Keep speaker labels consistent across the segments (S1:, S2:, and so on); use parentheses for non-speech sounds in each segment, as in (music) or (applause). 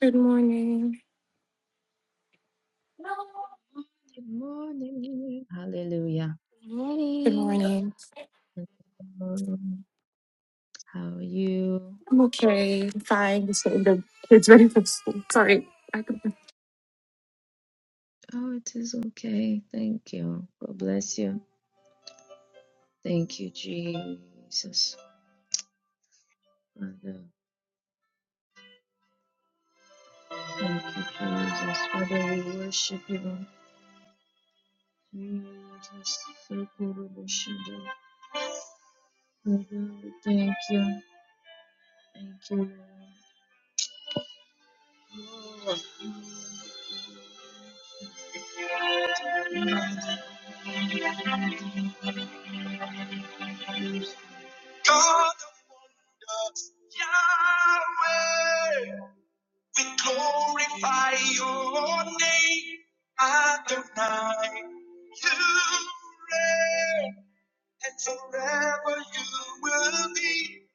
S1: Good morning.
S2: Good morning. Hallelujah.
S1: Good
S3: morning.
S1: morning.
S2: Um, How are you?
S1: I'm okay. I'm fine. Just getting the kids ready for school. Sorry.
S2: Oh, it is okay. Thank you. God bless you. Thank you, Jesus. Father, thank you, Jesus. Father, we worship you. Jesus. So good of you, Shaddai. Father, we thank you. Thank you, Lord. Lord, you are God of wonders, Yahweh. We glorify your name, Adonai. You reign, and forever you will be.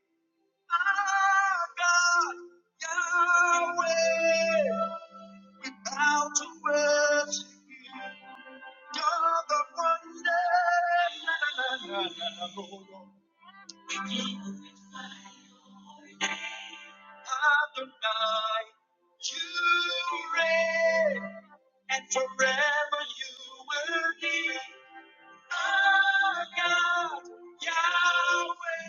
S2: Our God, Yahweh, we bow to worship you. You're the one. that- na, na, na, na, na, na, na, na. Adonai, you reign, and forever you will be our God, Yahweh.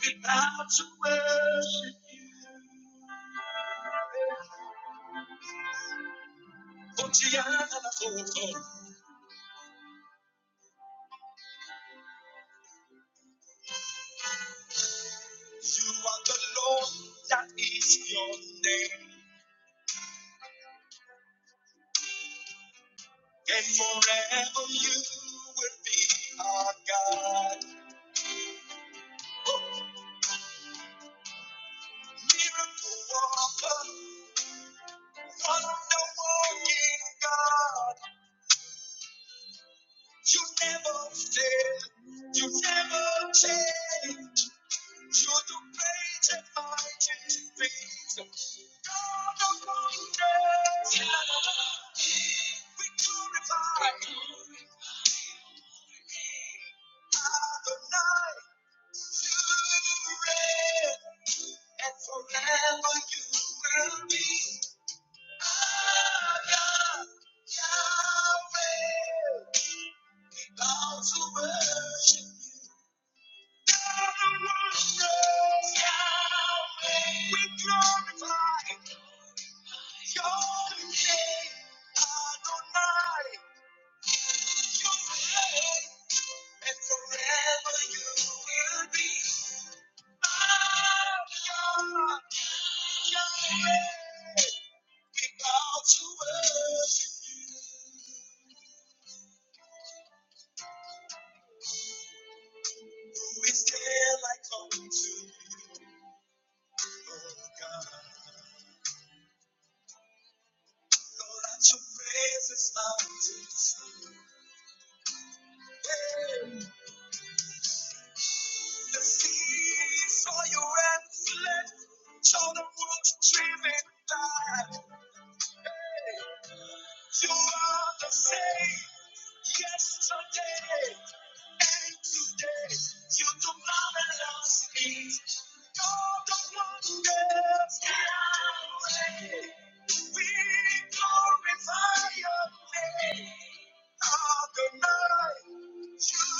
S2: We bow to worship you. For Tiana, oh, oh, you are the Lord, that is your name. And forever you will be our God. Oh, Miracle worker, wonder walking God. You never fail, you never change. You do great and mighty things. God of wonders, Yeah. we glorify you. Adonai. reign. and forever you will be. Abba, Yahweh, we bow worship you. Yahweh, Yahweh, we glorify your name. Adonai, you reign, and forever you will be. We bow to worship you. Who is there like unto you, oh God? Lord, at your presence, mountains. Yeah. The seas saw your endless, show the roots driven by. You are the same yesterday and today. You do marvelous things. You're the wonders that I Yahweh. We glorify your name. Adonai, you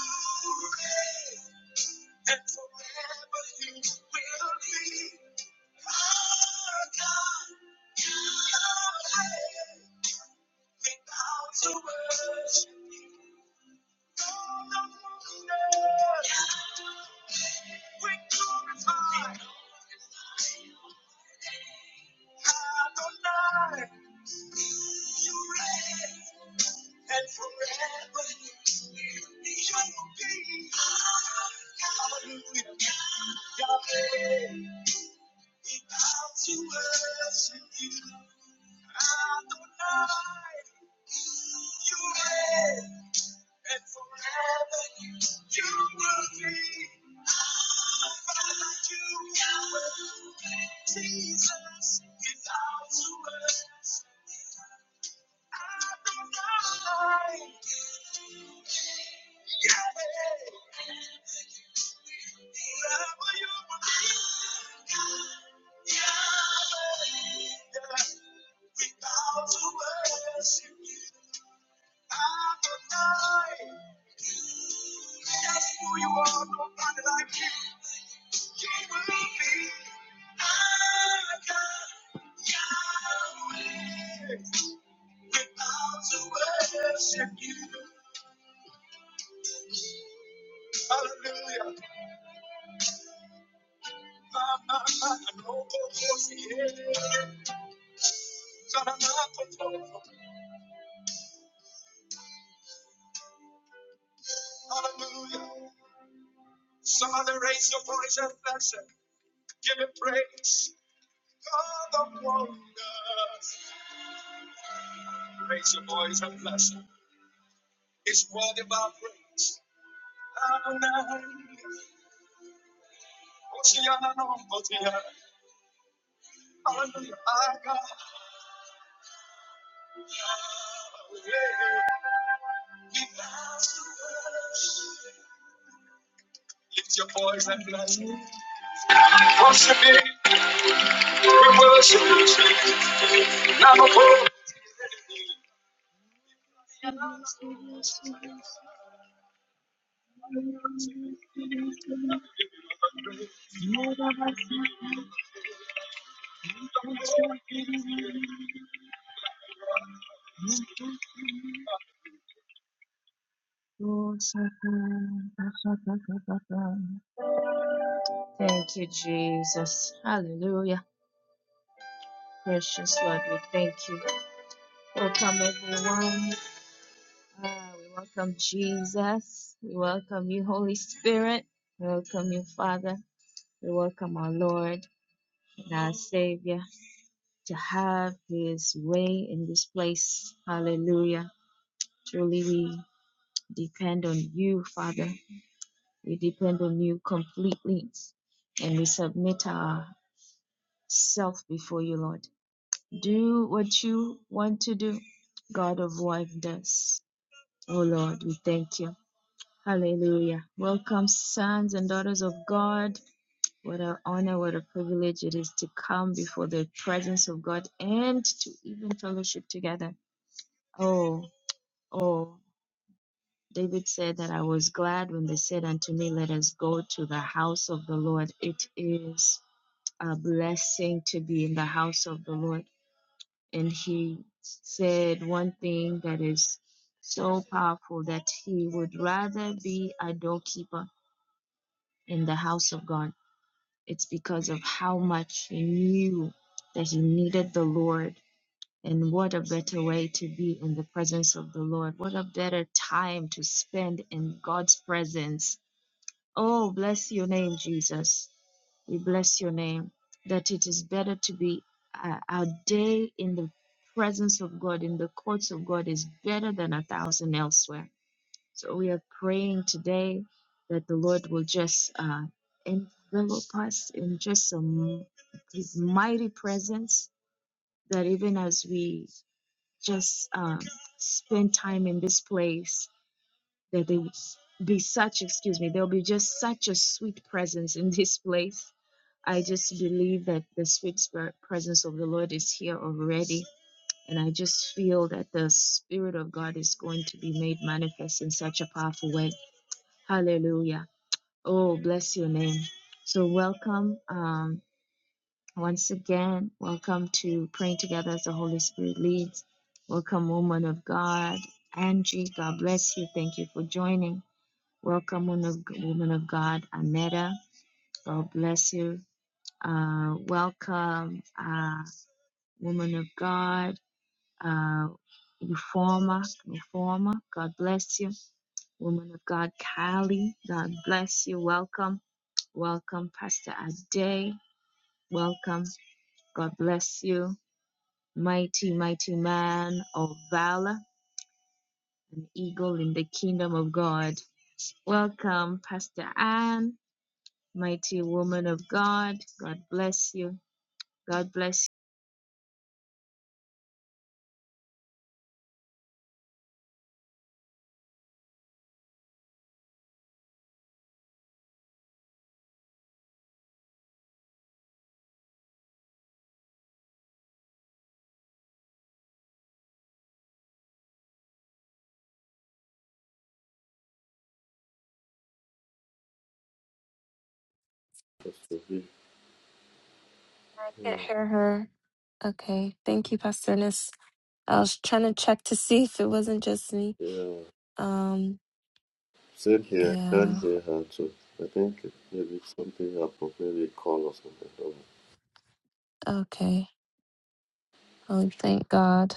S2: reign, and forever you will be. Our God, you are great. Hallelujah, Yahweh. We bow to worship you. Adonai, you reign, and forever you will be. I find you, Yahweh. Jesus, we bow to worship. you. Adonai, Yahweh. We bow to worship you. Adonai. That's who you are. Nobody like you. You will be my God, Yahweh. We bow to worship you. Hallelujah. Ma, ma, ma, no, no, no, yeah. Hallelujah. Somebody raise your voice and bless him. Give him praise. God of wonders. Raise your voice and bless him. It's worthy of our praise. Adonai. Oceana number Hallelujah. Our God. Yeah. We bless you. Lift your voice and bless him. Worship him. We worship you. Now, Thank you, Jesus. Hallelujah. Precious Lord, we thank you. Welcome, everyone. Ah, we welcome Jesus. We welcome you, Holy Spirit. We welcome you, Father. We welcome our Lord and our Savior to have his way in this place. Hallelujah. Truly, we. depend on you, Father. We depend on you completely and we submit ourself before you, Lord. Do what you want to do, God of wonders. Oh Lord, we thank you. Hallelujah. Welcome, sons and daughters of God. What an honor, what a privilege it is to come before the presence of God and to even fellowship together. Oh, oh. David said that I was glad when they said unto me, Let us go to the house of the Lord. It is a blessing to be in the house of the Lord. And he said one thing that is so powerful that he would rather be a doorkeeper in the house of God. It's because of how much he knew that he needed the Lord. And what a better way to be in the presence of the Lord. What a better time to spend in God's presence Oh, bless your name, Jesus. We bless your name that it is better to be uh, our day in the presence of God, in the courts of God, is better than a thousand elsewhere. So we are praying today that the Lord will just uh, envelop us in just some His mighty presence, that even as we just um, spend time in this place, that there will s- be such, excuse me, there'll be just such a sweet presence in this place. I just believe that the sweet spirit presence of the Lord is here already. And I just feel that the Spirit of God is going to be made manifest in such a powerful way. Hallelujah. Oh, bless your name. So, welcome um, once again. Welcome to Praying Together as the Holy Spirit leads. Welcome, woman of God. Angie, God bless you. Thank you for joining. Welcome, woman of woman of God, Aneta. God bless you. Uh, welcome, uh, woman of God, uh, Reformer, Reformer. God bless you. Woman of God, Kylie. God bless you. Welcome. Welcome, Pastor Ade. Welcome. God bless you. Mighty, mighty man of valor, an eagle in the kingdom of God. Welcome, Pastor Ann. mighty woman of God. God bless you. God bless
S4: If
S3: I can't hear her. Okay. Thank you, Pastor Ernest. I was trying to check to see if it wasn't just me.
S4: Yeah,
S3: Um,
S4: same here. can't
S3: yeah.
S4: hear her too. I think maybe something happened. Maybe a call or something. I don't know.
S3: Okay. Oh, we thank God.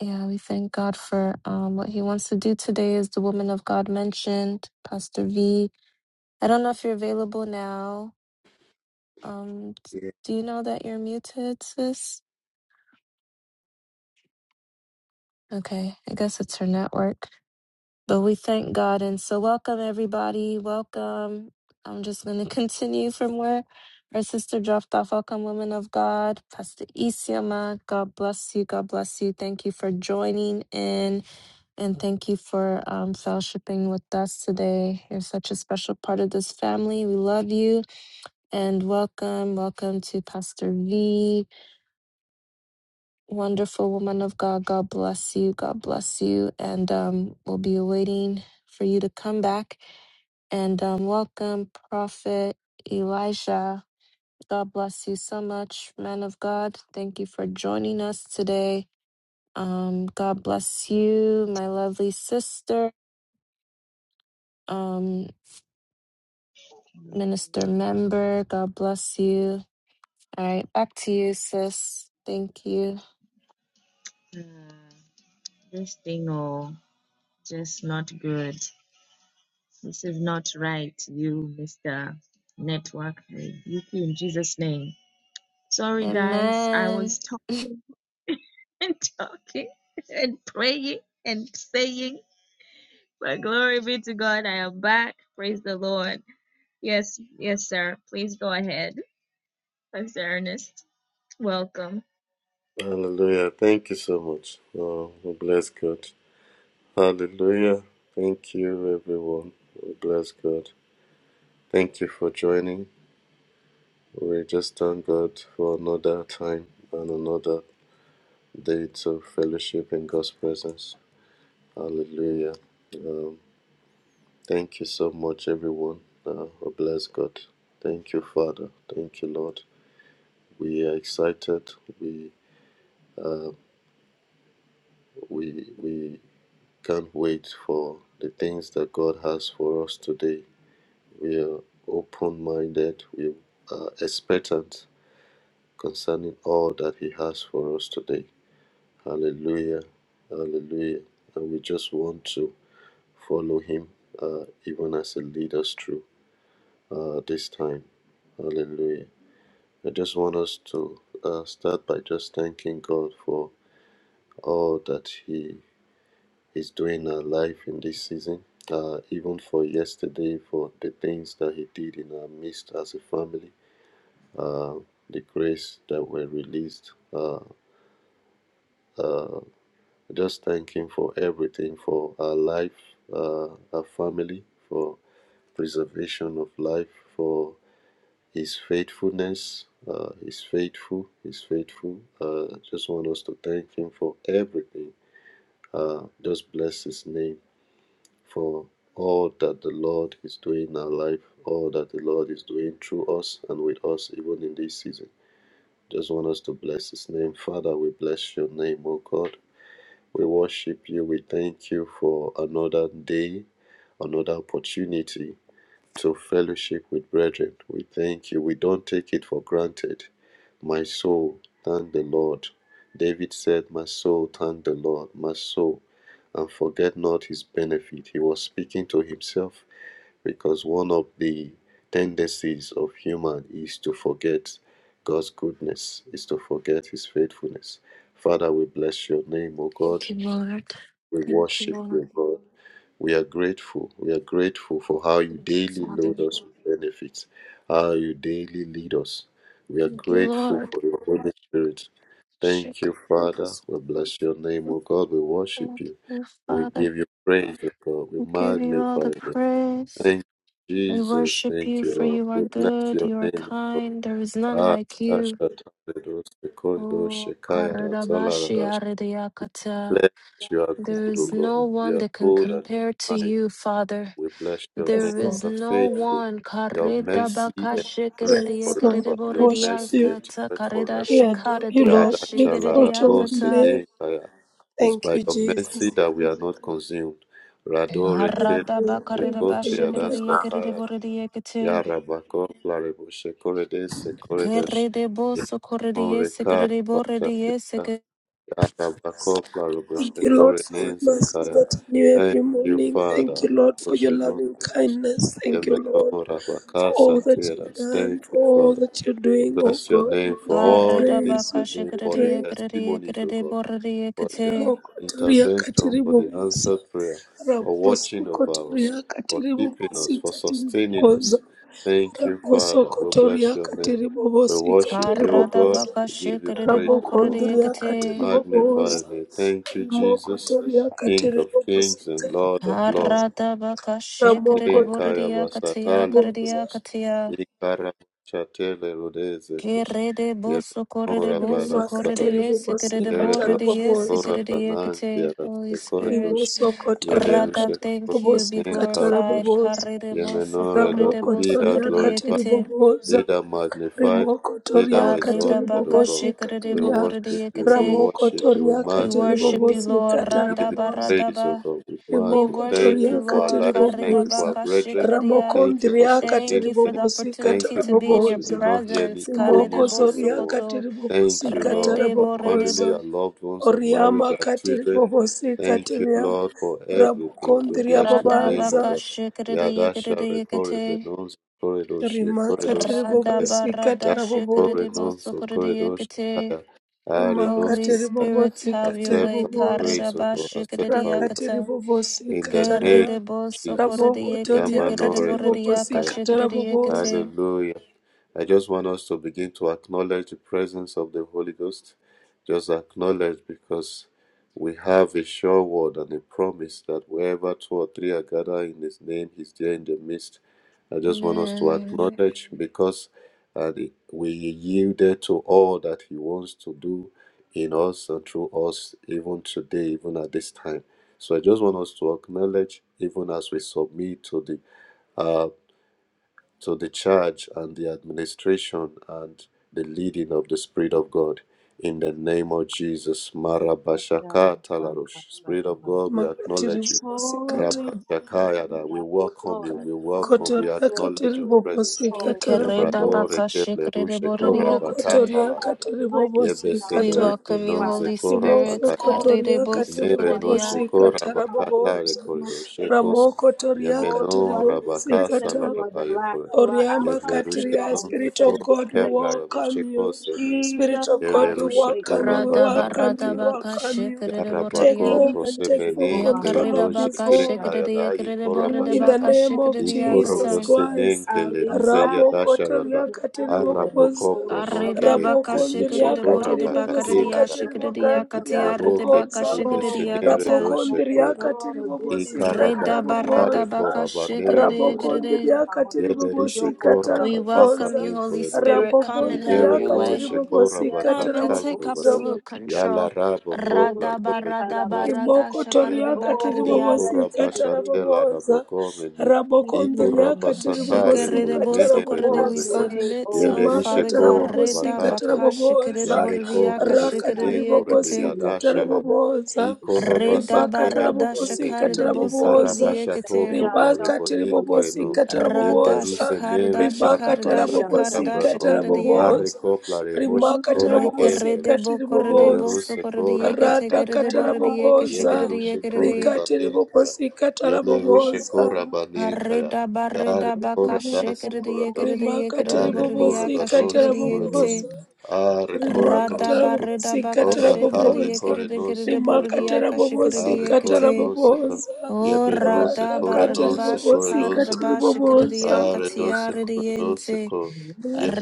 S3: Yeah, we thank God for um what he wants to do today is the woman of God mentioned, Pastor V. I don't know if you're available now. Um,
S4: Yeah.
S3: do you know that you're muted, sis? Okay, I guess it's her network. But we thank God. And so, welcome, everybody. Welcome. I'm just going to (laughs) continue from where our sister dropped off. Welcome, women of God. Pastor Isiama, God bless you. God bless you. Thank you for joining in and thank you for um, fellowshipping with us today. You're such a special part of this family. We love you and welcome. Welcome to Pastor V wonderful woman of God. God bless you. God bless you. And um, we'll be awaiting for you to come back. And um, welcome, Prophet Elijah. God bless you so much, man of God. Thank you for joining us today. Um, God bless you, my lovely sister, um, minister member. God bless you. All right, back to you, sis. Thank you.
S2: you. Uh, this thing oh just not good. This is not right, you Mr. Network you in Jesus' name. Sorry guys, I was
S3: Amen.
S2: talking (laughs) and talking and praying and saying, but glory be to God, I am back. Praise the Lord. Yes, yes, sir. Please go ahead. Pastor Ernest. Welcome.
S4: Hallelujah. Thank you so much. Oh, we bless God. Hallelujah. Thank you, everyone. We bless God. Thank you for joining. We just thank God for another time and another day to fellowship in God's presence. Hallelujah. Um, Thank you so much, everyone. Uh, oh, bless God. Thank you, Father. Thank you, Lord. We are excited. We uh, we we can't wait for the things that God has for us today. We are open-minded. We are expectant concerning all that He has for us today. Hallelujah. Hallelujah. And we just want to follow Him, uh, even as He leads us through uh, this time. Hallelujah. I just want us to uh, start by just thanking God for all that He is doing in our life in this season, uh, even for yesterday, for the things that He did in our midst as a family, uh, the grace that were released. Uh, uh, just thank Him for everything, for our life, uh, our family, for preservation of life, for. His faithfulness. Uh, he's faithful. He's faithful. Uh, just want us to thank Him for everything. Uh, just bless His name for all that the Lord is doing in our life, all that the Lord is doing through us and with us, even in this season. Just want us to bless His name. Father, we bless Your name, O God. We worship You. We thank You for another day, another opportunity to fellowship with brethren. We thank you. We don't take it for granted. My soul, thank the Lord. David said, My soul, thank the Lord, my soul, and forget not his benefit. He was speaking to himself because one of the tendencies of human is to forget God's goodness, is to forget his faithfulness. Father, we bless your name, O God.
S3: Thank you, Lord.
S4: We
S3: Thank you,
S4: worship
S3: Lord.
S4: you, God. We are grateful. We are grateful for how you
S3: Thank you,
S4: daily
S3: Father.
S4: load us with benefits, how you daily lead us. We are
S3: Thank you,
S4: grateful
S3: Lord.
S4: for your Holy Spirit. Thank
S3: Shake.
S4: you, Father. We bless your name, O God. We worship
S3: Thank
S4: you.
S3: you,
S4: We
S3: Father.
S4: give you praise, O God. We
S3: We give you
S4: magnify
S3: all the
S4: your name.
S3: praise.
S4: Thank you,
S3: We
S4: Jesus.
S3: worship
S4: Thank
S3: you,
S4: you,
S3: for
S4: Lord.
S3: you are
S4: We bless
S3: good,
S4: your
S3: you are
S4: name, O God.
S3: kind, there is none
S4: Ah,
S3: like you.
S4: Ashatados, the corridor,
S3: Oh,
S4: Shekaya, Salara,
S3: Karadabashi Aridiakata.
S4: Bless you are
S3: There
S4: good, O
S3: is no
S4: God. You
S3: one
S4: are
S3: that can
S4: good and
S3: compare to
S4: kind.
S3: you, Father.
S4: We bless your name.
S5: Yes,
S3: There is
S4: You are
S5: Lord.
S3: no
S4: faithful.
S3: one.
S4: Your mercy endureth
S5: Praise, Lord.
S4: forever. Your
S5: Worship
S4: mercy
S5: you.
S3: Karidabakashikiridiakiridiborediakata,
S4: endureth forever.
S5: We adore you, Lord.
S4: Yada
S5: We exalt your
S4: shalarabo
S5: holy
S3: Karidashikaridiyashikiridiakata.
S5: name.
S4: senekaya. It's
S5: Thank
S4: by
S5: you,
S4: your mercy
S5: Jesus.
S4: that we
S5: Thank
S4: are not consumed. Radore ken
S5: you. Thank you for
S4: sekote
S5: your mercy.
S4: adasataya.
S3: Haradabakaridabashikiridiakiridiborediakate.
S4: Yara bako flarebo sekore de sekore desh.
S3: Kererebo sokorereye
S4: Yamore kar
S3: sekererebo rereye
S4: bashakita.
S3: seke
S4: Arabakopla
S5: Thank you, Lord,
S4: Rugoshekore
S5: for your mercies
S4: Nenzekaya.
S5: that are new
S4: Thank
S5: every
S4: you,
S5: morning.
S4: Father.
S5: Thank you, Lord, for your loving
S4: Rugoshenozekos.
S5: kindness. Thank you, Lord,
S4: Yemenora
S5: for
S4: Bakasa
S5: all that you've
S4: Teras.
S5: done,
S4: Thank
S5: for
S4: you,
S5: all
S4: Father.
S5: that you're
S4: We
S5: doing. Oh
S4: Bless your
S5: God, we
S4: name for
S5: give you
S4: all the
S3: karera
S4: things
S5: praise. We
S3: baka
S4: you're
S5: give
S4: doing,
S5: you
S4: for the
S3: shekerereye
S5: praise.
S3: kerereye
S4: testimonies, O God,
S3: kererebo rereye
S4: for
S3: kete
S4: the
S5: Mokotoria
S4: intervention, for the
S5: katiribobosa.
S4: answered prayer, for
S5: Raboso
S4: watching over us,
S5: kotoria
S4: for
S5: katiri
S4: keeping us,
S5: bobosi
S4: for
S5: katiri
S4: sustaining
S5: boboza.
S4: us. Thank you,
S5: Raboso
S4: Father. We bless
S5: kotoria
S4: your name.
S5: katiri
S4: We
S5: bobosi
S4: worship
S5: katiri
S4: you, O
S3: karada
S4: God.
S5: boboza.
S3: baka
S4: We give you praise,
S3: shekererebo
S4: O God.
S3: korereye
S5: Rabokondria
S3: kete
S4: We
S5: katiri
S4: magnify your
S5: boboza.
S4: name. Thank you,
S5: Rimoko
S4: Jesus,
S5: toria
S4: King
S5: katiri
S4: of
S5: bobosi
S4: kings and Lord
S5: katiri
S4: of lords.
S3: karada baka
S5: Ramoko
S4: Shane
S3: shekererebo
S5: toria
S3: rereye
S5: katiri
S3: kateya
S4: Kayabasatale
S3: kareya
S5: boboza.
S4: Kolos.
S3: kateya
S4: Ikara Chatele Rodeze
S3: Que
S4: Kosh.
S3: re de boso, corre de
S4: Yerenora
S3: boso,
S5: Rima
S3: corre de
S5: katiri
S4: Barasalash.
S3: yes, corre
S5: bobosi
S3: de borre
S5: katara
S3: de
S4: Yerenosh
S3: yes,
S5: boboza.
S4: Kora
S3: corre de
S4: Banan
S3: yekete. Holy Spirit,
S4: Kiarasekoredosh.
S5: Rimoso kotoria
S3: Rada,
S4: Yelerushe
S5: katiri
S3: thank
S4: Kora
S3: you,
S5: bobosi
S3: be
S4: Banan
S5: katara
S3: glorified.
S4: Kardosh.
S5: boboza.
S3: Carre de boso,
S4: Yemenore
S3: corre
S4: do
S3: de
S5: Ramoko
S4: be
S3: boso,
S4: thou
S5: toria
S3: corre de
S4: glorified
S5: katiri
S3: yekete.
S4: they
S5: boboza.
S4: that magnified,
S5: Remoko
S4: they that
S5: Toria
S4: were
S3: Carre
S4: exalted,
S3: da
S4: O
S3: baka,
S4: God.
S5: Kateribobosi
S3: shikere de
S4: We
S3: bo,
S5: Kateria
S3: corre de
S4: worship you, we
S3: yekete.
S5: Ramoko
S4: worship you, we
S5: Toria
S3: We
S4: magnify
S3: worship
S4: you.
S3: you,
S5: Kateribobosi
S3: Lord.
S4: We give
S3: Rada
S4: you
S3: ba,
S5: Katarabobosa
S3: rada
S4: praise, O
S3: ba.
S4: God. We
S3: We
S4: magnify.
S5: Remoko
S3: worship
S4: Thank you
S3: you,
S5: Toria
S4: for our
S3: Lord.
S4: lives.
S3: Carre
S4: Thank
S3: da
S4: you for our
S5: Kateribobosa
S3: baka,
S4: brethren.
S3: shikere de ya.
S4: Thank you for
S5: Ramokondria
S4: sustaining
S3: Thank you for
S4: them.
S3: the
S5: Kateribobosi
S4: Thank
S3: opportunity
S4: you
S3: to be in
S4: because
S3: your
S4: we
S5: Katarabobosa
S4: did not hear any
S3: presence.
S4: evil
S3: Carre de
S5: Remoko
S4: news from
S3: boso,
S5: Zoria
S4: anyone.
S3: koto.
S4: Thank
S5: Kateribobosi
S4: you, Lord, for
S3: Redebo
S4: our family,
S5: Katarabobosa
S3: redebo
S4: our loved ones, our marriage,
S5: Oriama
S4: our children.
S5: Kateribobosi
S4: Thank you,
S5: Kateria
S4: Lord, for everything. We
S5: Rabokondria
S4: bless your name, O
S5: Babaza
S3: radabaka
S4: God.
S3: shikrede
S4: Yadasha
S3: yekrede yekete
S4: rekore Corridor Shake
S5: Rima
S4: Corridor Sakaya
S3: radaba
S5: Kateribobosi
S3: rada
S4: Yaki Kore
S3: shikrede
S5: Katarabobosa
S4: Non Se
S3: sokrede
S4: Corridor
S3: yekete
S4: Shakaya Arido
S3: Holy
S5: Rimakatiri
S4: Sakaya
S3: Spirit
S5: bobosi
S3: have your
S5: katiri
S4: Accept
S3: way
S4: our
S5: bobosa.
S4: praise, O
S3: karidaba
S4: God,
S3: shikrede
S4: accept our worship
S5: Rakatiri
S3: yakata
S5: bobosi
S4: in the
S5: kataria.
S4: name
S3: keredebo
S4: of Jesus.
S3: sokrede
S5: Raboko
S3: yekete
S5: toria katiri
S3: keredebo
S4: Yamanore
S3: rede
S5: bobosi
S3: yaka
S5: katara
S3: shikrede
S5: bobosa.
S3: yekete
S4: Hallelujah. I just want us to begin to acknowledge the presence of the Holy Ghost. Just acknowledge because we have a sure word and a promise that wherever two or three are gathered in His name, He's there in the midst. I just want us to
S3: Amen.
S4: acknowledge because uh, the- we yielded to all that He wants to do in us and through us, even today, even at this time. So I just want us to acknowledge, even as we submit to the uh, to the charge and the administration and the leading of the Spirit of God. In the name of Jesus, Marabashaka Talarosh. Spirit of God, we
S5: Makatiri
S4: acknowledge you.
S5: bobosi
S2: Holy
S5: kata.
S2: Spirit, you
S4: Rabashakayada, we
S2: have, O
S4: welcome you.
S2: God,
S4: We
S2: O
S5: Raboko
S4: welcome, we
S2: Lord
S5: toria
S2: God,
S4: acknowledge
S5: katiri
S4: your
S2: O
S5: bobosi
S4: presence.
S2: control,
S5: katara
S2: O
S4: Yebradore
S5: bobosa.
S3: Yekeredabaka shikrede
S4: keblerushe
S2: hero of
S5: Ramoko
S3: yakata
S4: korabakata
S2: God,
S5: toria
S4: larada.
S5: katiri
S2: mighty in
S5: bobosi
S2: our
S3: We
S5: kata.
S2: midst,
S4: Yebeselerushe
S3: welcome you
S4: nonze
S2: Father.
S3: Holy Spirit
S5: Rimoso
S4: korabakada.
S2: Holy Spirit,
S5: kotoria
S3: karidebo
S5: katiri
S2: you
S4: Yenere
S2: are
S4: no
S3: sokrede
S2: Lord
S5: bobosi
S2: and
S5: katara
S2: God
S4: korabakata
S2: in the
S5: bobosa.
S2: name of
S4: rekoridoshe
S2: Jesus.
S4: kos.
S5: Ramoko toria
S2: Oh,
S5: katiri
S2: you
S4: Yemeno
S2: are the
S5: bobosi
S2: first and
S4: rabakasa
S5: kata.
S2: you are the
S4: larabaya
S2: last. You are
S5: Oriama
S2: Alpha
S4: Yeble
S2: and
S4: rushe
S2: you are
S5: Katiria,
S4: non
S5: Spirit
S2: Omega
S4: seko
S5: of
S2: in this
S5: God, we
S4: kevla
S2: place.
S4: rebo
S5: welcome
S4: sheko
S5: you.
S4: seni.
S5: Spirit
S2: Jesus
S5: of
S4: Yele
S5: God,
S2: have
S5: we
S2: the
S4: rushe
S2: way
S4: ko
S5: welcome you,
S2: King
S5: we
S2: of
S4: rabaka
S3: Radaba
S2: glory.
S5: welcome you, we
S3: radaba
S4: patianash.
S3: ka
S5: welcome you.
S3: shikere
S5: Take
S4: Yarabako
S3: boredia.
S2: Jesus
S5: over and take
S2: take
S5: full
S3: Ya
S4: prosemeni
S2: over
S4: kele
S5: control
S2: now,
S3: karida
S5: of
S4: doje
S5: this
S3: baka
S4: te
S5: room.
S2: Father.
S3: shikere de
S4: kayada
S3: yakere
S4: yekora
S3: borede
S5: In
S2: Do
S5: the
S4: bashata.
S3: baka
S2: as
S5: name
S2: you
S3: shikere
S5: of
S3: de
S2: do, O
S4: Ikoro
S2: Lord.
S5: Jesus
S3: yakatan.
S4: bosenen
S5: Christ.
S2: Oh,
S4: kele
S2: this
S4: rize
S5: Rabo
S2: God,
S4: yadasha
S2: just
S4: rada.
S5: kotoria
S2: to have your
S5: kateribo
S2: way.
S4: Araboko
S5: poza.
S2: Holy
S4: pronon
S2: Ghost,
S3: Karida
S4: kele
S5: Rabo
S3: baka
S4: rize
S3: shikere
S5: kondria
S4: nishe
S2: Holy
S3: de
S4: ko
S2: Ghost,
S3: borede
S5: kateribo
S3: baka de
S5: bosi
S4: rabakate la
S2: Holy Ghost,
S4: rabaya.
S3: yashikere
S5: kateribo
S3: de
S2: Holy Ghost.
S4: Yele
S5: gandria
S3: yakatiare
S4: ro
S3: de
S4: ke
S3: baka
S5: poza.
S4: peru
S3: shikere de
S2: Oh,
S4: besenere
S5: Rabo
S3: yakatan.
S4: doje
S5: kondria
S4: koredo.
S2: Lord,
S5: kateribo
S2: this is
S5: bosi
S2: your
S3: Reda
S2: house.
S5: kateribo
S2: This
S4: Ikarabashatale
S3: barada
S5: poza.
S3: baka
S2: is your house,
S3: shikere
S4: korabanere
S3: de
S2: Lord.
S4: no
S5: Rabo
S2: This is
S3: yakere
S4: sekos.
S3: de.
S2: your
S5: kondria
S2: house. This
S5: kateribo
S2: is
S4: Yederi
S2: your
S5: bosi
S2: home,
S4: shekora
S2: God.
S3: We
S5: kateribo
S4: bakasa
S3: welcome
S5: poza.
S3: you, Holy
S4: ninkoremono.
S2: This
S3: Spirit.
S5: Rabo
S2: is
S3: Come
S2: the
S3: and have
S4: Imere
S5: kondria
S2: vessel,
S3: your
S4: no
S3: way.
S2: Lord.
S5: kateribo
S4: shekora
S2: We
S5: bosi
S2: are the
S3: Come and
S5: kateribo
S4: bakatale
S2: vessel.
S3: take
S2: We are
S5: poza.
S4: urbano.
S2: your
S3: absolute
S2: people.
S4: Yala
S3: control.
S4: rabo
S2: Oh,
S4: kopla
S3: Radaba
S4: robe
S3: radaba
S4: shekos
S2: Shikarabadi.
S5: Riboko
S3: rada shakare
S5: Rimokotoria
S4: nikayada.
S3: de
S2: Oh,
S5: katiribobosi
S2: blessed be the
S4: Ikorabashatela
S5: katarabobosa.
S4: rabokomeni.
S2: King of
S5: Rabokondria
S2: Kings, Lord of
S4: Ikorabasatale
S5: katiribobosi
S2: Lords.
S3: Shekerebo
S4: koremene
S3: sokorede
S2: Have
S3: we
S2: your
S5: katarabobosa.
S4: redozekos.
S2: way,
S3: submit,
S2: oh,
S3: oh
S4: Yeleri
S3: Father
S2: Heavenly
S3: God,
S2: Father.
S4: shekora
S5: Rimakatarabobosi
S3: reda
S4: bakatale.
S3: baka shekerede
S5: katarabobosa.
S4: Yare
S2: We
S3: boredia
S4: kore
S2: submit
S3: kashekerede
S4: besinen
S2: ourselves
S4: kore
S5: Rakatiribobosi
S2: before
S3: yekete,
S2: you,
S4: biryadashala.
S2: Jesus.
S5: katarabobosa.
S2: We submit
S3: reda
S2: ourselves
S4: Ikorabasatele
S3: barada
S2: before you,
S5: Rimakatarabobosi
S3: shekarede bo
S2: Jesus.
S3: sokorede
S5: katarabobosa.
S2: We
S4: Ikarabasha
S2: submit
S4: toko
S3: yekete,
S2: ourselves
S4: plariponin
S2: before you,
S5: Rimakatiribobosi
S4: kreno.
S2: Jesus.
S4: Yeble
S3: rada
S4: ruse
S5: katarabobosa.
S3: shekarada
S4: nere
S2: We
S3: shekarada
S4: karabasha
S2: submit ourselves
S5: Rimakatarabobosi
S3: shekarada
S2: before
S4: karabrano.
S2: you, oh
S3: shekarede ya,
S2: God.
S5: katarabobosa.
S4: Areko
S2: You
S4: plaribosh
S2: are
S4: kore
S5: Rimakatarabobosi
S4: keble
S3: rekerede
S4: rush.
S3: bo korede
S4: Yele
S2: holy.
S3: bo
S5: katiribobosa.
S4: ruse
S3: sokorede
S4: kora
S3: yekete
S5: Rata
S2: You
S3: kerede
S4: bakaribon.
S2: so
S3: borede yeke
S5: kataraboboza,
S4: Yele
S3: shekerede
S2: lovely.
S4: ruse kore
S3: yekerede,
S5: rikati
S4: banin kara.
S5: ribobosika
S4: Yele ruse
S2: You
S5: taraboboza,
S2: are
S4: kora banin kara.
S3: reda
S4: Yare
S3: bareda
S4: kora
S3: baka
S2: holy.
S4: dase
S3: shekerede
S4: kora dos.
S3: yekerede
S5: rimakati
S3: yekerede
S4: Yare kora
S3: boredia
S5: ribobosika
S4: banose
S3: kashekerede
S4: kora dos.
S3: yente,
S5: taraboboza,
S4: Are kora
S5: rimaka
S4: nose kora.
S5: tarabobosika
S4: Ora kare
S5: taraboboza,
S4: kore nose kora
S5: rimaka
S4: dos. Are
S5: tarabobosika
S4: kore
S3: Radabaridabakashikiridiakiridiakiridiakiridiakiridiakite.
S4: nose kora.
S5: taraboboza,
S3: O
S4: Yebreno
S5: rata
S4: sekore
S5: kati
S4: no sekore do
S5: ribobosika taraboboza,
S4: sekare do sekore do
S3: radabaridabashikaridabashikiridiakatiaridiente.
S4: seko.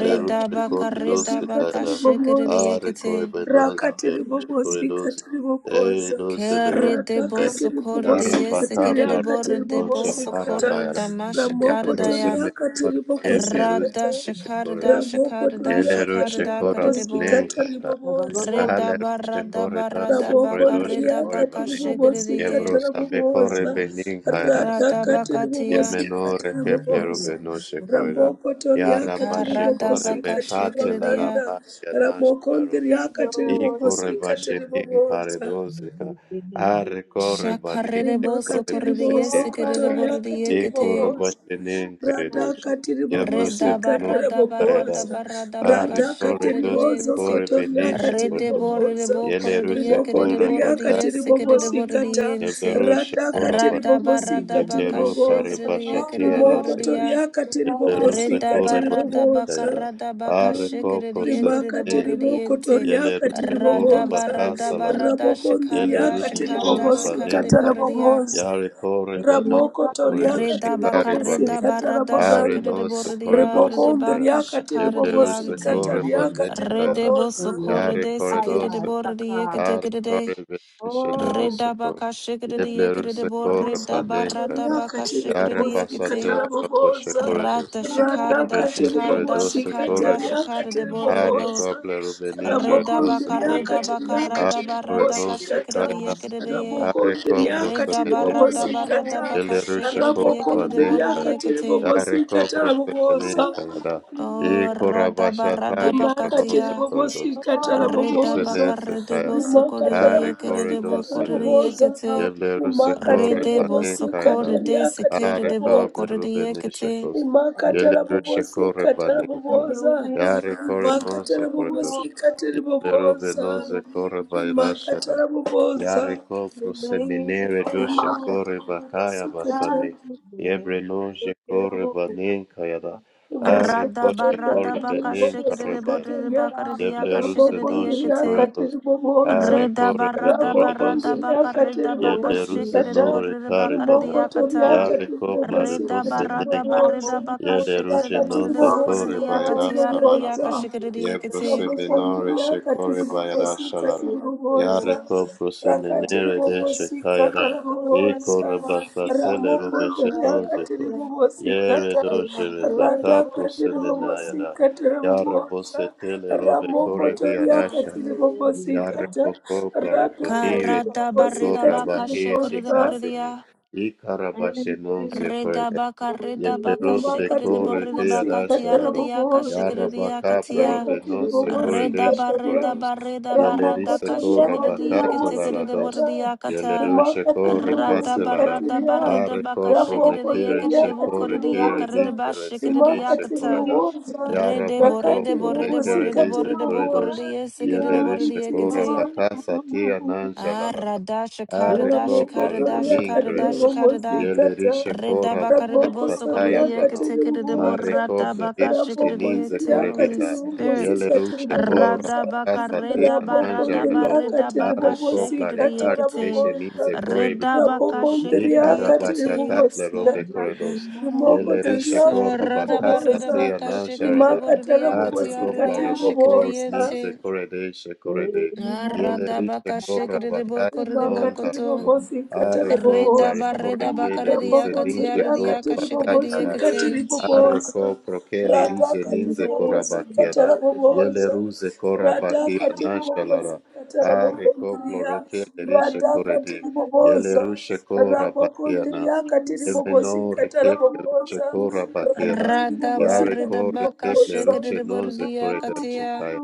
S5: rata
S4: sekore do
S5: ribobosika
S4: sekara.
S5: taraboboza.
S4: Are kore beno
S5: rakatiri
S4: zebleru
S2: You
S5: bobosi
S4: sekore do se-
S5: katiri
S4: Eh
S5: bobosa
S4: do sebleru
S5: rata
S2: are
S4: sekaya.
S5: katiri
S2: so
S5: bobosi
S4: Yara baka
S5: katiri
S4: plara
S5: akatiri
S4: no
S5: bobosi kata
S4: sekara
S5: ramoko tori
S3: Keridebosokoridiyesikiridiboridebosokoridamashikarida.
S4: Yavrosome
S5: akatiri
S4: Horekev
S5: bobosi
S4: Leruz
S5: kata
S4: Shekorido
S5: ramoko tori
S4: Yeleru
S5: akatiri
S4: Shekora
S5: bobosi
S3: Radashikaridashikaridashikaridashikaridakaridebo.
S5: katiri
S4: Banenkata
S5: bobosa
S3: Reda
S4: Aleru
S3: barra da
S4: Shekorida
S3: barra da baka
S4: Sekorido
S5: Ramokondria
S3: reda
S4: Shekori
S3: baka
S5: katiri
S4: Bane
S5: bobosi
S3: shikriye.
S5: katara
S4: Yevrosabe Kore
S5: bobosa.
S4: Beninkara
S5: Rada
S3: Rada
S4: Sekor
S5: katiri
S3: bakatia.
S5: bobosi
S4: Yemenore
S5: katara
S4: Kepleru
S5: bobosa.
S4: Beno Shekorida
S5: Ramokotoria
S4: Yaraba
S5: katiri
S3: Karada
S5: bobosi
S4: Shekore
S3: baka
S5: katiri
S4: Bekate
S2: Lord,
S3: shikriya.
S5: baganda.
S4: Laraba Yanash
S5: Ramokondria
S4: Larobe
S5: katiri bobosi
S4: Ikore
S5: katiri
S4: Bashenin
S5: bobosa
S4: Karedosika Are Kore Banin
S3: Shakarede boso
S4: Shekore
S5: rimakati
S3: korriye
S4: Besenin
S3: sikiride
S4: kayara.
S5: ribozokotoriakati
S3: borriye kete.
S5: ribobosa
S4: Ekorobashenen Keredos,
S5: radhakati
S3: Reda
S5: ribobosikati
S4: Yabrosemenor
S3: barra da barra da
S4: Tayadas,
S5: ribobosa
S3: barra da baka
S5: radhakati
S4: Arekoredos,
S3: shikriyente.
S4: Korebenen
S5: ribozokotoriakati
S4: Shekotos,
S3: Redebo
S5: ribobosa
S3: redebo korediye
S4: Yeleruse
S3: kerebo rediye
S5: rimokondiriakati
S4: Korabakaredos,
S3: sekerebo
S5: ribobosikata
S3: rediyente.
S4: Yebleru
S5: radhakati
S4: Shekoraba,
S3: Radaba
S2: Oh
S5: ribobosikati
S3: radaba
S4: Yebleru
S3: kashe
S5: ribobosa
S3: kerediye
S4: Karebashatia
S3: kerebo
S2: no,
S4: Sekos,
S3: rediya.
S2: there
S5: rimokotoriakati
S2: are
S4: Yebleruse
S2: others
S3: Redaba
S5: ribobosikati
S4: Korebanen
S3: radaba
S5: ribobosa
S4: Tayada,
S3: karadaba
S2: who
S3: kashe
S2: do
S4: Areko
S3: kerediye
S2: something
S5: rimakati
S3: kerebo
S4: Prosemenen,
S2: else
S3: rediyente.
S2: in
S5: rimokotoriakati
S4: Yeleruse
S2: another
S3: Radaba
S5: ribobosa
S3: radaba
S2: place.
S4: Corabacasa
S3: rada shekarada
S5: rabokondiriakati
S4: Yelerushacore
S3: shekarada
S2: Something
S3: shekarada
S5: ribobosikata
S4: Banenka,
S2: else
S3: borediya.
S5: rabobosa
S4: Yarecore
S2: in
S4: Banon,
S5: Ramoko
S2: another place.
S5: toriaka
S4: doshe
S3: Reda baka
S4: kare Banen,
S3: reda
S5: tiribobosika
S3: barada
S4: Are
S3: shikere
S5: tarabaganda.
S4: no se kore
S3: bordia
S2: Something
S4: doshe
S5: Riboko
S3: rede
S4: Kaya,
S3: baka
S5: undiriaka
S3: shikare
S2: in
S4: Yeblerus
S2: my
S5: tiribobosika
S3: diante.
S4: Core
S2: life.
S5: tariaka
S4: Banenka,
S3: Rede
S4: yara.
S2: Oh
S5: tiribobosa.
S2: Lord,
S3: bosokore
S4: Yare
S3: de
S4: kore
S3: sikere de
S2: Aya
S4: doshe,
S3: bordia
S2: Saka.
S4: Are
S3: kedegede.
S4: kore benishe le
S2: Oh,
S4: rushe
S3: Reda
S2: my
S4: ko. Venisheleruseco,
S3: baka shikere
S2: blessed
S3: diekere de
S4: Yeblerus Core
S2: Lamb,
S3: borida
S5: Ramosuko
S4: Banenka,
S3: barada
S4: yara.
S5: toriaka
S3: baka
S2: which is
S3: shikere
S4: Yare
S2: the King
S5: tiribobosika
S4: basate la
S3: dieketing.
S4: Basatela
S2: of
S4: Roboshe
S5: tarabobosa.
S4: Corredos,
S3: Rata
S2: my
S3: shikare
S2: own
S3: da
S5: Rataka
S3: shikare
S2: blessing.
S3: da
S4: Yebreningeredos
S5: tiribobosika
S3: shikare
S4: Corre,
S3: da
S5: tariaka
S3: shikare de
S4: Are
S3: boride
S5: tiribobosa.
S4: Cobler Veningere
S5: Ramoko
S3: Reda
S2: I
S3: baka,
S5: undiriaka
S3: Redabaka
S5: tiriaka
S3: rada radaba radaka
S4: Arenos
S5: tiribobosika ta.
S3: shikiridi
S2: am
S4: Kairas
S3: yekiridi
S2: blessed
S3: ye.
S5: Ramoko
S4: Areko
S5: undiriaka
S3: Redaba radaba
S4: Prosenenus
S5: tiribobosika ta.
S3: radabaka
S4: Yelerusha
S3: shikiridi
S5: Ramoko
S3: yekiridi boridi
S5: undiriaka
S4: Korabanenka
S3: yekiti.
S5: tiribobosika
S4: Areko
S5: tarabobosa.
S4: Prosenenka da E
S3: O radaba
S4: Korabashata
S3: radabaka
S5: rimakatiri
S4: Lebranose
S3: tiya.
S4: Kordos
S5: bobosikatara boboza
S3: Redabaka
S4: Yevrosenense Kaya
S3: redebo sokoridi
S5: rimakatara
S4: Are
S3: yekiridi
S4: Koredos
S5: bobosikatara
S3: bokoridi
S4: Lerush
S5: boboza
S3: yekiti.
S4: Yevleruse
S5: rimakatiri
S3: Redebo
S4: Korebanenka da
S3: sokoridi
S5: bobosikatariakatiri
S4: Are
S3: sikiridi
S5: boboza
S3: bokoridi baka,
S4: Koblerubenishekos
S5: rimakatara
S2: Thank
S4: Yelerusha
S5: bobosikatara
S4: Korebanenka
S5: boboza
S4: Are
S5: rimakatara
S4: Korenose Kordos
S5: bobosikatiri
S4: Lero
S5: boboza
S4: venose core bairashada.
S5: rimakatara boboza
S4: Yareko prosemenere doshe
S5: rimakatara
S4: kore bakaya basane.
S5: bobosikatara
S4: Yebre noje core banen kayada.
S5: Mosco
S4: Are
S3: Radaba
S4: koshe
S5: Cotoria
S4: kore
S5: Cateri
S3: radabaka
S4: benen
S5: Bobosi
S4: kare
S3: shikiridi baka
S4: baira.
S5: Cateria
S2: you.
S3: bakaridi yaka
S4: Yevle
S5: Rabo
S4: ruse
S3: shikiridi
S4: noje
S5: Condria
S4: core
S2: Thank
S3: yekiti.
S5: Cateri
S4: dos.
S5: Bobosa
S4: Are
S3: Reda
S4: core
S3: barra da
S5: Rabo
S4: venore
S3: barra da
S4: dose
S5: Condria
S3: baka
S4: kos.
S5: Cateri
S3: reda baka
S4: Yeble
S5: Bobosi
S3: shake
S4: ruse
S3: it
S5: Cata
S3: bo
S4: nore
S3: reda
S4: kare
S3: baka reda
S5: Remoko
S4: bana.
S5: Toria
S3: yakata.
S4: Yare
S5: Cateri
S4: kopla de
S5: Bobosi
S3: Reda
S4: bose
S5: Cateri
S3: barra da
S4: nenka.
S3: barra da
S5: Bobosa
S3: baka
S4: Yele
S3: shake
S4: ruje
S3: it bo
S5: Racateri
S3: reda
S4: noze
S3: boko
S5: Bobosi
S3: reda
S4: core
S5: Cateri
S3: yakati ya
S4: bairasa
S3: reda
S5: Bobosa
S3: yaka
S4: laraba.
S3: shake it yakati.
S4: Yebroseminore
S5: Mabofambiri
S4: Shekore Bayada
S5: akatiribobosika
S4: Shalara.
S5: tiribobosa
S4: Yareko Proseminere de
S5: rakatiribobosika
S4: Shekayada. Iko
S5: tarabobosa
S4: Rabasatele
S5: ramomondori
S4: Robeshenonzeko.
S5: akatiribobosika
S4: Yere
S5: ta
S4: Dojere Zaka Proseminayada.
S5: ratakatiribobosika tarabobosa
S4: Yarabosetele Robe Kore
S5: ramokotori
S4: Bayada Shalaro.
S5: akatiribobosika ta
S4: Yareko Kopiare Bonire de
S3: Karada barra
S5: radakatiribobosika
S3: da
S4: Shekora
S3: baka
S4: Bakia
S3: shake it
S5: tiribobosa
S3: bo
S4: Shekasini. Ikarabashenonzeko.
S3: Redabaka,
S2: you.
S3: redabaka,
S4: Yebero
S5: rimakatiri
S3: shikidabo,
S4: Bekore
S3: redabaka,
S4: Kayada
S5: bobosika
S3: tia,
S5: tiri
S4: Shalaro.
S3: redayaka,
S5: bobosa
S3: shikidiyaka,
S4: Yarabakapla
S3: tia.
S5: rakatiri
S4: robenon secoredesh
S3: Redaba,
S5: bobosikataria
S4: coredos.
S3: redaba, redaba, radaka,
S4: Yeleriseco
S5: ramokotoria katiri
S3: shikidiyaka, tikidabo,
S4: rabacatelados.
S5: bobosikata
S3: rediyaka, ta.
S4: Yelerunseco
S5: rimakatiri
S3: Radaba,
S4: recatelara.
S5: bobosikatiria
S3: radaba, redabaka,
S4: Areco
S3: shikidiyaka,
S4: promekere
S5: rabokonderia
S3: redabo,
S4: seco
S5: katiri
S3: korediyaka,
S4: recere
S5: boboza
S3: redaba,
S4: dicere
S3: shikidiyaka,
S4: senisce
S5: rimakatiri
S3: ta.
S4: coreda.
S5: boboza
S3: Redebo,
S4: Yarabaco
S5: rakatiri
S3: redebo, redebo,
S4: promekere
S3: redebo,
S5: bobosikatiri
S4: dize
S3: redebo,
S5: boboza
S4: corredos.
S3: korediyaka,
S5: thank
S3: sikidabo,
S5: you
S3: rediyaka,
S4: Yeleriseco
S3: te.
S5: jesus
S4: rabacasa tia
S3: Ah,
S4: nangelarada.
S3: rada shakara da
S4: Areco
S3: shakara da
S5: Ramokotoria
S3: shakara
S5: katiri
S3: da
S4: plarebonincredos.
S3: shakara da.
S5: bobosikata.
S4: Yeleriseco
S3: Reda bakara de bo
S4: rabacasa
S3: sokoro de
S5: Rabokotoria
S4: taya
S3: yeke
S4: brano.
S5: katiri
S3: tekere de bo
S4: Mare
S5: bobosa.
S3: rada
S4: kople
S3: baka
S4: edu
S3: shikere de
S4: seninze
S5: Rabokondria
S3: yete, Holy
S4: korebira.
S5: katiri
S3: Spirit.
S4: Yele
S5: bobosikata
S4: rushe kora
S5: ribobosa.
S3: Rada baka
S4: pakasa te
S3: reda ba
S4: ananja
S3: rada ba
S4: redo.
S5: Rabokondria
S3: reda
S5: katiri
S3: baka
S4: Are kopla
S3: shikere de
S5: bobosikata
S4: lekare
S3: yeke te.
S4: eshe
S5: rabobosa.
S4: ninze korebira.
S3: Reda baka shikere
S5: Rabokondria
S3: de yeke
S5: katiri
S3: te.
S4: Ikarabashaka
S3: Yes,
S4: plerobe
S3: Lord.
S5: bobosikata.
S4: corridos.
S2: I'm
S4: Yeleri
S5: Rimokotoria
S3: Yes, Lord.
S4: shekora
S5: katiri
S3: Rada ba
S4: bakasa
S3: reda
S5: bobosa.
S4: te
S3: baka
S4: anan
S3: shikere de
S4: sharada.
S3: bo
S5: Rimakata
S3: rede yaka te,
S4: Areko
S5: rabobosikata
S3: arede ya shikere
S4: plareboko
S3: de
S5: ribobosa.
S4: means the
S3: yente.
S4: correde shekorede.
S3: Arada
S4: Yeleri
S3: baka
S4: shekora
S3: shikiri de
S4: bakasa
S3: boko de
S4: non
S3: boko
S5: Rimakata
S3: to.
S4: kareko.
S5: rabobosikata
S4: Areko
S3: Reda
S5: rabobosa.
S4: plarebore
S3: barreda baka
S4: kele
S3: de
S4: rize
S3: yakati
S4: ninje
S5: Rabokondria
S3: aridi
S4: kora
S3: yaka
S5: katiri
S3: shikiri
S5: bobosi
S3: de
S4: bakatarara.
S5: katiri
S3: yakati.
S5: bobosa.
S4: Areko prokele
S5: Rada
S4: rize
S5: katiri
S4: ninze kora
S5: bobosi katara
S4: bakiada.
S5: bobosa.
S4: Yeleruze kora
S5: Rada
S4: bakia
S5: katiri bobosi
S4: nashalara.
S5: katara
S4: Areko
S5: bokondria.
S4: plorokele rishe
S5: Rada
S4: korede.
S5: katiri bobosa.
S4: Yelerusheko
S5: Rabokondria
S4: Rabakianas,
S5: katiri
S4: Yemeno
S5: bobosi katara
S4: Rekep
S5: bobosa.
S4: Lerusheko Rabakiana,
S5: Rakatiri
S3: Rada
S5: bobosi
S3: barreda
S4: Yareko
S5: katiri
S4: Rekep
S3: baka
S5: bobosa.
S3: shikiri
S4: Lerushe
S3: de bori de
S4: Noze Koredan
S3: yakatia.
S4: Shekaya,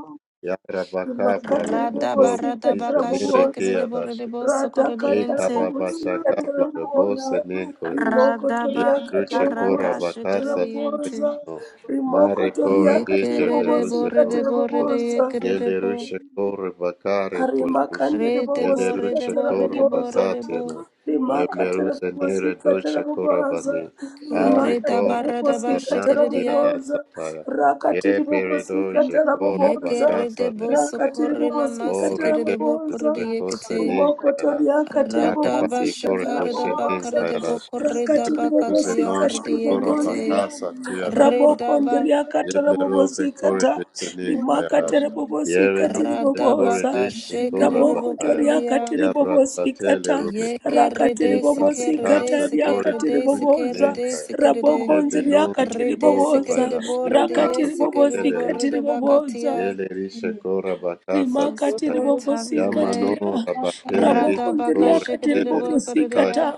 S4: Yarabaka
S5: Makatara
S3: Rada
S4: Plaroboko,
S5: bobosi
S3: barada
S5: katara
S3: baka
S4: Izenere
S3: shikiri
S5: bobosa.
S3: de bori de boso
S5: Rata
S4: E
S5: katara
S3: korodiente.
S5: bobosi
S4: karabasha
S5: katara
S4: kapla rebo
S5: bobosa.
S2: Thank
S4: senen
S2: you.
S4: koredos.
S5: Rimoko
S3: Rada
S4: E
S5: toria
S3: ba.
S5: katiri
S4: ruche kora
S3: Rada
S5: bobosi
S3: shikiri
S5: katara
S3: de
S4: bakasa
S3: yente.
S5: bobosa.
S4: no. Mare
S5: Rimoko toria
S4: kore
S5: katiri
S4: deje
S3: Yekere
S4: le
S3: de
S5: bobosi
S4: ruse
S3: bori de
S5: katara
S3: bori
S4: nosko.
S3: de
S5: bobosa.
S3: yekere
S4: Ye
S3: de
S4: le
S3: bo.
S4: ruche kore bakare
S5: Arima
S4: kolerush.
S5: kandiri
S3: Re de
S4: Ye le
S5: bobosi
S3: bori de
S4: ruche
S5: katara
S3: bori
S4: kora
S3: de bori
S5: bobosa.
S3: de
S4: bakate
S3: bo.
S4: no.
S5: Rima
S4: le
S5: rimakatara
S4: ruse nere
S5: mumasikatara
S4: doche kora
S5: mumaza
S4: bane. Are
S3: Kereta
S5: rimakatara
S4: kora
S3: barada
S5: mumasikatara
S4: basanaki
S3: bashikiriya.
S5: mumoza
S4: adasataya. Ye
S5: rakatiri
S4: bere doje
S5: mumasikatara mumoza
S3: Yekerete
S4: korabakasa bakasa
S3: boso
S5: rakatiri
S3: korena
S4: O
S5: mumasikatara
S3: masikirete
S4: rekep
S3: bo
S5: mumoza
S3: korete
S4: ruche kose
S3: yekete.
S4: nenkara.
S5: rimokotoriakatiri
S3: Rada
S4: Yarabari
S5: mumasikatara
S4: korebe
S3: bashikarada
S4: shenin
S5: mumoza
S3: bakarete bo
S4: kayaras.
S3: koreta
S5: rakatiri
S4: Yeble kuze
S3: bakatiya karete
S5: mumasikatiri
S4: shekora
S5: mugondria
S3: yekete.
S4: bakasa
S3: Reda
S4: tiyaras.
S3: ba
S5: rabokondriakatara
S4: Yeble robe
S5: mumasikata
S4: korebe shenin kayaras.
S5: rimakatara
S4: Yere non
S5: mumasikatiri
S3: rada
S4: shekore
S5: mumoza
S4: de shekora
S3: bakashikirete
S5: Ramoko
S3: bo
S4: bakaya.
S5: toriakati
S3: koreya.
S4: Yabra satele
S5: ribobosikata
S4: rumeno.
S5: rakati
S3: Yekerete
S4: Ika
S3: sikerete
S5: ribobosikata
S4: bekasa
S5: riakati
S4: korebe
S3: sikerete
S2: Thank you.
S5: riboboza
S4: rushenin
S3: sikerete
S4: kaya.
S2: Thank
S5: raboko
S3: sikerete.
S4: Yebe non
S5: nziriakati
S3: Rede
S4: shekora
S5: riboboza
S3: sikerete
S4: bayras.
S3: bo
S5: rakati
S4: Yabra
S3: yesekerete ba
S5: ribobosikati riboboza
S3: bakatiya.
S4: Yeleri shekora bakasa
S3: Holy
S5: rimakatiri
S4: kaya.
S3: Spirit, have your way.
S5: bobosikatiria
S4: Yamanora bakeleri
S3: Radabaka
S5: rabokondria
S4: kore
S5: katiri
S4: keleri kaya.
S5: bobosikata
S3: shikadidabakadidiya.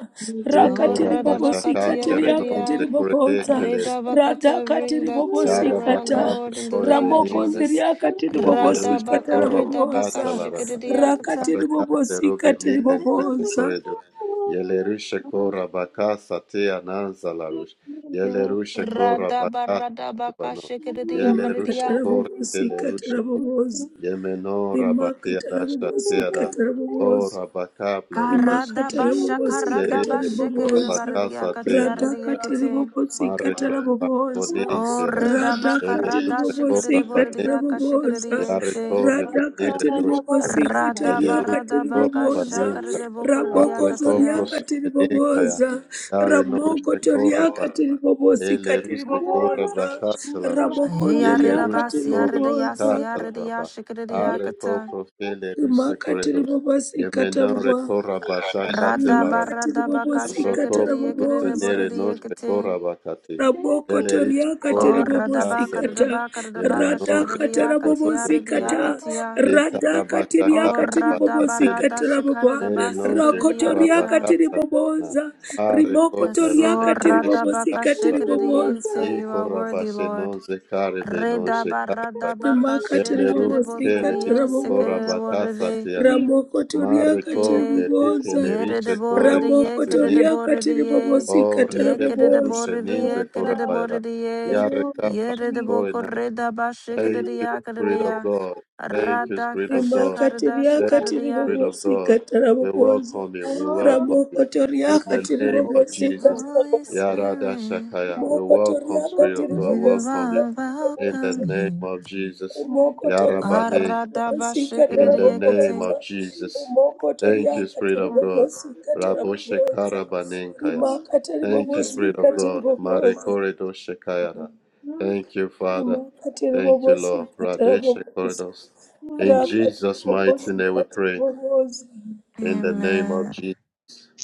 S3: Oh,
S5: rakatiri
S4: Ekora bashakate
S5: bobosikatiria
S4: renonze
S5: katiri
S3: radabakatiyakadidiya.
S4: korede
S5: boboza
S4: keleri.
S5: rada
S3: Redabakata, bring
S5: katiri
S3: that
S4: Yara
S3: turnaround,
S5: bobosikata
S4: baka
S3: Lord, in the
S4: prekore
S3: name of
S4: benize
S3: Jesus.
S5: ramokondria
S4: kos.
S5: katiri
S4: Yeble rushe
S5: bobosikata
S3: Radabaka
S4: kora
S3: redabaka
S5: raboboza
S4: bakata larada.
S3: shikadidiyakata.
S4: Yara
S5: rakatiri
S4: kable rube
S5: bobosikatiri
S4: nire noche
S5: boboza
S4: koredo. Yele rushe kora
S2: you.
S4: bakasa te ananza larush. Yele rushe kora
S3: Radaba
S4: bakata
S3: radabaka
S4: rubano. Yele rushe
S5: rimakatara
S3: shikadidiyakadidiya.
S4: kore kele rushe
S5: bobosikatara boboza
S4: Yemeno
S5: rimakatara
S4: rabakeada shakeada
S5: bobosikatara
S4: o
S5: boboza
S4: rabakable rubes
S5: imakatara
S3: Karadabasha
S5: bobosi
S4: lerite
S5: katara
S4: o
S5: bobosa
S4: rabakasa teana
S5: rada katara
S3: karadabashikadidabadidiyakatiyadidiyakate.
S5: bobosi
S4: mareko
S5: katara bobosa
S3: Oh,
S4: bonintera
S5: rada
S3: redabaka
S4: ele
S5: katara
S4: ruse ko
S5: bobosi
S4: rabane
S5: katara bobosa
S4: yare ko
S3: radashikadidabodidiyakashikadidiyente.
S5: rada
S4: rebenere
S5: katara
S4: doshko
S5: bobosi
S4: ele
S5: kataria
S4: ruse
S5: katara
S4: ko
S3: Radabaradabaka
S5: bobosa
S4: rabaninka
S5: raboko
S4: are ko
S5: zoria
S3: shakaridabokoridiakatia.
S5: katara
S4: prosebeninka ya
S5: bobosa
S4: yare
S5: ramoko toria
S4: no
S5: katara bobosi
S4: Ele
S5: katara
S4: ruse kora
S5: bobosa
S4: bakatala rush.
S5: raboko
S4: Yele
S5: ndria
S4: ruse
S5: katara
S4: kora
S5: bobosa
S4: bakatala raba. Are ko
S3: Yaridabasiaridayasiaridayashikiridiakata.
S4: profele ruse
S5: rimakatiri
S4: corredor.
S5: bobosikata
S4: Yemenore
S5: bobo
S4: kora basakatela rada.
S5: rimakatiri
S3: Radabaradabaka
S5: bobosikata
S4: Yabroko ruse
S5: raboboza
S4: nere noche
S3: shikiridiakiridiaboridiakati.
S4: kora bakati.
S5: rabokoto
S4: Yele ruse
S5: riakatiri
S4: kora
S3: O
S4: bakasele.
S5: bobosikata
S3: radabakaridabakaridabaka
S4: Yemenore
S5: radakata
S4: kele rope kele.
S5: rabobosikata
S3: shikiridiakatiaridiakatia.
S5: radakati
S3: O
S4: Ikarabashakare
S5: riakatiri
S4: bakatele.
S5: bobosikata rabobo
S4: Nere nonje
S5: rakoto
S4: kora
S3: radabaradashikaridabasikiridiyakata.
S5: riakatiri
S4: bakatsa.
S5: boboza
S4: Are ko
S5: rimokoto
S3: Yes,
S4: plero de
S3: Lord,
S5: riakatiri
S4: corre
S2: Oh,
S3: Radabaka
S5: bobosikatiri boboza
S3: Shikridiente,
S4: E
S3: you are worthy, Lord.
S4: non zekarebe non
S3: Reda
S2: Oh,
S3: barra
S4: shekaraba
S3: da baka
S5: Rimakatiri
S4: yeble
S3: shekere
S4: rube
S3: de
S5: bobosika
S3: borre
S4: kele
S3: ye
S4: rishe
S3: sekere de
S5: tarabobosa.
S3: borre
S4: korabakasa
S3: de
S4: tiana
S5: Ramoko
S4: mare
S5: toriaka tiri
S4: koble
S3: ye
S5: bobosa.
S4: rikele
S3: yere
S4: rishe
S3: de borre
S4: kore
S3: de
S5: Ramoko
S3: ye
S4: kase
S3: kere de
S4: ninga
S5: toriaka
S3: borre de
S5: tiri
S3: ye
S5: bobosika
S4: o
S3: ye kere
S4: rekeple
S3: de
S5: tarabobosa.
S4: rushe ninze
S3: ye kere de
S4: korabaira
S3: borre de ye
S4: yare kapla
S3: yere de
S4: kore
S3: boko
S4: na.
S3: reda ba shekere
S4: Thank you,
S3: ya kere
S4: Spirit of
S3: ya
S4: God. Thank you,
S3: rada
S4: Spirit
S3: ka
S4: of God.
S3: shakare
S4: Thank
S5: Rimakatiriaka
S4: you,
S5: tiri
S3: ya
S4: Spirit of God. We welcome you. We welcome
S5: Ramoko
S4: you. In
S5: toriaka
S2: I
S4: the
S5: tiri
S4: name
S2: double
S4: of
S5: bobosika
S4: Jesus.
S2: watch it
S3: Holy
S2: again.
S5: tarabobosa.
S4: Yarada
S3: Spirit
S4: Shakaya. We
S5: Ramoko
S4: welcome,
S5: toriaka
S4: Spirit of
S5: tiri
S4: God.
S3: you
S4: Welcome you.
S3: are
S4: In the
S3: welcome
S4: name
S3: here
S4: of Jesus.
S5: Rimoko toriaka
S4: Yarabane.
S3: arada ba
S5: tiribobosika
S3: shekere
S4: In the
S3: ye kete
S4: name
S5: tarabobosa.
S4: of Jesus.
S5: Rimoko
S4: Thank you,
S5: toriaka
S4: Spirit of God.
S5: tiribobosika
S4: Raboshe
S5: tarabobosa.
S4: Karabanenkaya.
S5: Rimaka
S4: Thank you, Spirit
S5: tiribobosika
S4: of God. Mare
S5: tiribobosa.
S4: Koredo Shekayara. Thank you, Father.
S5: Rimaka
S4: Thank you, Lord.
S5: tiribobosika
S4: Radeshe
S5: tarabobosa.
S4: Koredos. In
S5: Raka
S4: Jesus' mighty name
S5: tiribobosika
S4: we pray.
S5: tiribobosa.
S4: In the name of
S3: amen
S4: Jesus.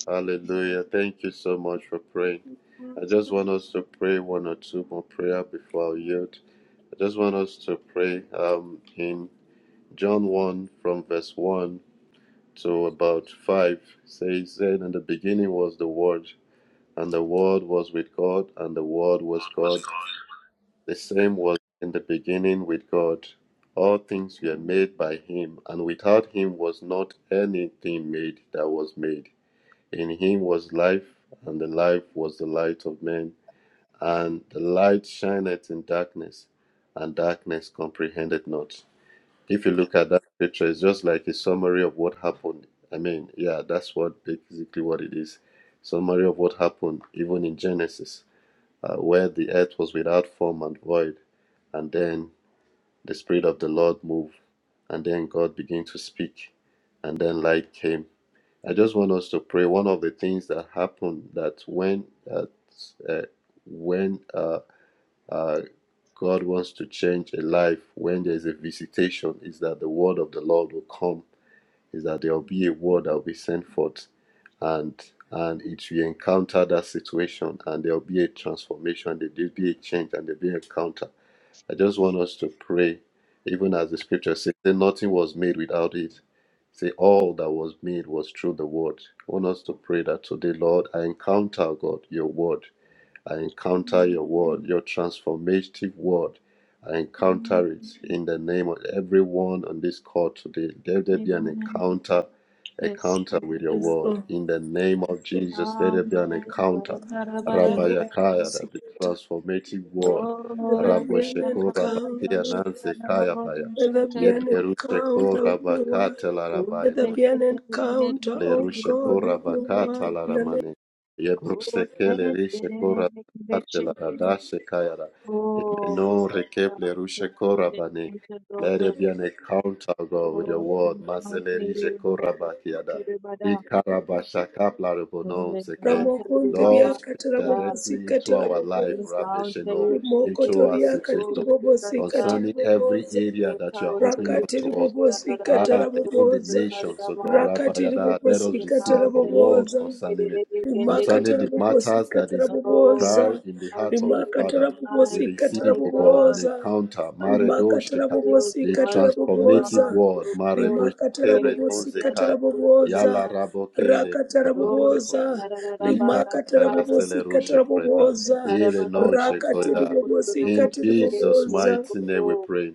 S4: Hallelujah. Thank you so much for praying. I just want us to pray one or two more prayer before I yield. I just want us to pray um, in John 1 from verse 1 to about 5 says, Then in the beginning was the Word, and the Word was with God, and the Word was God. The same was in the beginning with God. All things were made by Him, and without Him was not anything made that was made. In Him was life, and the life was the light of men. And the light shineth in darkness, and darkness comprehended not. If you look at that picture, it's just like a summary of what happened. I mean, yeah, that's what basically what it is. Summary of what happened, even in Genesis, uh, where the earth was without form and void, and then the spirit of the Lord moved, and then God began to speak, and then light came. I just want us to pray. One of the things that happened that when uh, uh, when uh, uh, God wants to change a life when there's a visitation, is that the word of the Lord will come, is that there'll be a word that will be sent forth, and and it will encounter that situation, and there'll be a transformation, there'll be a change, and there'll be an encounter. I just want us to pray, even as the scripture says, that nothing was made without it. Say all that was made was through the word. I want us to pray that today, Lord, I encounter God, your word. I encounter your word, your transformative word. I encounter it in the name of everyone on this call today. Let there be an encounter, encounter
S2: Yes.
S4: with your
S5: Yes,
S4: word.
S5: Lord.
S4: In the name of Jesus, let
S2: Oh,
S4: there be an encounter.
S5: That you are a
S4: Rabayakaya, that the
S5: persecutor.
S4: transformative word.
S5: Let there be an
S4: Rabosheko Rabakia
S5: encounter.
S4: Nanse Kaya Baya.
S5: Let there be an
S4: Yeblerusheko
S5: encounter with your word.
S4: Rabakatela
S5: Let there
S4: Rabaya
S5: be an encounter,
S4: le
S5: oh
S4: rushe
S5: God,
S4: kora
S5: with your
S4: bakata
S5: word
S4: la
S5: in the
S4: ramane. Ye bruseke le rishe kora bakate la radashe kayara. Ye meno rekep rushe kora bane. Let it be an encounter, God, with your word. Mazele rishe kora bakiada. Ikara bashakap rebonom seke.
S5: Ramokondria
S4: Lord, speak
S5: katarabobosi
S4: directly into our life,
S5: katarabobosa.
S4: Rabbi
S2: Encounter
S4: Sheno,
S2: you,
S4: into our
S2: Shekere,
S5: Rimokotoria
S4: situation,
S2: Guru,
S5: katiribobosi
S2: Sukanta,
S4: concerning every
S5: katiribobosa.
S4: area that you are
S2: Encounter
S4: opening
S2: you,
S4: up to us.
S2: Shanta,
S5: Rakatiribobosi
S2: Rarabha,
S4: Ah,
S2: Guru,
S4: even the
S5: katarabobosa.
S4: nations, O God,
S2: Sukariyama,
S4: Rabbi Yada, let
S5: Rakatiribobosi
S4: us receive your
S2: Encounter you,
S4: word
S5: katarabobosa
S4: concerning
S2: Shekere,
S4: it,
S2: Kende,
S4: concerning
S5: rimakatara
S4: the
S5: bobosi
S4: matters that
S5: katara
S4: is
S2: Oh, we
S4: prior
S5: boboza
S4: in the
S2: encounter
S4: heart of the
S2: you in
S4: Father.
S5: rimakatara
S2: the
S4: We
S2: might,
S5: bobosi katara
S4: receive,
S2: my
S4: O God,
S2: God,
S4: an
S5: boboza
S4: encounter,
S2: Father, Lord,
S4: Maredo
S2: we
S5: rimakatara
S4: Sheka,
S2: feel
S5: bobosi
S4: the
S2: to us,
S5: katara
S2: O
S4: transformative
S2: God,
S5: boboza
S4: word,
S2: your glory,
S4: Marebo
S5: rimakatara
S2: way,
S4: Shekere no
S2: to
S5: bobosi
S2: hear the
S4: Zekai,
S5: katara
S2: truth of the
S5: boboza
S4: Yala
S2: death,
S4: Rabokele, the
S5: rakatara
S4: non
S2: Lord, Oh,
S4: Shekorida,
S5: boboza
S2: Shakara, Rarabha,
S4: Ika
S5: rimakatara
S2: Ganta,
S5: bobosi
S4: Paraceleru
S5: katara
S4: Shekorida,
S5: boboza
S4: Ire
S2: Karabha,
S4: non
S2: Kanta,
S5: rakatiri
S4: Shekorida.
S5: bobosi
S2: Kuturubu,
S4: In
S5: katiri
S4: Jesus'
S2: Kete,
S5: boboza
S4: mighty name we
S2: Guru.
S4: pray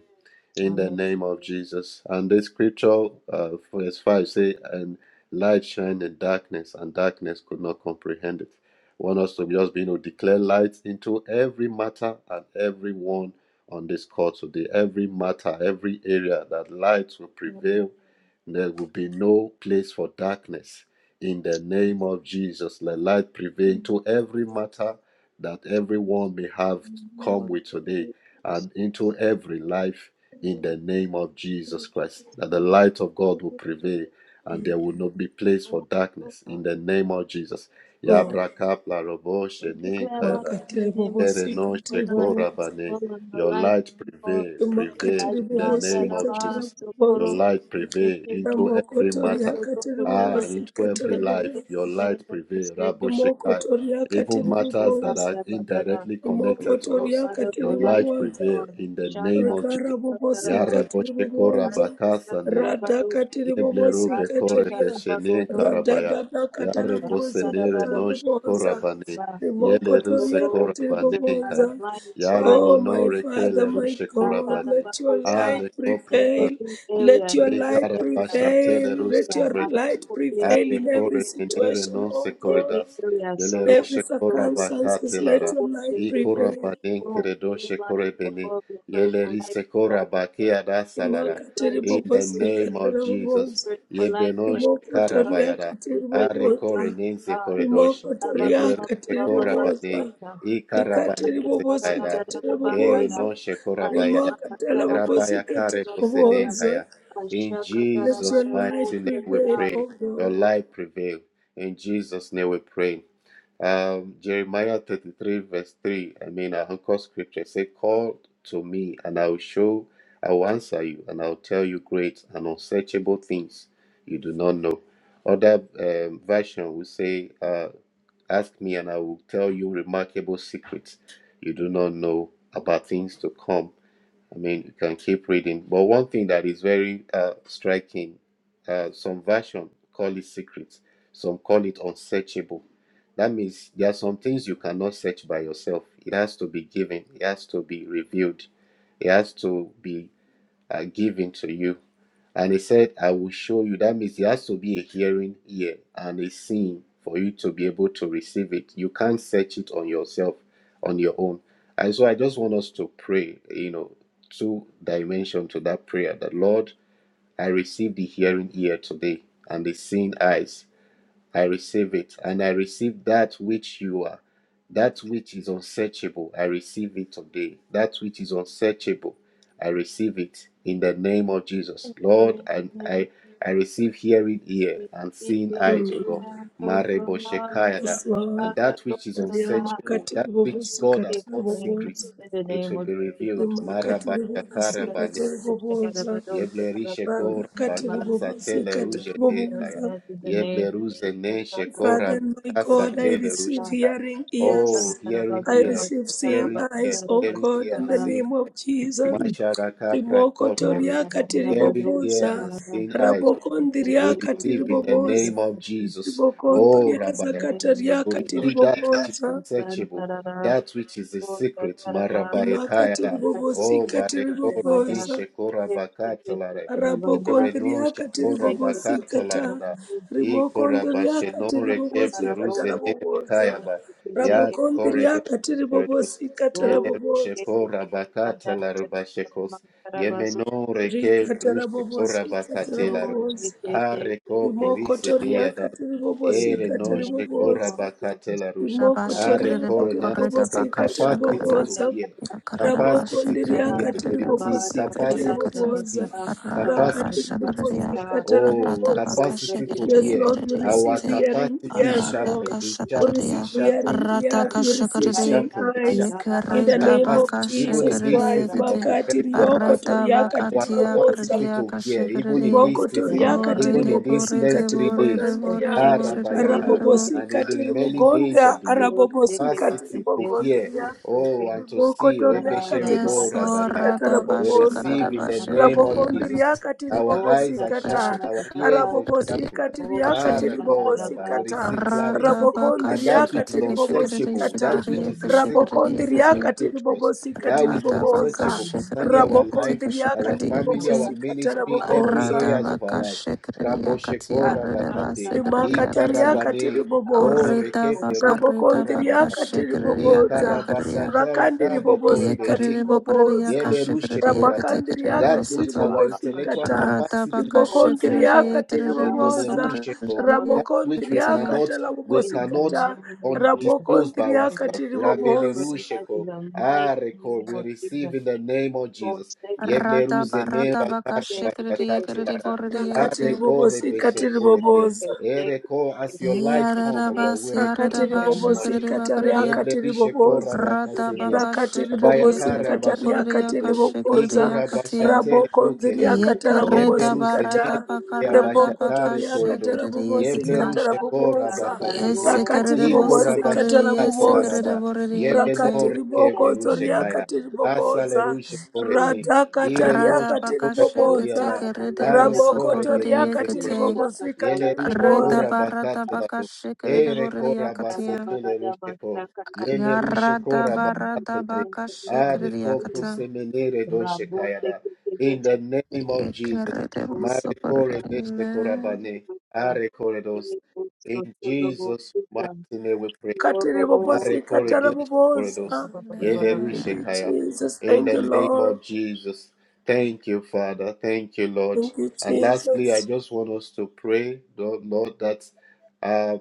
S4: in the
S2: Amen.
S4: name of Jesus. And the scripture, uh, verse 5 say, and light shined in darkness, and darkness could not comprehend it. Want us to just be able to declare light into every matter and everyone on this call today, every matter, every area that light will prevail. There will be no place for darkness. In the name of Jesus, let light
S2: We
S4: prevail to every matter that everyone may have
S2: declare
S4: come
S2: light
S4: with today and into every life in the name of Jesus Christ. That the light of God will prevail and there will not be place for darkness in the name of Jesus.
S5: Lord,
S4: Yabrakapla robo shenin kayada
S2: in
S5: makatiri
S2: the name of
S5: bobosi
S4: no
S5: katiri
S2: Jesus.
S5: boboza
S2: All of the
S4: Your
S2: light
S4: light
S2: in God.
S4: prevail, prevail
S5: rimakatiri
S4: in the
S2: Ashanda
S5: bobosi
S4: name of
S2: Rabba,
S5: katara
S4: Jesus. Your
S5: boboza
S2: Sokoro,
S4: light prevail
S2: Potente,
S4: into every
S2: Doto,
S5: Ramokotoria
S4: matter. Ah,
S2: Dokotoro,
S4: and
S5: katiribobosi
S4: into every
S2: Potente,
S4: life,
S5: katiribobosi.
S4: your
S2: Tekentere,
S4: light prevail.
S2: Tekese,
S4: Rabo Shekai.
S5: Imokotoria
S4: Even matters that
S5: katiribobosi.
S4: are
S2: Ushakanda, Bandada.
S4: indirectly
S2: We
S4: connected to
S2: pray,
S5: Imokotoria
S4: us,
S2: Father,
S4: your
S2: for light
S4: light
S2: in
S5: katiribobosi.
S4: prevail
S2: God.
S4: in the name
S2: Shataka,
S4: of
S5: Rikara
S4: Jesus.
S5: bobo
S4: Ya
S2: Rabba,
S4: Rabo
S5: sikatiri
S4: Shekora
S5: bobonza.
S2: Ashanda
S4: Bakasa
S5: Rada
S2: Rabba,
S5: katiri bobo
S4: Yebleru
S2: Oh,
S4: bekore
S2: Father,
S5: sikatiria.
S4: beshene
S5: Rada
S4: karabaya.
S5: dada katara
S4: Yare
S5: bobo
S4: bosenere
S5: sikatara
S4: noş
S5: bobonza.
S4: korabane. Yele
S5: Rimoko
S4: ruse
S5: toria katiri
S4: korabane kaya.
S5: bobonza.
S2: light,
S4: Yare
S2: light,
S5: Oh, my
S4: monore
S5: Father,
S4: kele
S5: my
S4: ruse
S5: God,
S4: korabane.
S5: let your
S2: Shatarabakosa,
S5: light
S4: Are
S2: in
S5: prevail.
S2: every
S5: Let
S2: area, in
S5: your
S4: E
S2: every
S5: light
S2: area,
S4: carabasha
S2: in
S4: tele
S5: prevail.
S2: every
S5: Let
S4: ruse
S2: area,
S5: your
S4: corredos.
S5: light
S2: Masoko place,
S5: prevail
S2: in
S4: Ave
S5: in every
S4: core venere
S5: situation,
S4: non se
S5: oh God.
S2: every
S4: corredas.
S2: area,
S4: Ele
S2: So
S5: In
S2: good,
S5: every
S4: rushe
S2: Soko,
S5: circumstances,
S4: corabacate
S2: Soko,
S5: let
S4: lara.
S5: your
S2: Soko,
S5: light
S4: E
S2: Soko,
S5: prevail.
S4: corabaden
S2: Oh, we need
S4: credoshe
S2: light, for
S4: correbene.
S2: God, we pray
S4: Ele
S2: for light,
S4: rise
S2: God,
S4: corabacea da
S2: we
S4: salara.
S2: pray for
S5: Imakatiri
S2: light,
S4: In the
S5: bobosi
S4: name of
S5: katara
S2: we
S4: Jesus.
S5: bobosa.
S2: pray for
S4: Yebenoshe
S5: Imoko
S2: light,
S5: toria
S4: carabayada.
S2: We
S5: katiri
S2: pray for
S4: Are
S2: your
S5: bobosa.
S2: life,
S4: corre nense
S2: oh God.
S4: corredos.
S5: Imoko toria
S4: Yeble rushe
S5: katiri bobosa.
S4: corabane.
S2: Rabababababababashata.
S4: E carabane
S5: Likatiri
S4: se
S5: bobosi
S4: caira.
S5: katara
S4: Ere
S2: Katakatararararabakaya.
S5: bobosa.
S4: non she corabayada.
S5: Rimaka tala bobosi
S4: Rabaya care
S5: katara
S2: Ashakatarabakandarabakandarab.
S5: bobosa.
S4: bosenenkaya. In
S5: Let your
S4: Jesus'
S5: light
S4: mighty name we
S2: Ashakatarabarabokarita.
S5: prevail, O
S4: pray. Your
S5: God.
S4: light prevail. In Jesus' name we pray. Um, Jeremiah 33, verse 3. I mean, our anchor scripture say, Call to me, and I will show, I will answer you, and I will tell you great and unsearchable things you do not know. Other um, version will say, uh, Ask me, and I will tell you remarkable secrets you do not know about things to come. I mean, you can keep reading. But one thing that is very uh, striking, uh, some version call it secret, some call it unsearchable. That means there are some things you cannot search by yourself. It has to be given. It has to be revealed. It has to be uh, given to you. And he said, I will show you. That means there has to be a hearing ear and a seeing for you to be able to receive it. You can't search it on yourself, on your own. And so I just want us to pray, you know, two dimension to that prayer that Lord, I receive the hearing ear today and the seeing eyes I receive it, and I receive that which you are, that which is unsearchable. I receive it today. That which is unsearchable, I receive it in the name of Jesus, Lord. And
S2: Amen.
S4: I, I receive hearing
S2: We
S4: ear and
S2: give
S4: seeing
S2: you
S4: eyes, O
S5: Mm.
S4: God.
S2: thanks, oh
S4: Marebo
S2: God.
S4: Shekayada.
S5: Yes, Lord.
S4: And that which is
S5: Ariama
S2: Rakatosata.
S4: unsearchable,
S5: katiri
S4: that which
S5: bobosi
S4: God
S2: We
S4: has
S5: katara
S4: called
S2: pray
S5: bobosa.
S4: secrets,
S2: In the
S4: it
S2: name
S4: will
S2: of
S4: be revealed.
S2: Jesus,
S4: Maraba
S5: Imakatiri
S2: we
S5: bobosi
S2: pray in
S5: katara
S2: the name
S5: bobosa.
S4: Yeble
S2: of
S4: shekora
S5: Father,
S2: Jesus.
S5: and
S4: bakasa tele
S2: We repeat
S4: ruje
S2: your
S4: kaya.
S2: prayers in the name
S4: Yeble
S2: of
S4: ruze
S2: Jesus.
S4: ne
S2: Oh,
S4: shekora
S5: my
S4: bakasa
S5: God, I
S4: tele ruje.
S5: receive hearing
S4: Oh,
S5: ears.
S4: hearing
S5: I
S4: ear,
S5: receive seeing
S4: hearing ear,
S5: eyes, O
S4: hearing
S5: God,
S4: ear,
S5: in
S4: and
S5: the
S4: seeing
S5: name of Jesus.
S4: Masharaka
S5: Rimoko
S4: Pratopleru,
S5: toria
S4: hearing ear
S5: katiriboboza.
S4: and seeing eyes, O Lord, we
S5: Rabokondria
S4: receive in the name
S5: katiriboboza.
S4: of Jesus, O
S2: Father,
S5: Ribokondria
S2: in the
S4: Rabbayana,
S2: name of
S5: zakataria
S4: to
S2: Jesus,
S4: receive that which is
S2: we
S5: katiriboboza.
S2: stand,
S4: searchable,
S2: Sarada,
S4: that which is the
S2: oh,
S4: secret,
S2: Sakaraba,
S5: Rimaka
S4: Marabayakayara,
S2: and that's the
S5: tiribobosi
S4: O
S2: faith of the
S4: Barekor,
S2: Mada,
S5: katiriboboza.
S4: Nishekora
S2: faith of the
S4: Bakatalare,
S2: Kavanna,
S4: Yereno
S5: Rabokondriaka
S2: the
S4: Shekora
S2: faith of the
S5: tiribobosikata.
S4: Bakatalarada,
S2: Kavanna, and
S4: Ikora
S5: Rimokondriaka
S4: Bashenore
S2: Sakaraba,
S5: tiribobosikata
S4: Keplerus, Zenere
S5: rabobosa.
S2: In
S4: Kayaba, Yar
S2: the
S4: Corridor,
S5: Rabokondriaka tiribobosikata
S4: Yele
S5: rabobosa.
S4: rusheko rabakata la rubashekos. Yemeno reke
S5: Rikata
S4: rusheko
S5: rabobosikata
S4: rabakate la ru.
S5: rabobosa.
S4: Areko plerise
S5: Rimokotoriaka
S4: neada. Ere
S5: tiribobosikata
S4: no sheko
S2: name of
S5: ribobosa.
S4: rabakate
S2: Jesus,
S4: la rush.
S5: Rimoko
S3: Dabashikrede
S4: Areko
S5: toriaka tiri
S4: renasa
S3: bokorida
S4: ke
S5: bobosika tiri
S4: capacity
S3: bakashakarada.
S4: to
S5: boboza.
S4: hear.
S3: Yakarada
S5: Raboko
S4: Capacity to
S3: bashikrede
S5: ndiriaka
S4: hear. We
S5: tiri
S3: yakrede
S4: receive
S5: bobosika
S3: bosokarada
S5: tiri
S4: capacity
S3: yakata.
S4: to
S5: boboza.
S4: see.
S3: Arada
S5: Raka
S4: Capacity
S5: tiri
S4: to
S3: bashakarada
S4: see.
S3: ya.
S5: bobosika tiri
S4: Oh,
S3: Arada
S5: boboza.
S4: capacity to
S3: bakashakarada
S5: Yes,
S4: hear.
S5: Lord, we
S3: yakrede
S4: Our
S5: receive
S3: yakate.
S5: hearing.
S4: capacity is
S5: Yes,
S3: Arada
S5: Lord.
S4: sharpened, is
S5: We
S3: kashakarada
S4: sharpened, is
S5: receive
S3: ya.
S4: sharpened,
S5: hearing.
S4: is
S3: Arada
S5: Yes,
S4: sharpened,
S5: we receive
S4: is
S3: kashakarada ya.
S5: seeing
S4: sharpened,
S5: eyes. In the
S3: Yakarada
S5: name of
S4: capacity, even in
S5: Jesus
S3: bakashakarada
S4: this
S5: Christ,
S2: Myself,
S4: season of
S3: yakate.
S5: makati
S4: preparing for
S2: I
S5: rioko
S2: don't
S4: fasting,
S3: Arada
S2: think I
S5: toriaka
S4: our
S5: tiri
S2: love
S3: bakatiya karada
S5: boboza.
S4: capacity to hear,
S5: Riboko
S3: yakashakarada
S4: even in
S3: ya.
S4: this
S2: in the
S4: season,
S5: ribokotoriaka
S4: even
S2: name
S3: Orede
S4: in
S2: of
S4: these
S5: tiribobosika
S2: Jesus.
S4: next
S3: borede
S4: three
S3: borede
S4: days,
S2: Oh,
S5: tiribogandria
S3: borede
S4: ah,
S2: shake it,
S3: borede
S2: shake it,
S4: Rabayaka,
S3: borede
S2: shake it,
S4: and
S5: arabobosika
S2: shake
S4: in the
S2: it, shake it.
S4: remaining days
S5: tiribogonda
S4: of the year,
S2: Oh, shake
S5: arabobosika
S2: it,
S4: capacity
S2: shake
S4: to
S2: it, shake
S4: hear,
S5: tiribogondria
S2: it, shake
S4: oh,
S2: it.
S4: and to see,
S2: Ah,
S5: Rimokotoriakati
S4: Rebesheredo
S2: Rabba,
S3: Yes,
S4: Rabakai.
S2: Zatila,
S3: Lord,
S5: ribobosikata
S3: da
S4: We
S3: basha kada
S5: rabobonza.
S3: da
S4: receive in the
S2: Hassan,
S3: basha kada
S4: name of
S3: dia
S5: Rabohondi
S2: Sarabba.
S4: Jesus.
S5: riakati
S4: Our
S3: kada
S2: Oh,
S4: eyes are
S5: ribobosikata.
S4: sharpened,
S2: Sata,
S3: basha
S4: our ears
S2: Rabba,
S4: are
S3: kada dia
S4: sharpened.
S5: Arabobosikati
S2: Oh,
S4: Ah,
S5: riakati
S3: kate.
S2: Shata,
S4: Rako Rabba, we
S2: Rabba.
S5: ribobosikata.
S4: receive
S2: Eh,
S4: clarity.
S3: Rata
S2: shake it,
S5: Rabokondi
S3: baka
S4: And
S2: shake
S4: that
S2: it,
S4: which
S5: riakati
S4: is
S2: shake
S3: shikate
S2: it, it.
S3: kashikada dia
S4: unsearchable,
S5: ribobosikata.
S3: shikada
S4: that
S2: In the
S4: which
S3: dia
S4: is inseparable.
S2: name of
S3: kashikada
S5: Rabokondi
S3: dia
S4: His
S2: Jesus,
S3: kate.
S5: riakati
S4: revealed to us.
S2: in
S5: ribobosikati
S4: Thou
S2: the
S4: is
S3: Rata
S2: name of Jesus,
S3: baka
S5: ribobonza.
S4: unsearchable
S2: in the
S3: shikada
S4: concerning
S2: name of
S4: our
S3: dia
S2: Jesus.
S3: kate
S4: life,
S5: Rabokondi
S4: our
S3: kashikada
S5: riakati
S3: dia
S4: family, our
S2: Rabba,
S3: kate.
S5: ribobosikata
S2: Rabba,
S4: ministry,
S2: Rabba,
S4: every
S5: rabobonza
S3: Rata
S4: areas
S2: Rabba,
S4: of our
S3: baka
S4: life.
S3: shikada
S2: Rabba.
S3: dia kate
S4: Rabosheko
S2: In
S3: arada
S2: the
S4: Rabakate,
S3: basa kada dia kate.
S5: rimakatariaka
S4: Ikarabane, O
S5: tiribobosa
S3: Rita
S4: Rekeple
S3: baka
S4: Rushko
S3: rita baka
S5: rabokondriaka
S4: Rabakate,
S3: shikada dia kaya
S5: tiribobosa
S3: kada dia.
S4: Ikarabasatala
S3: Ye
S5: rakandiribobosikata
S3: kada dia baka kada dia
S5: tiribobosa
S4: Yele
S3: kashikada
S4: rushe
S3: dia
S4: koraba.
S3: kate kada
S5: rabakandiriaka
S4: That which
S3: dia
S4: our intellectual
S5: tiribobosikata
S4: capacity cannot search out.
S5: ribokondriaka
S4: Rebele
S5: tiribobosa
S4: rushe ko. That which we
S3: Radabakashikiriyekiribosokoriyekete.
S5: ramokondriaka
S4: cannot we cannot
S5: talabobosikata
S2: name of
S4: un-
S2: Jesus,
S4: disclose by
S2: as
S5: rabokondriaka
S2: we
S4: ourselves.
S2: pray
S4: Rabele
S2: for
S5: tiribobosa
S2: you,
S4: rushe
S2: as in
S4: ko.
S2: the mighty
S4: Ah,
S2: name
S4: reko. We
S2: of
S4: receive
S2: Jesus,
S4: in the name of
S2: God,
S4: Jesus.
S2: take it, take
S4: Yeble
S2: it, take it, take it, take it, take it, take it, take
S4: Katilara.
S2: it,
S4: Ah,
S5: ndakati
S3: Radabaradabakashikiriyekiriboriyente.
S4: they call Rebeshe Kureke. Eh,
S2: take
S4: As your
S2: it, take it, take it, take it, take it,
S4: light
S2: take it, take
S4: come, O
S2: it,
S4: God, we receive
S2: in
S5: rakati
S2: the
S4: the name
S2: mighty
S4: of
S5: ribobosi
S4: Jesus.
S2: name
S5: kataria
S3: Eyararabasiyararabashikiriyakariya.
S5: katiri
S4: Yeblerishe Kora
S5: riboboza
S2: of
S4: Bakasene.
S2: Jesus. Yes,
S5: rakati
S2: in
S5: ribobosi
S4: Bayakara
S5: katariakati
S4: Bashatedo.
S5: riboboza
S4: Ikora
S3: Radabakashikiriyekiribokoriyakashikiriyakatiya.
S4: Bashatele
S5: rabokonzi
S4: Rukelerush.
S5: riakata
S2: the name
S5: rabobosi
S4: Yeblerus the name
S5: kata
S2: of
S4: Ya
S5: rebokoto
S4: Bashatare
S2: Jesus.
S5: riakata
S4: Koredo.
S5: rabobosi
S3: Yekeredabaradabakaradabakashikiriyekete.
S5: kata
S4: Yeblerushe
S2: Mata
S4: Kora
S2: Prakara
S5: raboboza
S4: Bakasene.
S2: Barabo,
S5: rakati
S2: that's
S4: Ikora
S5: ribobosi
S2: right.
S5: kata raboboza
S4: Bashatelaraba.
S2: Yes, in
S3: Yesikiriyebosokoriyesikiyiboriyente.
S5: rakati
S4: Yebenore
S2: the
S5: riboko
S4: Keblerushe
S5: zoria
S2: name
S4: Kaya.
S5: katiri
S4: Asale
S5: ribokozo
S4: Rushe
S2: of
S4: Korene.
S2: Jesus.
S5: Rada riboboza katiri
S3: Rada
S2: Kosha
S5: riakati
S3: bakashe
S2: Katala
S5: Ramoko
S3: kete
S4: Korabatiada,
S2: Katala Katala
S3: kerede
S4: Are
S3: boso
S2: Katala
S4: Kore
S5: ramokoto
S3: korede
S4: Benize
S5: katiri
S3: kete.
S2: Kosha
S4: Koredosh,
S5: ribobosi
S2: Katala
S5: katiri
S4: Yele
S2: Katala
S4: Rushe
S3: Rida
S2: Katala
S5: riboboza
S3: barada
S4: Korabakatelaru,
S3: bakashe kerede
S2: Kosha
S4: Ere
S3: borede
S2: Katala
S3: yakatia.
S2: Katala
S4: Korabasetele
S2: Katala Kosha
S4: Rusheko,
S2: Katala
S4: Yele Rushe
S3: Yarada barada
S4: Korabakatelari,
S3: bakashe
S4: Are
S2: Katala
S3: kerede
S2: Katala
S3: yakata.
S4: Koprosemenere Doshe
S2: Rabo
S4: Kayada,
S2: seke seke
S4: in the
S2: seke
S4: name
S2: seke.
S4: of Jesus,
S3: Yekerede
S4: Mare
S2: Osa
S3: boso korede.
S4: Kore Deshe
S3: Amen.
S4: Korabane,
S2: osa.
S4: Are Koredos,
S2: Ele osa
S4: in
S2: todo
S4: Jesus'
S2: osa.
S4: mighty name we pray.
S2: No no no.
S5: Katiribobosi
S4: Mare kore
S2: Jesus.
S4: desh kore dos.
S2: Ba
S5: katarabobosa.
S2: ba ba ba ba
S4: Yele
S2: ba.
S5: Thank
S4: rushe
S5: you,
S4: kaya.
S5: Jesus.
S4: In
S5: Thank
S4: the
S5: you,
S4: name
S5: Lord.
S4: of Jesus. Thank you, Father. Thank you, Lord.
S5: Thank you,
S4: And lastly, I
S5: Jesus.
S4: just want us to pray, Lord, Lord, that um,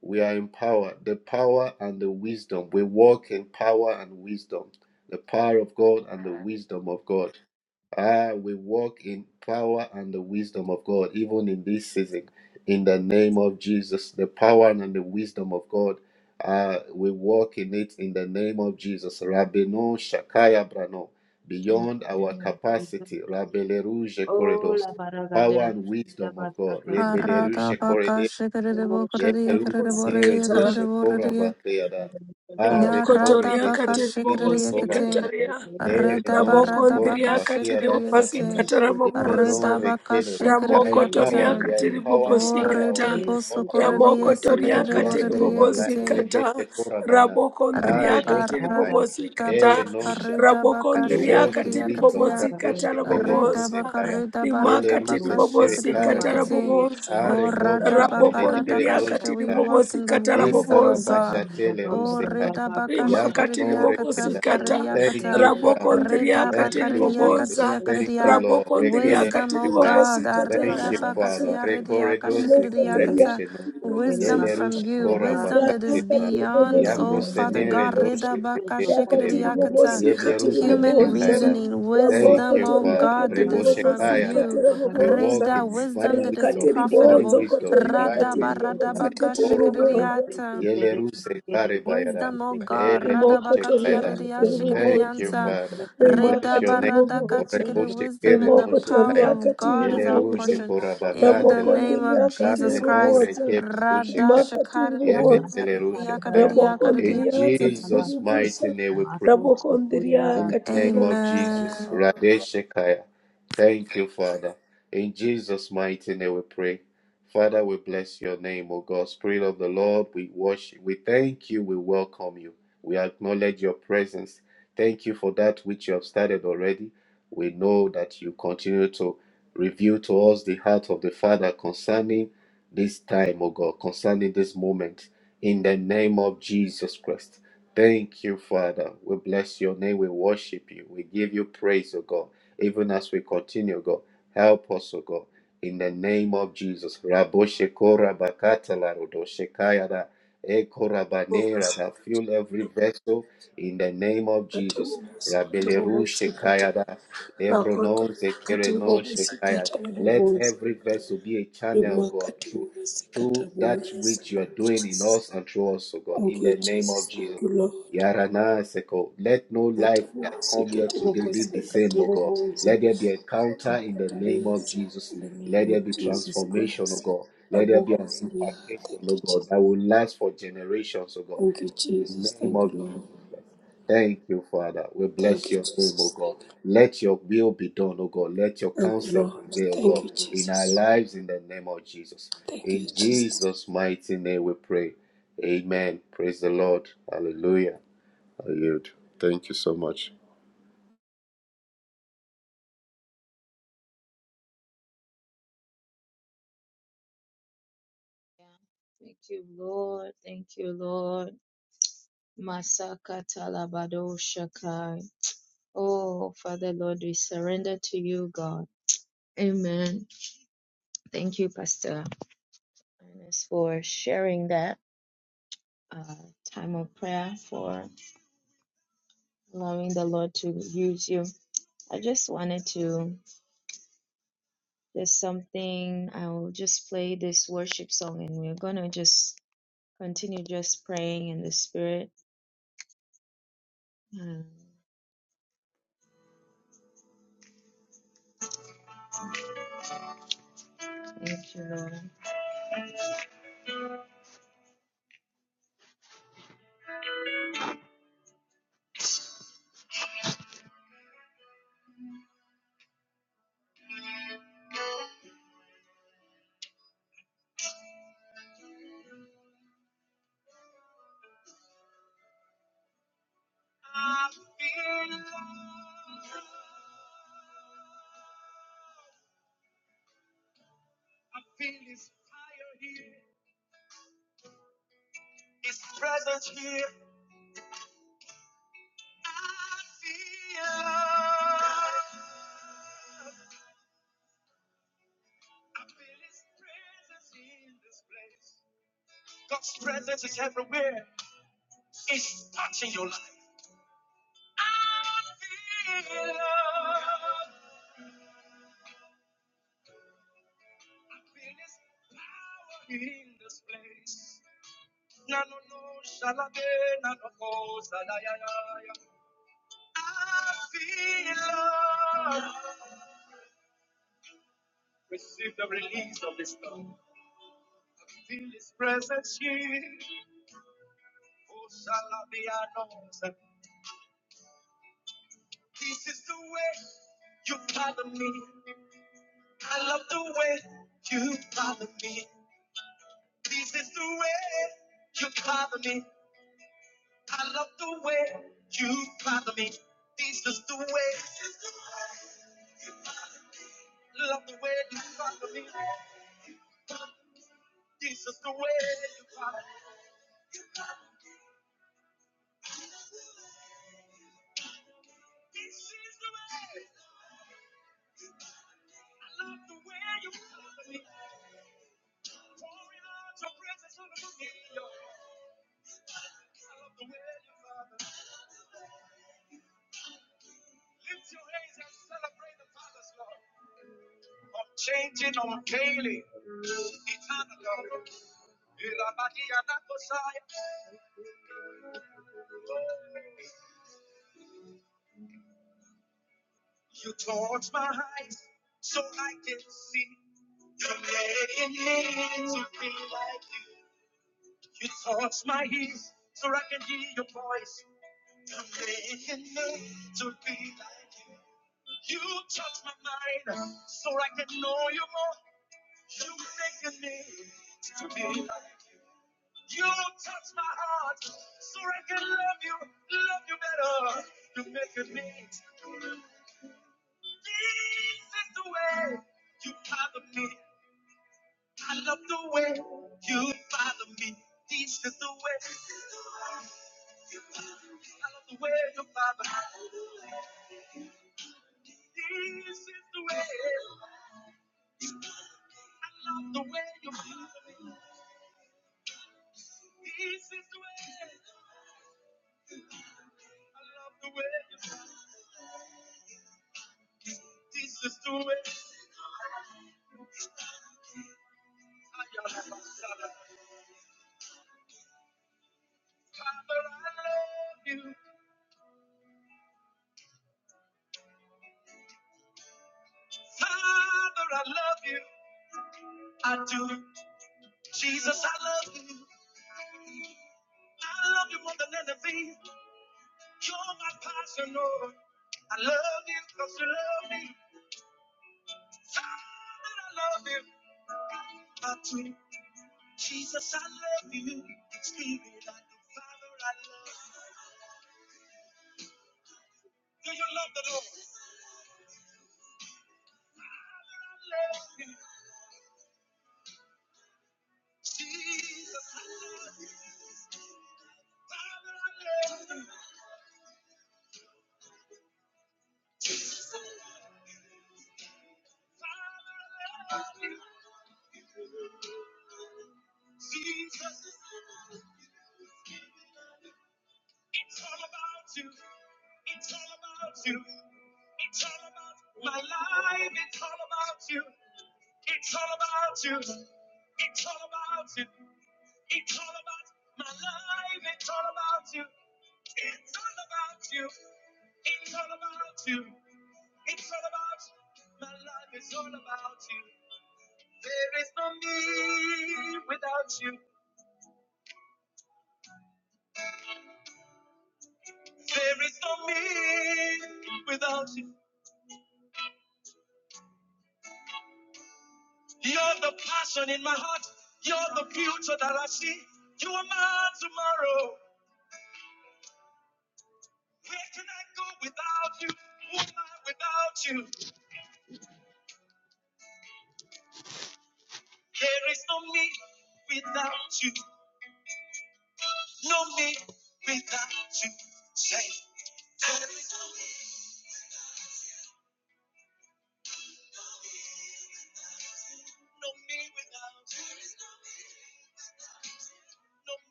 S4: we are empowered. The power and the wisdom. We walk in power and wisdom. The power of God and the
S3: Amen.
S4: wisdom of God. Ah, we walk in power and the wisdom of God, even in this season. In the name of Jesus, the power and the wisdom of God. Uh, we walk in it in the name of Jesus. Rabino Shakaya Brano,
S2: No
S4: beyond
S2: no
S4: our
S2: no. Jesus.
S4: capacity. Rabele Rouge
S2: Oh
S4: Corridors,
S2: la
S4: power
S2: baragada.
S4: and
S2: Da
S4: wisdom of
S2: basta
S4: God.
S2: kada
S4: Rebele Rouge
S3: Arada
S2: balakata.
S4: Corridors,
S3: bakashe kerede
S2: Oh
S4: Yele
S3: bokorede
S4: Rouge
S2: shakata
S3: yekerede
S2: la
S5: Bobosi
S3: borede
S4: Nere
S2: baragada. Da
S5: kata.
S3: yekerede
S4: Goshe
S2: basta
S4: Kora
S3: borede
S2: kada
S4: Bakeyada,
S2: balakata.
S4: Are
S3: Ya
S4: Kore
S3: rada
S5: Rimokotoria
S4: Bese
S3: baka shikri
S2: Oh
S5: kateribobosi
S4: Kora
S2: seke
S3: yakate.
S4: Bane,
S2: seke
S5: kataria.
S2: seke
S4: Ere
S3: Reda
S4: No
S3: barada
S4: Shekora
S3: baka
S5: Rabokondria
S3: shikri
S4: Bakeyada
S5: kateribobasi
S3: yakate.
S4: Yemeno
S5: katarabobosa.
S3: Reda baka
S4: rekele.
S2: seke
S4: We
S3: shikri
S4: are
S2: seke
S5: Ramokotoria
S4: empowered.
S3: yakata.
S4: We are
S2: seke.
S4: empowered in
S3: O
S5: kateribobosi
S4: all our
S3: rede
S5: kata.
S4: ways,
S2: Thank
S4: all
S3: boso
S4: our levels,
S3: korriye
S5: Ramokotoria
S3: sekre
S4: every
S3: borri
S4: aspect of our life.
S5: kateribobosi
S3: yakate.
S5: kata.
S4: Rebeke korabana,
S2: you.
S3: Rada
S5: Rabokondria
S4: are no sekai,
S5: kateribobosi
S3: barada
S5: kata.
S4: ere no
S3: baka
S4: sheka.
S3: reda
S4: And
S3: baka
S4: we
S5: Rabokondria
S4: walk in
S3: shikri
S4: wisdom.
S3: yakatia.
S5: kateribobosi
S4: Radoshekele no
S3: Rida
S5: katarabobosa.
S3: baka
S4: zekaya.
S3: rida ba
S4: Yele
S5: Rimaka
S3: rida
S4: ruze
S3: baka
S4: kere
S5: tiribobosi
S4: karaba.
S3: shikiriekete.
S5: katarabobosa.
S3: O
S4: Are copro
S3: rada baka rada
S4: semenere
S3: ka
S5: Rabokondria
S4: doshe
S3: shikiri. We
S4: tare.
S3: walk
S5: kateribobosi
S3: in the
S4: E
S3: wisdom of
S5: katarabobosa.
S3: God.
S4: karabashatele
S3: O
S4: ruse kaya.
S3: rida baka
S4: Yamanore
S5: Rimakatiribobo
S3: shikiriakata
S4: keda.
S5: sikata,
S4: Thank
S3: fkaririakata.
S4: you, Father.
S5: rabokondria
S3: Rida
S4: Thank
S3: baka
S4: you,
S5: katiriboboza,
S4: Jesus.
S3: ridiakatia
S4: Thank you,
S3: karidia.
S4: Lord.
S5: rabokondria
S4: Rekele
S3: Wisdom,
S4: ruse
S3: O
S5: katiribobo
S4: kaya.
S3: God. A
S5: sikata,
S4: Thank you,
S3: rida baka
S5: rabokosa,
S4: Father.
S3: tia
S4: Rekore
S3: ridiaka
S4: dose kare
S5: rabokotoria
S3: shikiriakata.
S4: besheno.
S5: katiribobo
S3: Wisdom
S4: Yele
S5: sikata,
S3: from
S4: rushe
S3: you.
S4: kora
S3: Wisdom that
S4: bakate
S3: is
S5: radaka
S4: na.
S2: In
S5: tiribobo
S3: beyond,
S2: the
S4: Yabro
S2: name
S3: O
S5: sikata,
S3: Father
S4: senere
S3: God.
S2: of
S5: rabokosa,
S3: Rida
S4: doshe
S2: Jesus,
S3: baka
S4: kore
S2: the Father,
S4: kele rushe.
S2: one day,
S5: rakatiribobo
S3: shikiriakata
S2: six, six,
S4: Yeble
S5: sikata,
S4: ruse
S3: human
S2: Baranana,
S5: rabokosa,
S4: nenkaira.
S3: reasoning,
S2: or
S4: Thank
S3: wisdom,
S4: you,
S3: oh
S2: six,
S5: rabokotoria
S4: Father.
S3: God, that
S2: Baranana,
S3: is
S4: Reboshe
S5: katiribobo
S2: Baba,
S3: from
S4: kaya
S2: Baba,
S4: da.
S5: sikata,
S3: you.
S2: Baba,
S4: We
S5: rabokosa,
S4: walk
S2: Shakaka,
S3: Reda,
S4: in
S3: wisdom
S4: divine
S3: that is
S4: wisdom
S2: and six, six,
S4: divine
S5: rakatiribozo
S3: profitable.
S2: six, six,
S4: wisdom,
S2: six,
S5: kotoria
S2: six,
S5: katiribobo sikata,
S4: divine
S5: katiriboboza,
S3: Radaba,
S2: six,
S4: wisdom. My
S5: rimakatiribobosikata
S3: radabaka,
S5: rabokondriakatiribobosa rabokondriakatiribobosikata rabobosa ramokotoriakatiribobosikata radakatiribobosikatiribobosa rakatiribobosikatiribobosa rabokotoriakatiribobosikata
S4: Lord,
S2: six, six,
S4: Bayara.
S5: rabobosa rakatiribozokotoriakatiribobosikatiribobosa
S2: six,
S3: shikadidiyata.
S2: six, and six,
S4: Yele
S2: six, six, six, six, six, six,
S4: ruse kare
S2: six,
S4: Bayara.
S2: six,
S3: Wisdom, oh
S2: six, six,
S3: God,
S2: six.
S4: Ele
S5: Rimoko
S4: noche kaira.
S5: toriaka
S2: In
S3: radabakatiyaridiya,
S2: the
S5: tiri
S2: mighty
S4: Thank
S5: kuboza.
S4: you,
S2: name of
S4: Father.
S2: Jesus,
S4: We
S2: we
S5: Rimaka
S4: bless your
S3: Redaba,
S5: tiri
S2: thank
S4: name.
S3: radaka,
S2: you
S5: kuboza.
S2: for this
S4: Orego
S3: shikadi.
S2: wisdom.
S3: wisdom
S4: kere
S3: and the
S5: Rimoko
S4: noche
S3: power
S4: kaya.
S2: And
S5: toriaka
S3: of
S2: worship
S5: tiri
S3: God
S2: God.
S3: is
S4: Yele
S3: our
S5: kuboza.
S4: ruse
S2: the Father,
S3: portion.
S2: the
S4: kora
S2: Son,
S3: In
S2: and the
S3: the
S5: Raboko
S4: lara.
S3: name
S2: Holy
S3: of
S5: ndiriaka tiri
S3: Jesus
S4: Amen.
S3: Christ.
S4: Ore
S5: kuboza.
S2: Spirit,
S4: kebe ruse
S3: Rada. Radha
S4: kaya.
S5: Rimaka tiri
S4: Yebe
S5: kuboza.
S4: tele
S2: the
S3: Shakara
S2: Father, Bala,
S4: kaya.
S2: Bala,
S5: Raboko
S2: Bala,
S4: In
S5: ndiriaka
S2: Bala,
S5: tiri
S2: Bala,
S4: Jesus'
S5: kuboza.
S4: mighty name we pray.
S5: Raboko
S4: In
S2: Bala.
S5: ndiriaka
S4: the
S5: tiri
S4: name
S5: kuboza.
S4: of Jesus,
S3: Amen.
S4: Radeshekaya. Thank you, Father. In Jesus' mighty name we pray. Father, we bless your name, O God. Spirit of the Lord, we worship, we thank you, we welcome you. We acknowledge your presence. Thank you for that which you have started already. We know that you continue to reveal to us the heart of the Father concerning this time, O God, concerning this moment. In the name of Jesus Christ. Thank you, Father. We bless your name. We worship you. We give you praise, O God. Even as we continue, God, help us, O God. In the name of Jesus. Raboshekora bakatala rodoshekayada ekorabanera da fill every vessel in the name of
S5: Kata
S4: Jesus.
S5: kuboza. Kata
S4: Rabeleru
S5: kuboza. Kata.
S4: shekayada lebronon
S5: Rakotoriaka tiri
S4: zekerenon
S5: kuboza.
S4: shekayada.
S5: Kata
S4: Let
S5: kuboza.
S4: every vessel be a channel, God,
S5: tiri
S4: through
S5: kuboza. Kata
S4: through that
S5: kuboza.
S4: which you are
S5: Thank you,
S4: doing in
S5: Jesus.
S4: us and through us, O God.
S5: Thank
S4: In
S5: you,
S4: the name of
S5: Jesus.
S4: Jesus.
S5: Thank you, Lord.
S4: Yarana Seko. Let no life that
S5: Katabuzi,
S4: come here today live the
S5: katabuzi,
S4: same, O God.
S5: katabuzi.
S4: Let there be encounter in the name of
S5: Akakariasa,
S4: Jesus.
S5: In the name
S4: Let
S5: of
S4: there be
S5: Jesus
S4: transformation, O
S5: Christ.
S4: God. Let there be an
S5: Abokosaria.
S4: impartation,
S5: Thank
S4: O
S5: you,
S4: God,
S5: Jesus.
S4: that will last for generations, O God.
S5: Thank you,
S4: In the
S5: Jesus.
S4: name
S5: Thank you,
S4: of
S5: Lord.
S4: Jesus Christ. Thank you, Father. We
S5: Thank
S4: bless
S5: you,
S4: your name, O
S5: Jesus.
S4: God.
S5: Thank you.
S4: Let your will be done, O God. Let your
S5: Thank you,
S4: counsel
S5: Lord.
S4: prevail, O
S5: Thank
S4: God,
S5: you,
S4: in our
S5: Jesus.
S4: lives in the name of Jesus.
S5: Thank you,
S4: In
S5: Jesus.
S4: Jesus' mighty name we pray. Amen. Praise the Lord. Hallelujah. I yield. Thank you so much.
S2: Thank you, Lord. Thank you, Lord. Masaka Talabado shakai. Oh, Father Lord, we surrender to you, God. Amen. Thank you, Pastor Ernest, for sharing that uh, time of prayer, for allowing the Lord to use you. I just wanted to, there's something, I'll just play this worship song and we're going to just continue just praying in the Spirit. Uh, thank you, Lord. I feel his fire here, his presence here. I feel. I feel his presence in this place. God's presence is everywhere. It's touching your life. I feel. I feel his power in this place. Na no no shalabe na no mo, salayaya. I feel. Receive the release of this love. Feel His presence here. Oh, shall I be announced? This is the way you follow me. I love the way you follow me. This is the way you follow me.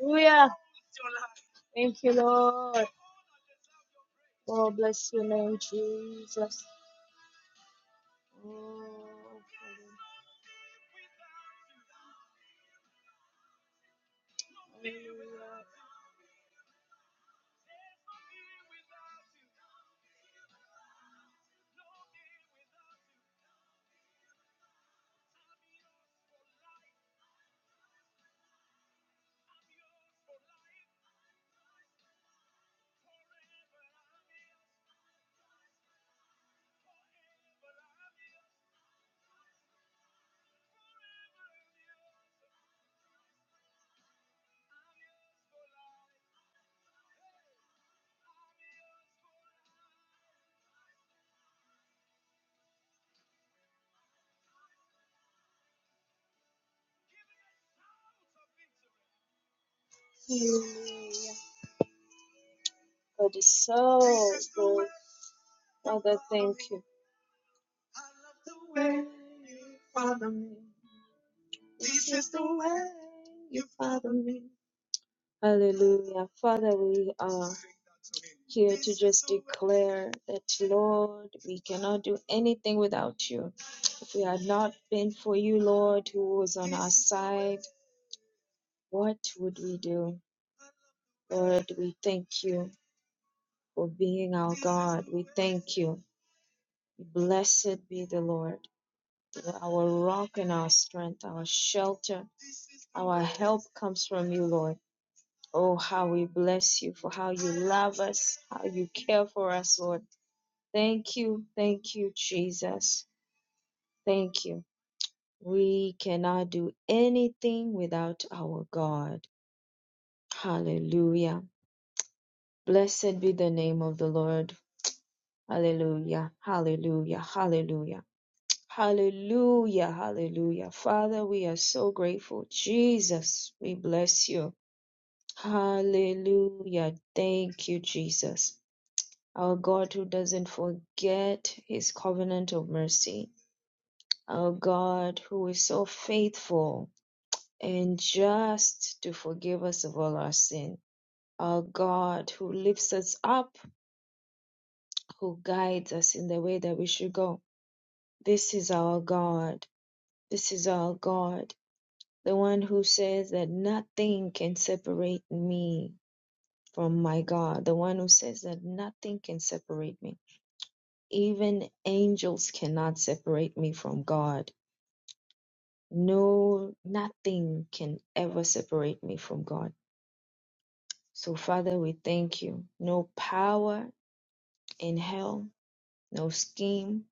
S2: Hallelujah. Thank you, Lord. Oh, bless your name, Jesus. Oh, God is so you. Hallelujah. Father, we are here to just declare that, Lord, we cannot do anything without you. If we had not been for you, Lord, who was on our side, what would we do? Lord, we thank you for being our God. We thank you. Blessed be the Lord, our rock and our strength, our shelter. Our help comes from you, Lord. Oh, how we bless you for how you love us, how you care for us, Lord. Thank you, thank you, Jesus. Thank you. We cannot do anything without our God. Hallelujah. Blessed be the name of the Lord. Hallelujah, hallelujah, hallelujah. Hallelujah, hallelujah. Father, we are so grateful. Jesus, we bless you. Hallelujah. Thank you, Jesus. Our God who doesn't forget his covenant of mercy. Our God, who is so faithful and just to forgive us of all our sin. Our God, who lifts us up, who guides us in the way that we should go. This is our God. This is our God. The one who says that nothing can separate me from my God. The one who says that nothing can separate me. Even angels cannot separate me from God. No, nothing can ever separate me from God. So, Father, we thank you. No power in hell, no scheme,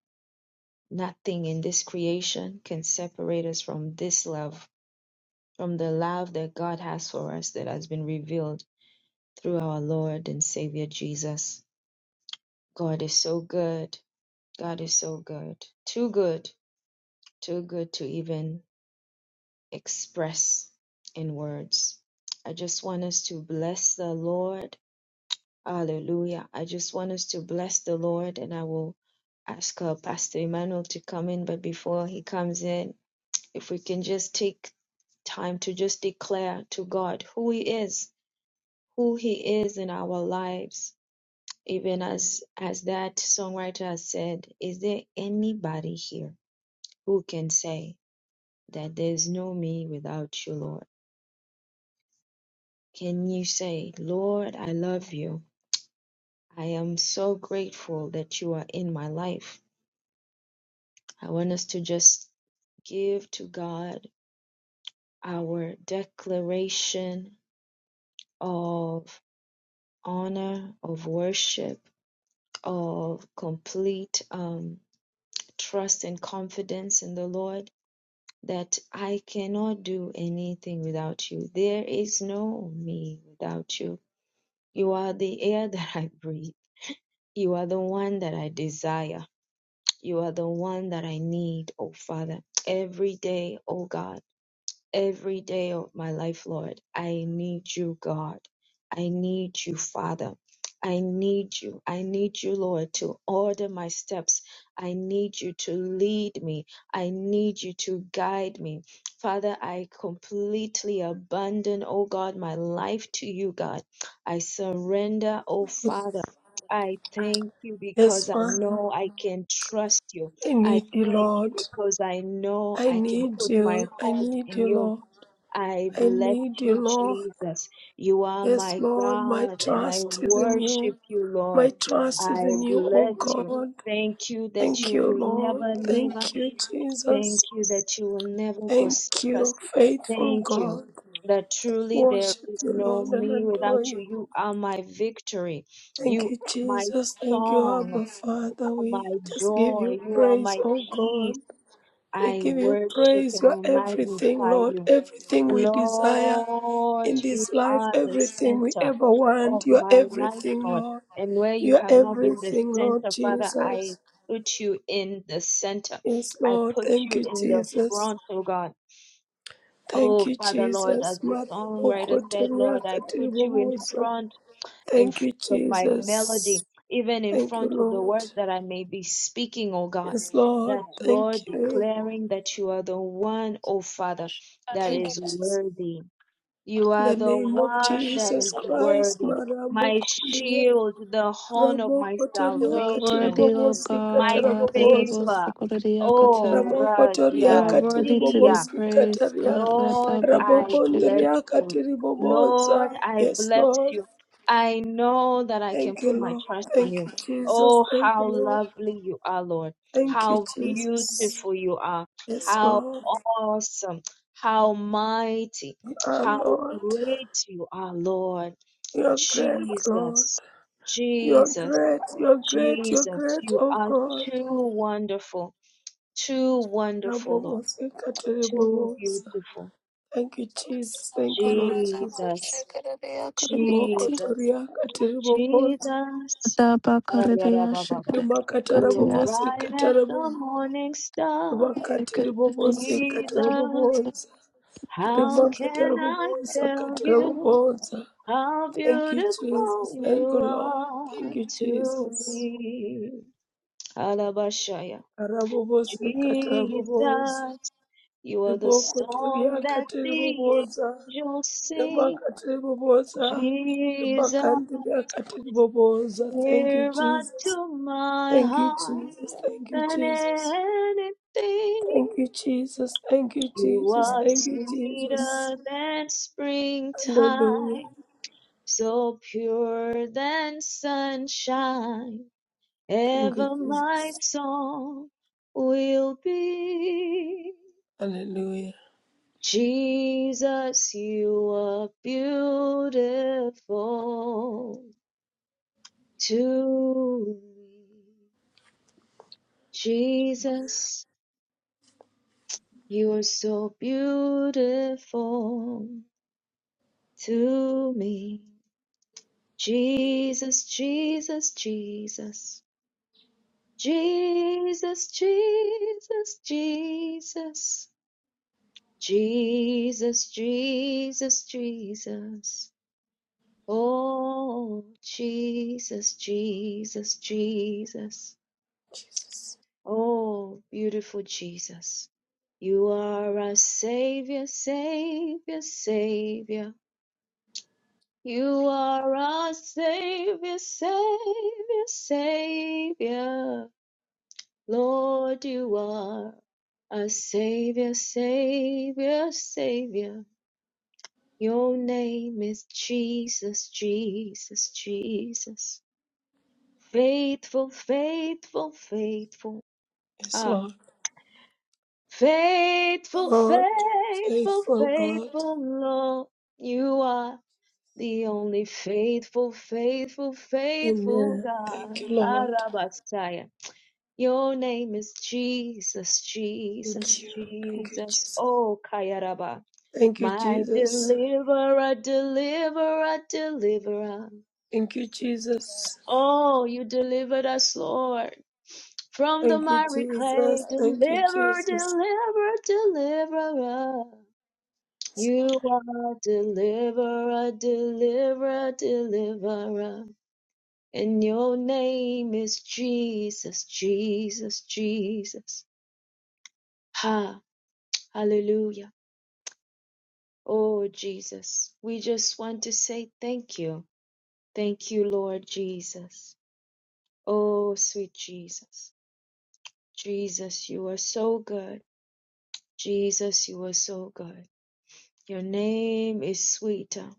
S2: nothing in this creation can separate us from this love, from the love that God has for us that has been revealed through our Lord and Savior Jesus. God is so good. God is so good. Too good. Too good to even express in words. I just want us to bless the Lord Hallelujah. I just want us to bless the Lord and I will ask uh, Pastor Emmanuel to come in. But before he comes in, if we can just take time to just declare to God who he is, who he is in our lives. Even as, as that songwriter has said, is there anybody here who can say that there's no me without you, Lord? Can you say, Lord, I love you. I am so grateful that you are in my life. I want us to just give to God our declaration of honor, of worship, of complete um, trust and confidence in the Lord that I cannot do anything without you. There is no me without you. You are the air (laughs) that I breathe. You are the one that I desire. You are the one that I need, oh Father. Every day, oh God. every day of my life, Lord. I need you, God. I need you, Father. I need you. I need you, Lord, to order my steps. I need you to lead me. I need you to guide me. Father, I completely abandon, oh God, my life to you, God. I surrender, oh Father. I thank you
S5: Yes,
S2: because I
S5: Father.
S2: know I can trust you.
S5: I
S2: I.
S5: need you,
S2: Thank you
S5: Lord.
S2: because I know
S5: I
S2: I can
S5: need
S2: put my
S5: you. I
S2: hope
S5: need
S2: in
S5: you,
S2: you.
S5: Lord.
S2: I
S5: I
S2: bless
S5: need you,
S2: you,
S5: Lord.
S2: Jesus. You are
S5: Yes,
S2: my
S5: Lord. My
S2: God and I
S5: trust is in you.
S2: worship you,
S5: My
S2: Lord.
S5: trust is
S2: I
S5: in you, O
S2: bless you.
S5: God.
S2: Thank you that
S5: Thank
S2: you
S5: you,
S2: will
S5: Lord.
S2: never leave us.
S5: Thank you,
S2: Thank
S5: Jesus.
S2: you that you will never
S5: Thank
S2: forsake us.
S5: you, faithful
S2: Thank you
S5: God.
S2: that truly there
S5: Worship
S2: is
S5: you,
S2: no
S5: Lord, and
S2: me
S5: adore
S2: without you.
S5: you.
S2: You are my victory. You
S5: Thank you,
S2: are my
S5: Jesus. Thank you,
S2: song,
S5: Abba Father. We
S2: my
S5: just give you
S2: joy. You are
S5: praise,
S2: my
S5: O
S2: peace.
S5: God. We
S2: I
S5: give you
S2: worship
S5: praise.
S2: and
S5: You are
S2: I
S5: everything,
S2: magnify
S5: Lord.
S2: you.
S5: Everything we desire
S2: Lord,
S5: in
S2: you
S5: this life,
S2: are the
S5: everything we
S2: center
S5: ever
S2: of
S5: want. You are
S2: my life,
S5: everything,
S2: Lord.
S5: Lord.
S2: And where you
S5: You are
S2: have not been the
S5: everything, Lord
S2: center, Father,
S5: Jesus.
S2: I put you in the center.
S5: Yes,
S2: I
S5: Lord.
S2: put
S5: Thank
S2: you
S5: you,
S2: in the
S5: Jesus.
S2: front, oh God.
S5: Thank
S2: Oh,
S5: you,
S2: Father, Lord, as
S5: Jesus.
S2: the songwriter said,
S5: Marabokotoria
S2: Lord, I put you in
S5: katiribobosa.
S2: front in
S5: Thank you,
S2: front of my melody,
S5: Jesus.
S2: even in
S5: Thank you,
S2: front of the
S5: Lord.
S2: words that I may be speaking, oh God.
S5: Yes, Lord.
S2: That Lord
S5: Thank you.
S2: declaring that you are the one, oh Father, that
S5: Thank you,
S2: is
S5: Jesus.
S2: worthy. You
S5: In
S2: are
S5: the
S2: the
S5: name of
S2: one that
S5: Jesus
S2: is
S5: Christ,
S2: worthy. My
S5: Marabokotoria.
S2: shield, the horn of my
S3: You
S5: Rabokotoria
S3: are
S2: salvation,
S3: worthy, O
S5: katiribobosi
S2: my
S3: God.
S5: katarabobosa.
S2: favor.
S3: Arirabosokoriakata.
S2: Oh,
S3: You
S5: Rabokotoria
S3: are worthy to be
S2: Radia
S5: katiribobosi
S3: praised.
S5: kataria.
S2: Lord, I bless
S5: Rabokondria
S3: Karadabakashikiridias.
S2: you. Lord,
S5: katiribobosa.
S2: I
S5: Yes,
S2: bless
S5: Lord.
S2: you. I know that I can
S5: Thank you,
S2: put my
S5: Lord.
S2: trust in
S5: Thank
S2: you.
S5: you, Jesus.
S2: Oh,
S5: Thank
S2: how
S5: you, Lord.
S2: lovely you are, Lord.
S5: Thank you,
S2: How
S5: Jesus.
S2: beautiful you are.
S5: Yes,
S2: How
S5: Lord.
S2: awesome. How mighty.
S5: You are
S2: How
S5: Lord.
S2: great you are, Lord.
S5: You are great, Lord.
S2: Jesus,
S5: You are
S2: Jesus,
S5: great. You are great. You are
S2: Jesus.
S5: great,
S2: You
S5: oh
S2: are
S5: God.
S2: too wonderful. Too wonderful, Lord.
S5: Rabobosika
S2: Too
S5: teribobosa.
S2: beautiful
S5: Thank you, Jesus. Thank you, Lord
S2: Jesus,
S5: Jesus. Imoko
S3: Karadabashikiridiakaridiati.
S2: Jesus,
S5: toriaka teribobosa.
S2: Jesus. Ayarababa.
S5: Imakata
S2: are
S3: Kadabakaridiashikiridiakatiaridiakiridiosokoridiakata.
S2: bright
S5: rabobosika
S2: as the
S5: terabobosa.
S2: morning star,
S5: Imakata rabobosika
S2: Jesus.
S5: terabobosa.
S2: How
S3: Jesus.
S5: Rimakata
S2: can I
S5: rabobosika
S2: tell you
S5: terabobosa.
S2: how
S5: Thank you,
S2: beautiful
S5: Jesus. Thank you,
S2: you
S5: Lord.
S2: are
S5: Thank you,
S2: to
S5: Jesus.
S2: me? Alabashaya.
S5: Arabobose katarabobosa.
S2: Jesus, you are the
S5: Riboko
S2: song
S5: toria
S2: that the
S5: katiribobosa.
S2: angels
S5: Rema
S2: sing.
S5: katiribobosa. Rema
S2: Jesus,
S5: kandiria katiribobosa. Thank you,
S2: nearer
S5: Jesus.
S2: to my
S5: Thank you,
S2: heart.
S5: Jesus. Thank you,
S2: than
S5: Jesus.
S2: anything.
S5: Thank you, Jesus. Thank you,
S2: You
S5: Jesus.
S2: are
S5: Thank you, Jesus.
S2: sweeter than
S5: Hallelujah.
S2: springtime, so pure than sunshine.
S5: Thank you,
S2: Ever my
S5: Jesus.
S2: song will be.
S5: Hallelujah.
S2: Jesus, you are beautiful to me. Jesus, you are so beautiful. to me. Jesus, Jesus, Jesus. Jesus, Jesus, Jesus. Jesus, Jesus, Jesus. Oh, Jesus, Jesus, Jesus.
S5: Jesus.
S2: Oh, beautiful Jesus. You are our Savior, Savior, Savior. You are our Savior, Savior, Savior. Lord, you are our Savior, Savior, Savior. Your name is Jesus, Jesus, Jesus. Faithful, faithful, faithful.
S5: Yes,
S2: Ah,
S5: Lord.
S2: faithful,
S5: Lord,
S2: faithful,
S5: faithful God.
S2: faithful, Lord. You are. The only faithful, faithful, faithful
S5: Amen.
S2: God,
S5: Thank you, Lord.
S2: Arabasaya. Your name is Jesus,
S5: Thank
S2: Jesus,
S5: you. Thank you,
S2: Jesus.
S5: Jesus.
S2: Oh, Kayaraba.
S5: Thank you,
S2: My
S5: Jesus.
S2: deliverer, deliverer, deliverer.
S5: Thank you, Jesus.
S2: Oh, you delivered us, Lord, from the
S5: Thank you,
S2: miry clay.
S5: Jesus. Thank you,
S2: Deliver,
S5: Jesus.
S2: deliver, deliverer. You are deliverer, deliverer, deliverer. And your name is Jesus, Jesus, Jesus. Ha, hallelujah. Oh, Jesus, we just want to say thank you. Thank you, Lord Jesus. Oh, sweet Jesus. Jesus, you are so good. Jesus, you are so good. Your name is sweeter.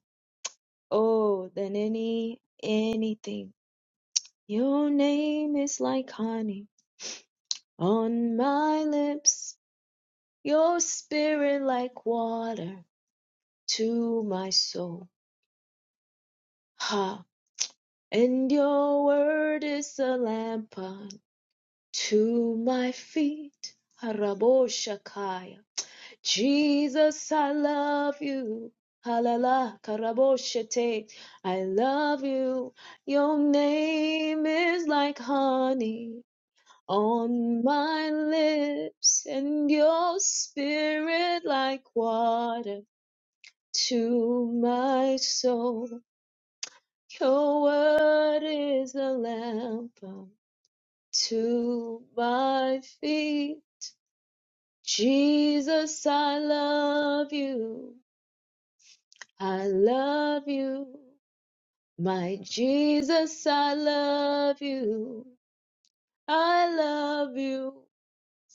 S2: Oh, than any, anything. Your name is like honey on my lips. Your spirit like water to my soul. Ha! And your word is a lamp unto my feet. Haraboshakaya. Jesus, I love you. Halala karaboshete. I love you. Your name is like honey on my lips, and your spirit like water to my soul. Your word is a lamp unto my feet. Jesus, I love you. I love you. My Jesus, I love you. I love you.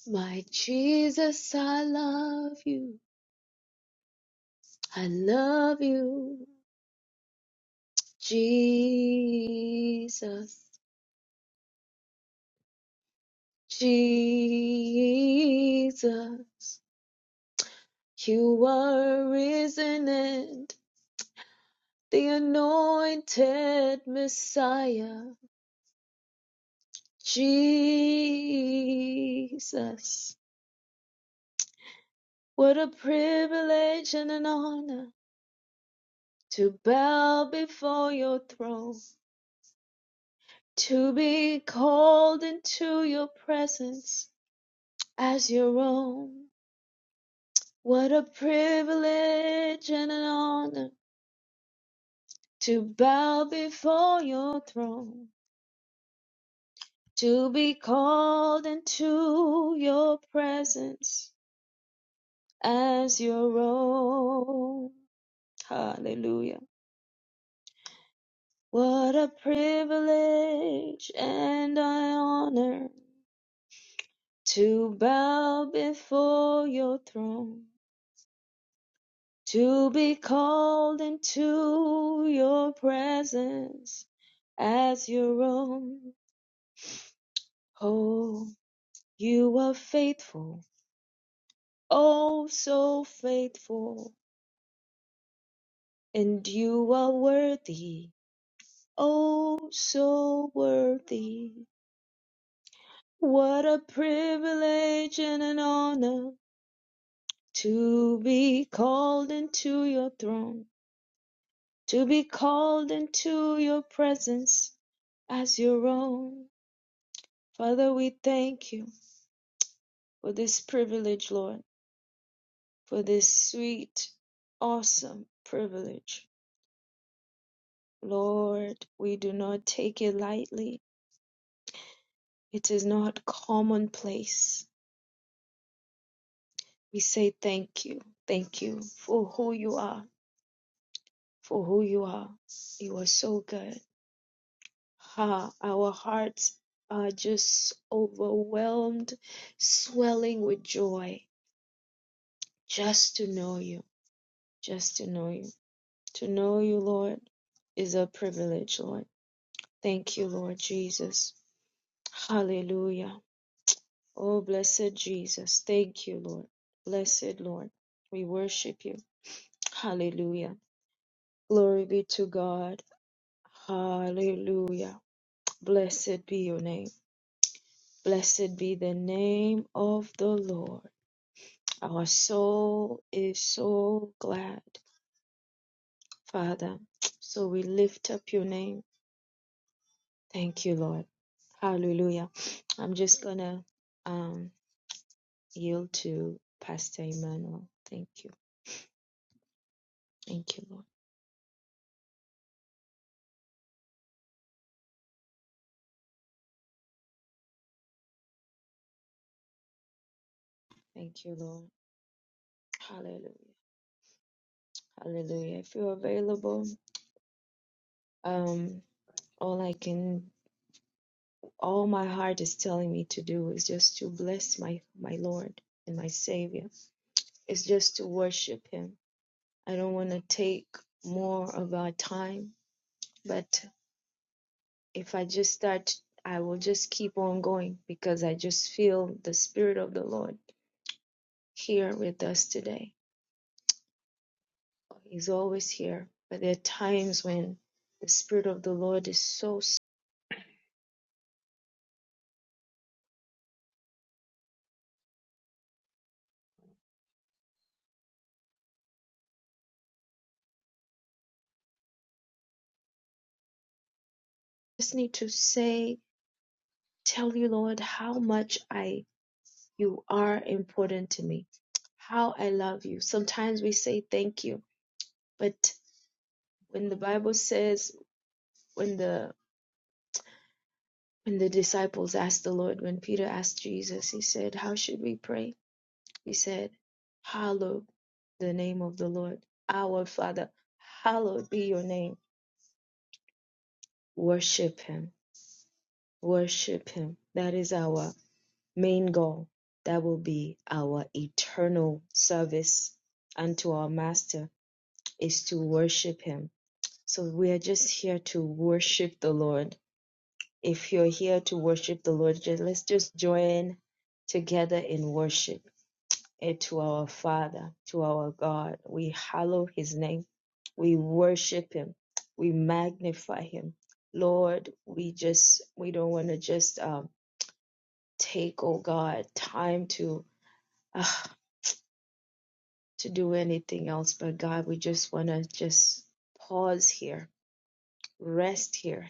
S2: My Jesus, I love you. I love you. Jesus. Jesus, you are risen and the anointed Messiah. Jesus, what a privilege and an honor to bow before your throne, to be called into your presence as your own. What a privilege and an honor to bow before your throne, to be called into your presence as your own. Hallelujah. What a privilege and an honor to bow before your throne, to be called into your presence as your own. Oh, you are faithful Oh, so faithful, and you are worthy. Oh, so worthy. What a privilege and an honor to be called into your throne, to be called into your presence as your own. Father, we thank you for this privilege, Lord, for this sweet, awesome privilege. Lord, we do not take it lightly. It is not commonplace. We say thank you, thank you for who you are, for who you are. You are so good. Ha, our hearts are just overwhelmed, swelling with joy just to know you, just to know you. To know you, Lord, is a privilege, Lord. Thank you, Lord Jesus. Hallelujah. Oh, blessed Jesus. Thank you, Lord. Blessed Lord. We worship you. Hallelujah. Glory be to God. Hallelujah. Blessed be your name. Blessed be the name of the Lord. Our soul is so glad, Father. So we lift up your name. Thank you, Lord. Hallelujah. I'm just going to um, yield to Pastor Emmanuel. Thank you. Thank you, Lord. Thank you, Lord. Hallelujah. Hallelujah. If you're available, um, all I can all my heart is telling me to do is just to bless my my lord and my savior it's just to worship him i don't want to take more of our time but if i just start i will just keep on going because i just feel the spirit of the lord here with us today he's always here but there are times when the spirit of the lord is so s- just need to say tell you lord how much i you are important to me how I love you. Sometimes we say thank you, but when the Bible says, when the when the disciples asked the Lord, when Peter asked Jesus, he said, How should we pray? He said, Hallowed the name of the Lord, our Father, hallowed be your name. Worship him. Worship him. That is our main goal. That will be our eternal service unto our Master is to worship him So we are just here to worship the Lord. If you're here to worship the Lord, ju- let's just join together in worship eh, to our Father, to our God. We hallow His name. We worship Him. We magnify Him. Lord, we just we don't want to just um, take, oh God, time to ah, to do anything else, but God, we just want to just pause here, rest here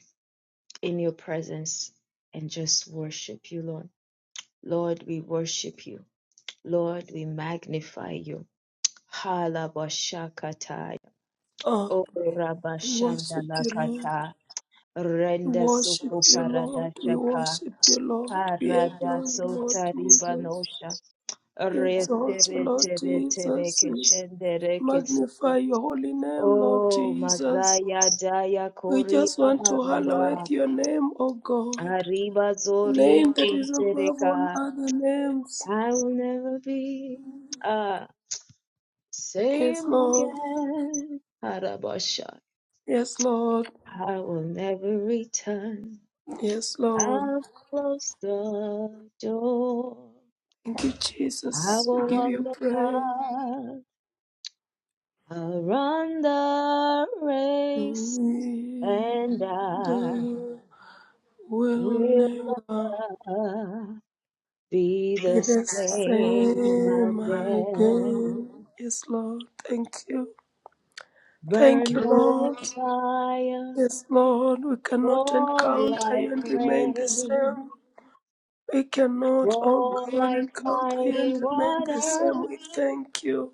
S2: in your presence and just worship you, Lord. Lord, we worship you. Lord, we magnify you. Halabashakata.
S5: Oh,
S2: O
S5: we worship you, Lord.
S2: Rabashandalakata.
S5: We
S2: Renda Soko
S5: worship you, Lord. We
S2: Paradashaka.
S5: worship you, Lord. We
S2: Parada
S5: adore you, Lord
S2: Sota
S5: Jesus.
S2: Ribanosha.
S5: We exalt you,
S2: Retere
S5: Lord
S2: Tere Tere
S5: Jesus. We
S2: Keshendere Kesaya.
S5: magnify your holy name, Lord
S2: O
S5: Jesus.
S2: Mazaya Daya
S5: We
S2: Kori
S5: just want to
S2: Araba.
S5: hallow your name, O God.
S2: Arriba
S5: The
S2: Zori
S5: name that is above
S2: Tentereka.
S5: all other names.
S2: I will never be uh,
S5: Yes,
S2: same
S5: Lord.
S2: again. Harabasha.
S5: Yes, Lord.
S2: I will never return.
S5: Yes, Lord.
S2: I'll close the door.
S5: Thank you,
S2: I
S5: Jesus.
S2: will
S5: We give
S2: walk
S5: you
S2: the
S5: praise.
S2: path. I'll run the race. And
S5: And
S2: I
S5: I will
S2: will
S5: never
S2: never be
S5: be
S2: the
S5: the
S2: same
S5: same
S2: again.
S5: again. Yes, Lord. Thank you. Thank
S2: Burn
S5: you,
S2: like
S5: Lord.
S2: fire.
S5: Yes, Lord. We cannot
S2: Fall
S5: encounter you
S2: like
S5: and remain the
S2: rain,
S5: same. We cannot, oh
S2: fall
S5: God,
S2: like
S5: encounter you and
S2: mighty
S5: remain the same.
S2: water,
S5: We thank you.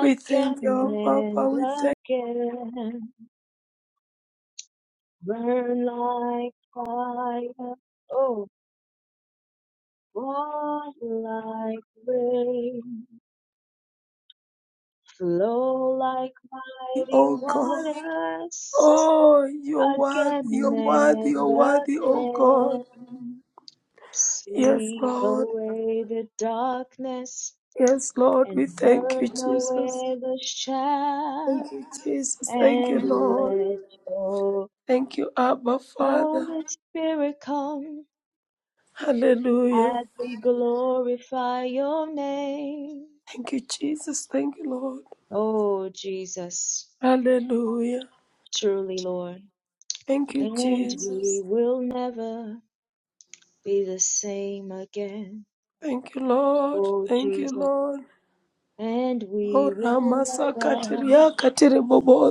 S5: We thank you, our Papa.
S2: and
S5: We thank
S2: again. Burn like fire, oh, fall like rain, flow like
S5: you,
S2: mighty
S5: oh God.
S2: waters,
S5: Oh, you're worthy,
S2: again
S5: you're worthy,
S2: and
S5: you're worthy, oh God.
S2: again.
S5: Yes,
S2: Sweep
S5: Lord.
S2: away the darkness
S5: Yes, Lord.
S2: and
S5: We thank you,
S2: burn
S5: Jesus.
S2: away the shadow.
S5: Thank you, Jesus. Thank you,
S2: and
S5: Lord.
S2: let your
S5: Thank you, Abba, Father.
S2: Holy Spirit come
S5: Hallelujah.
S2: as we glorify your name.
S5: Thank you, Jesus. Thank you, Lord.
S2: Oh, Jesus,
S5: Hallelujah.
S2: truly, Lord,
S5: Thank you,
S2: and
S5: Jesus.
S2: we will never be the same again.
S5: Thank you, Lord.
S2: Oh,
S5: Thank you,
S2: Jesus,
S5: Lord.
S2: and
S5: O
S2: we will
S5: Ramasa
S2: never
S5: Katiria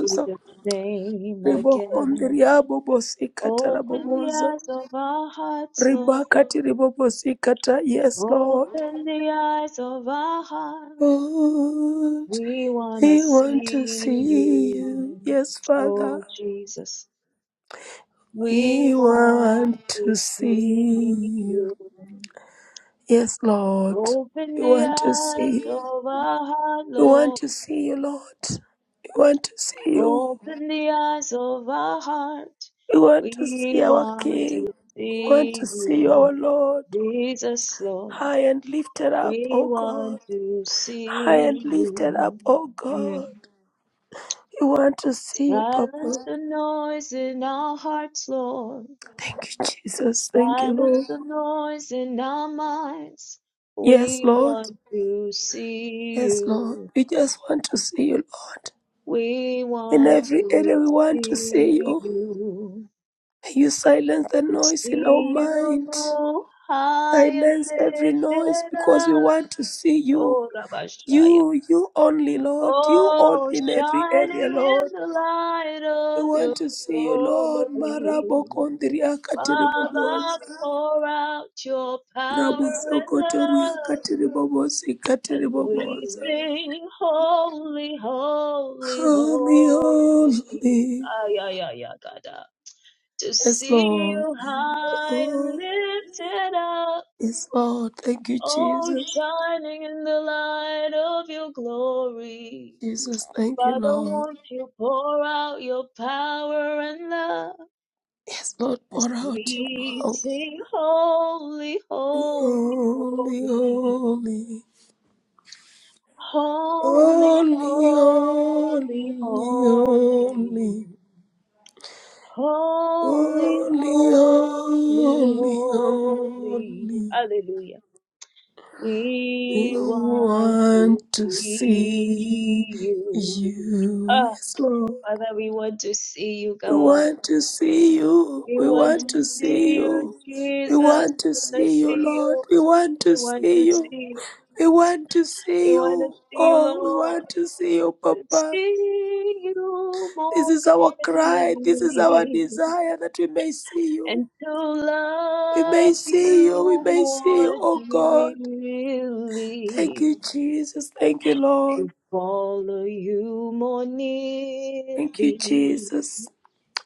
S2: be the same again.
S5: Ribohondria Bobosi
S2: Open the
S5: Kataraboboza.
S2: eyes of our hearts, Lord.
S5: Ribakatiribobosi Kata. Yes, Lord.
S2: Open the eyes of our hearts.
S5: Lord,
S2: We wanna
S5: we want to
S2: see
S5: see you.
S2: you,
S5: Yes, Father.
S2: oh Jesus. We
S5: We
S2: want
S5: want
S2: to
S5: to
S2: see
S5: see you.
S2: you.
S5: Yes, Lord.
S2: Open
S5: We
S2: the
S5: want to
S2: eyes
S5: see you.
S2: of our heart,
S5: We want
S2: Lord.
S5: to see you, Lord. We want to see you.
S2: Open the eyes of our heart.
S5: We want to see
S2: We
S5: our
S2: want to
S5: King. We want
S2: see
S5: to see you,
S2: you,
S5: our Lord.
S2: Jesus, Lord.
S5: High and lifted up,
S2: We
S5: O
S2: want
S5: God.
S2: to
S5: High and
S2: see
S5: lifted
S2: you.
S5: up, O
S2: Mm.
S5: God. We want to see you,
S2: Silence
S5: Papa.
S2: the noise in our hearts, Lord.
S5: Thank you, Jesus. Thank you,
S2: Silence
S5: Lord.
S2: the noise in our minds.
S5: Yes,
S2: We
S5: Lord.
S2: want to see
S5: Yes, Lord.
S2: you.
S5: We just want to see you, Lord.
S2: We
S5: In
S2: want
S5: every area,
S2: to
S5: we want to see
S2: see
S5: you.
S2: you.
S5: May you silence the
S2: To
S5: noise in our
S2: see
S5: mind.
S2: you high and
S5: Silence every
S2: lifted
S5: noise because we
S2: up.
S5: want to see you.
S2: Oh, Rabashaya.
S5: You, you only, Lord. You only
S2: Oh,
S5: in every area,
S2: shining
S5: Lord.
S2: in the light
S5: We
S2: of your
S5: want to see you, Lord.
S2: glory.
S5: Marabo kondria
S2: Baba,
S5: katiribobosa.
S2: pour out your power
S5: Raboso
S2: and
S5: kotoria
S2: love.
S5: katiribobosi
S2: As we
S5: katiribobosa.
S2: sing, holy, holy,
S5: Holy,
S2: holy,
S5: holy.
S2: ay, ay, ay, ay, God, ah. to
S5: Yes,
S2: see
S5: Lord.
S2: you high and
S5: Oh,
S2: lifted up,
S5: yes, Lord. Thank you,
S2: oh,
S5: Jesus.
S2: shining in the light of your glory.
S5: Jesus, thank you,
S2: Father,
S5: Lord.
S2: won't you pour out your power and love
S5: Yes, Lord,
S2: as
S5: pour out your
S2: we
S5: power.
S2: sing, holy, holy,
S5: Holy,
S2: holy.
S5: holy.
S2: Holy,
S5: Only,
S2: holy,
S5: only,
S2: holy,
S5: only,
S2: holy,
S5: only,
S2: holy,
S5: only,
S2: holy.
S5: only.
S2: Hallelujah. We
S5: You
S2: want to
S5: want to see
S2: see you.
S5: you,
S2: Ah,
S5: yes, Lord.
S2: Father, we want to see you,
S5: We
S2: God.
S5: want to see you.
S2: We
S5: We
S2: want
S5: want
S2: to
S5: to see
S2: see you,
S5: you. We
S2: Jesus.
S5: want to
S2: We want to
S5: see you,
S2: see
S5: Lord.
S2: you.
S5: We want to
S2: We want
S5: see
S2: to see
S5: you.
S2: you.
S5: We want to
S2: We
S5: see
S2: want to
S5: you.
S2: see you,
S5: Oh, we
S2: Lord.
S5: want to see you, Papa.
S2: see you
S5: This
S2: more
S5: is our cry. This is our
S2: clearly
S5: desire that we may see you.
S2: and to
S5: We
S2: love
S5: may see you. We
S2: you
S5: may see you,
S2: more
S5: oh God. Thank
S2: dearly,
S5: you, Jesus. Thank you, Lord.
S2: follow you more
S5: Thank you,
S2: nearly
S5: Jesus.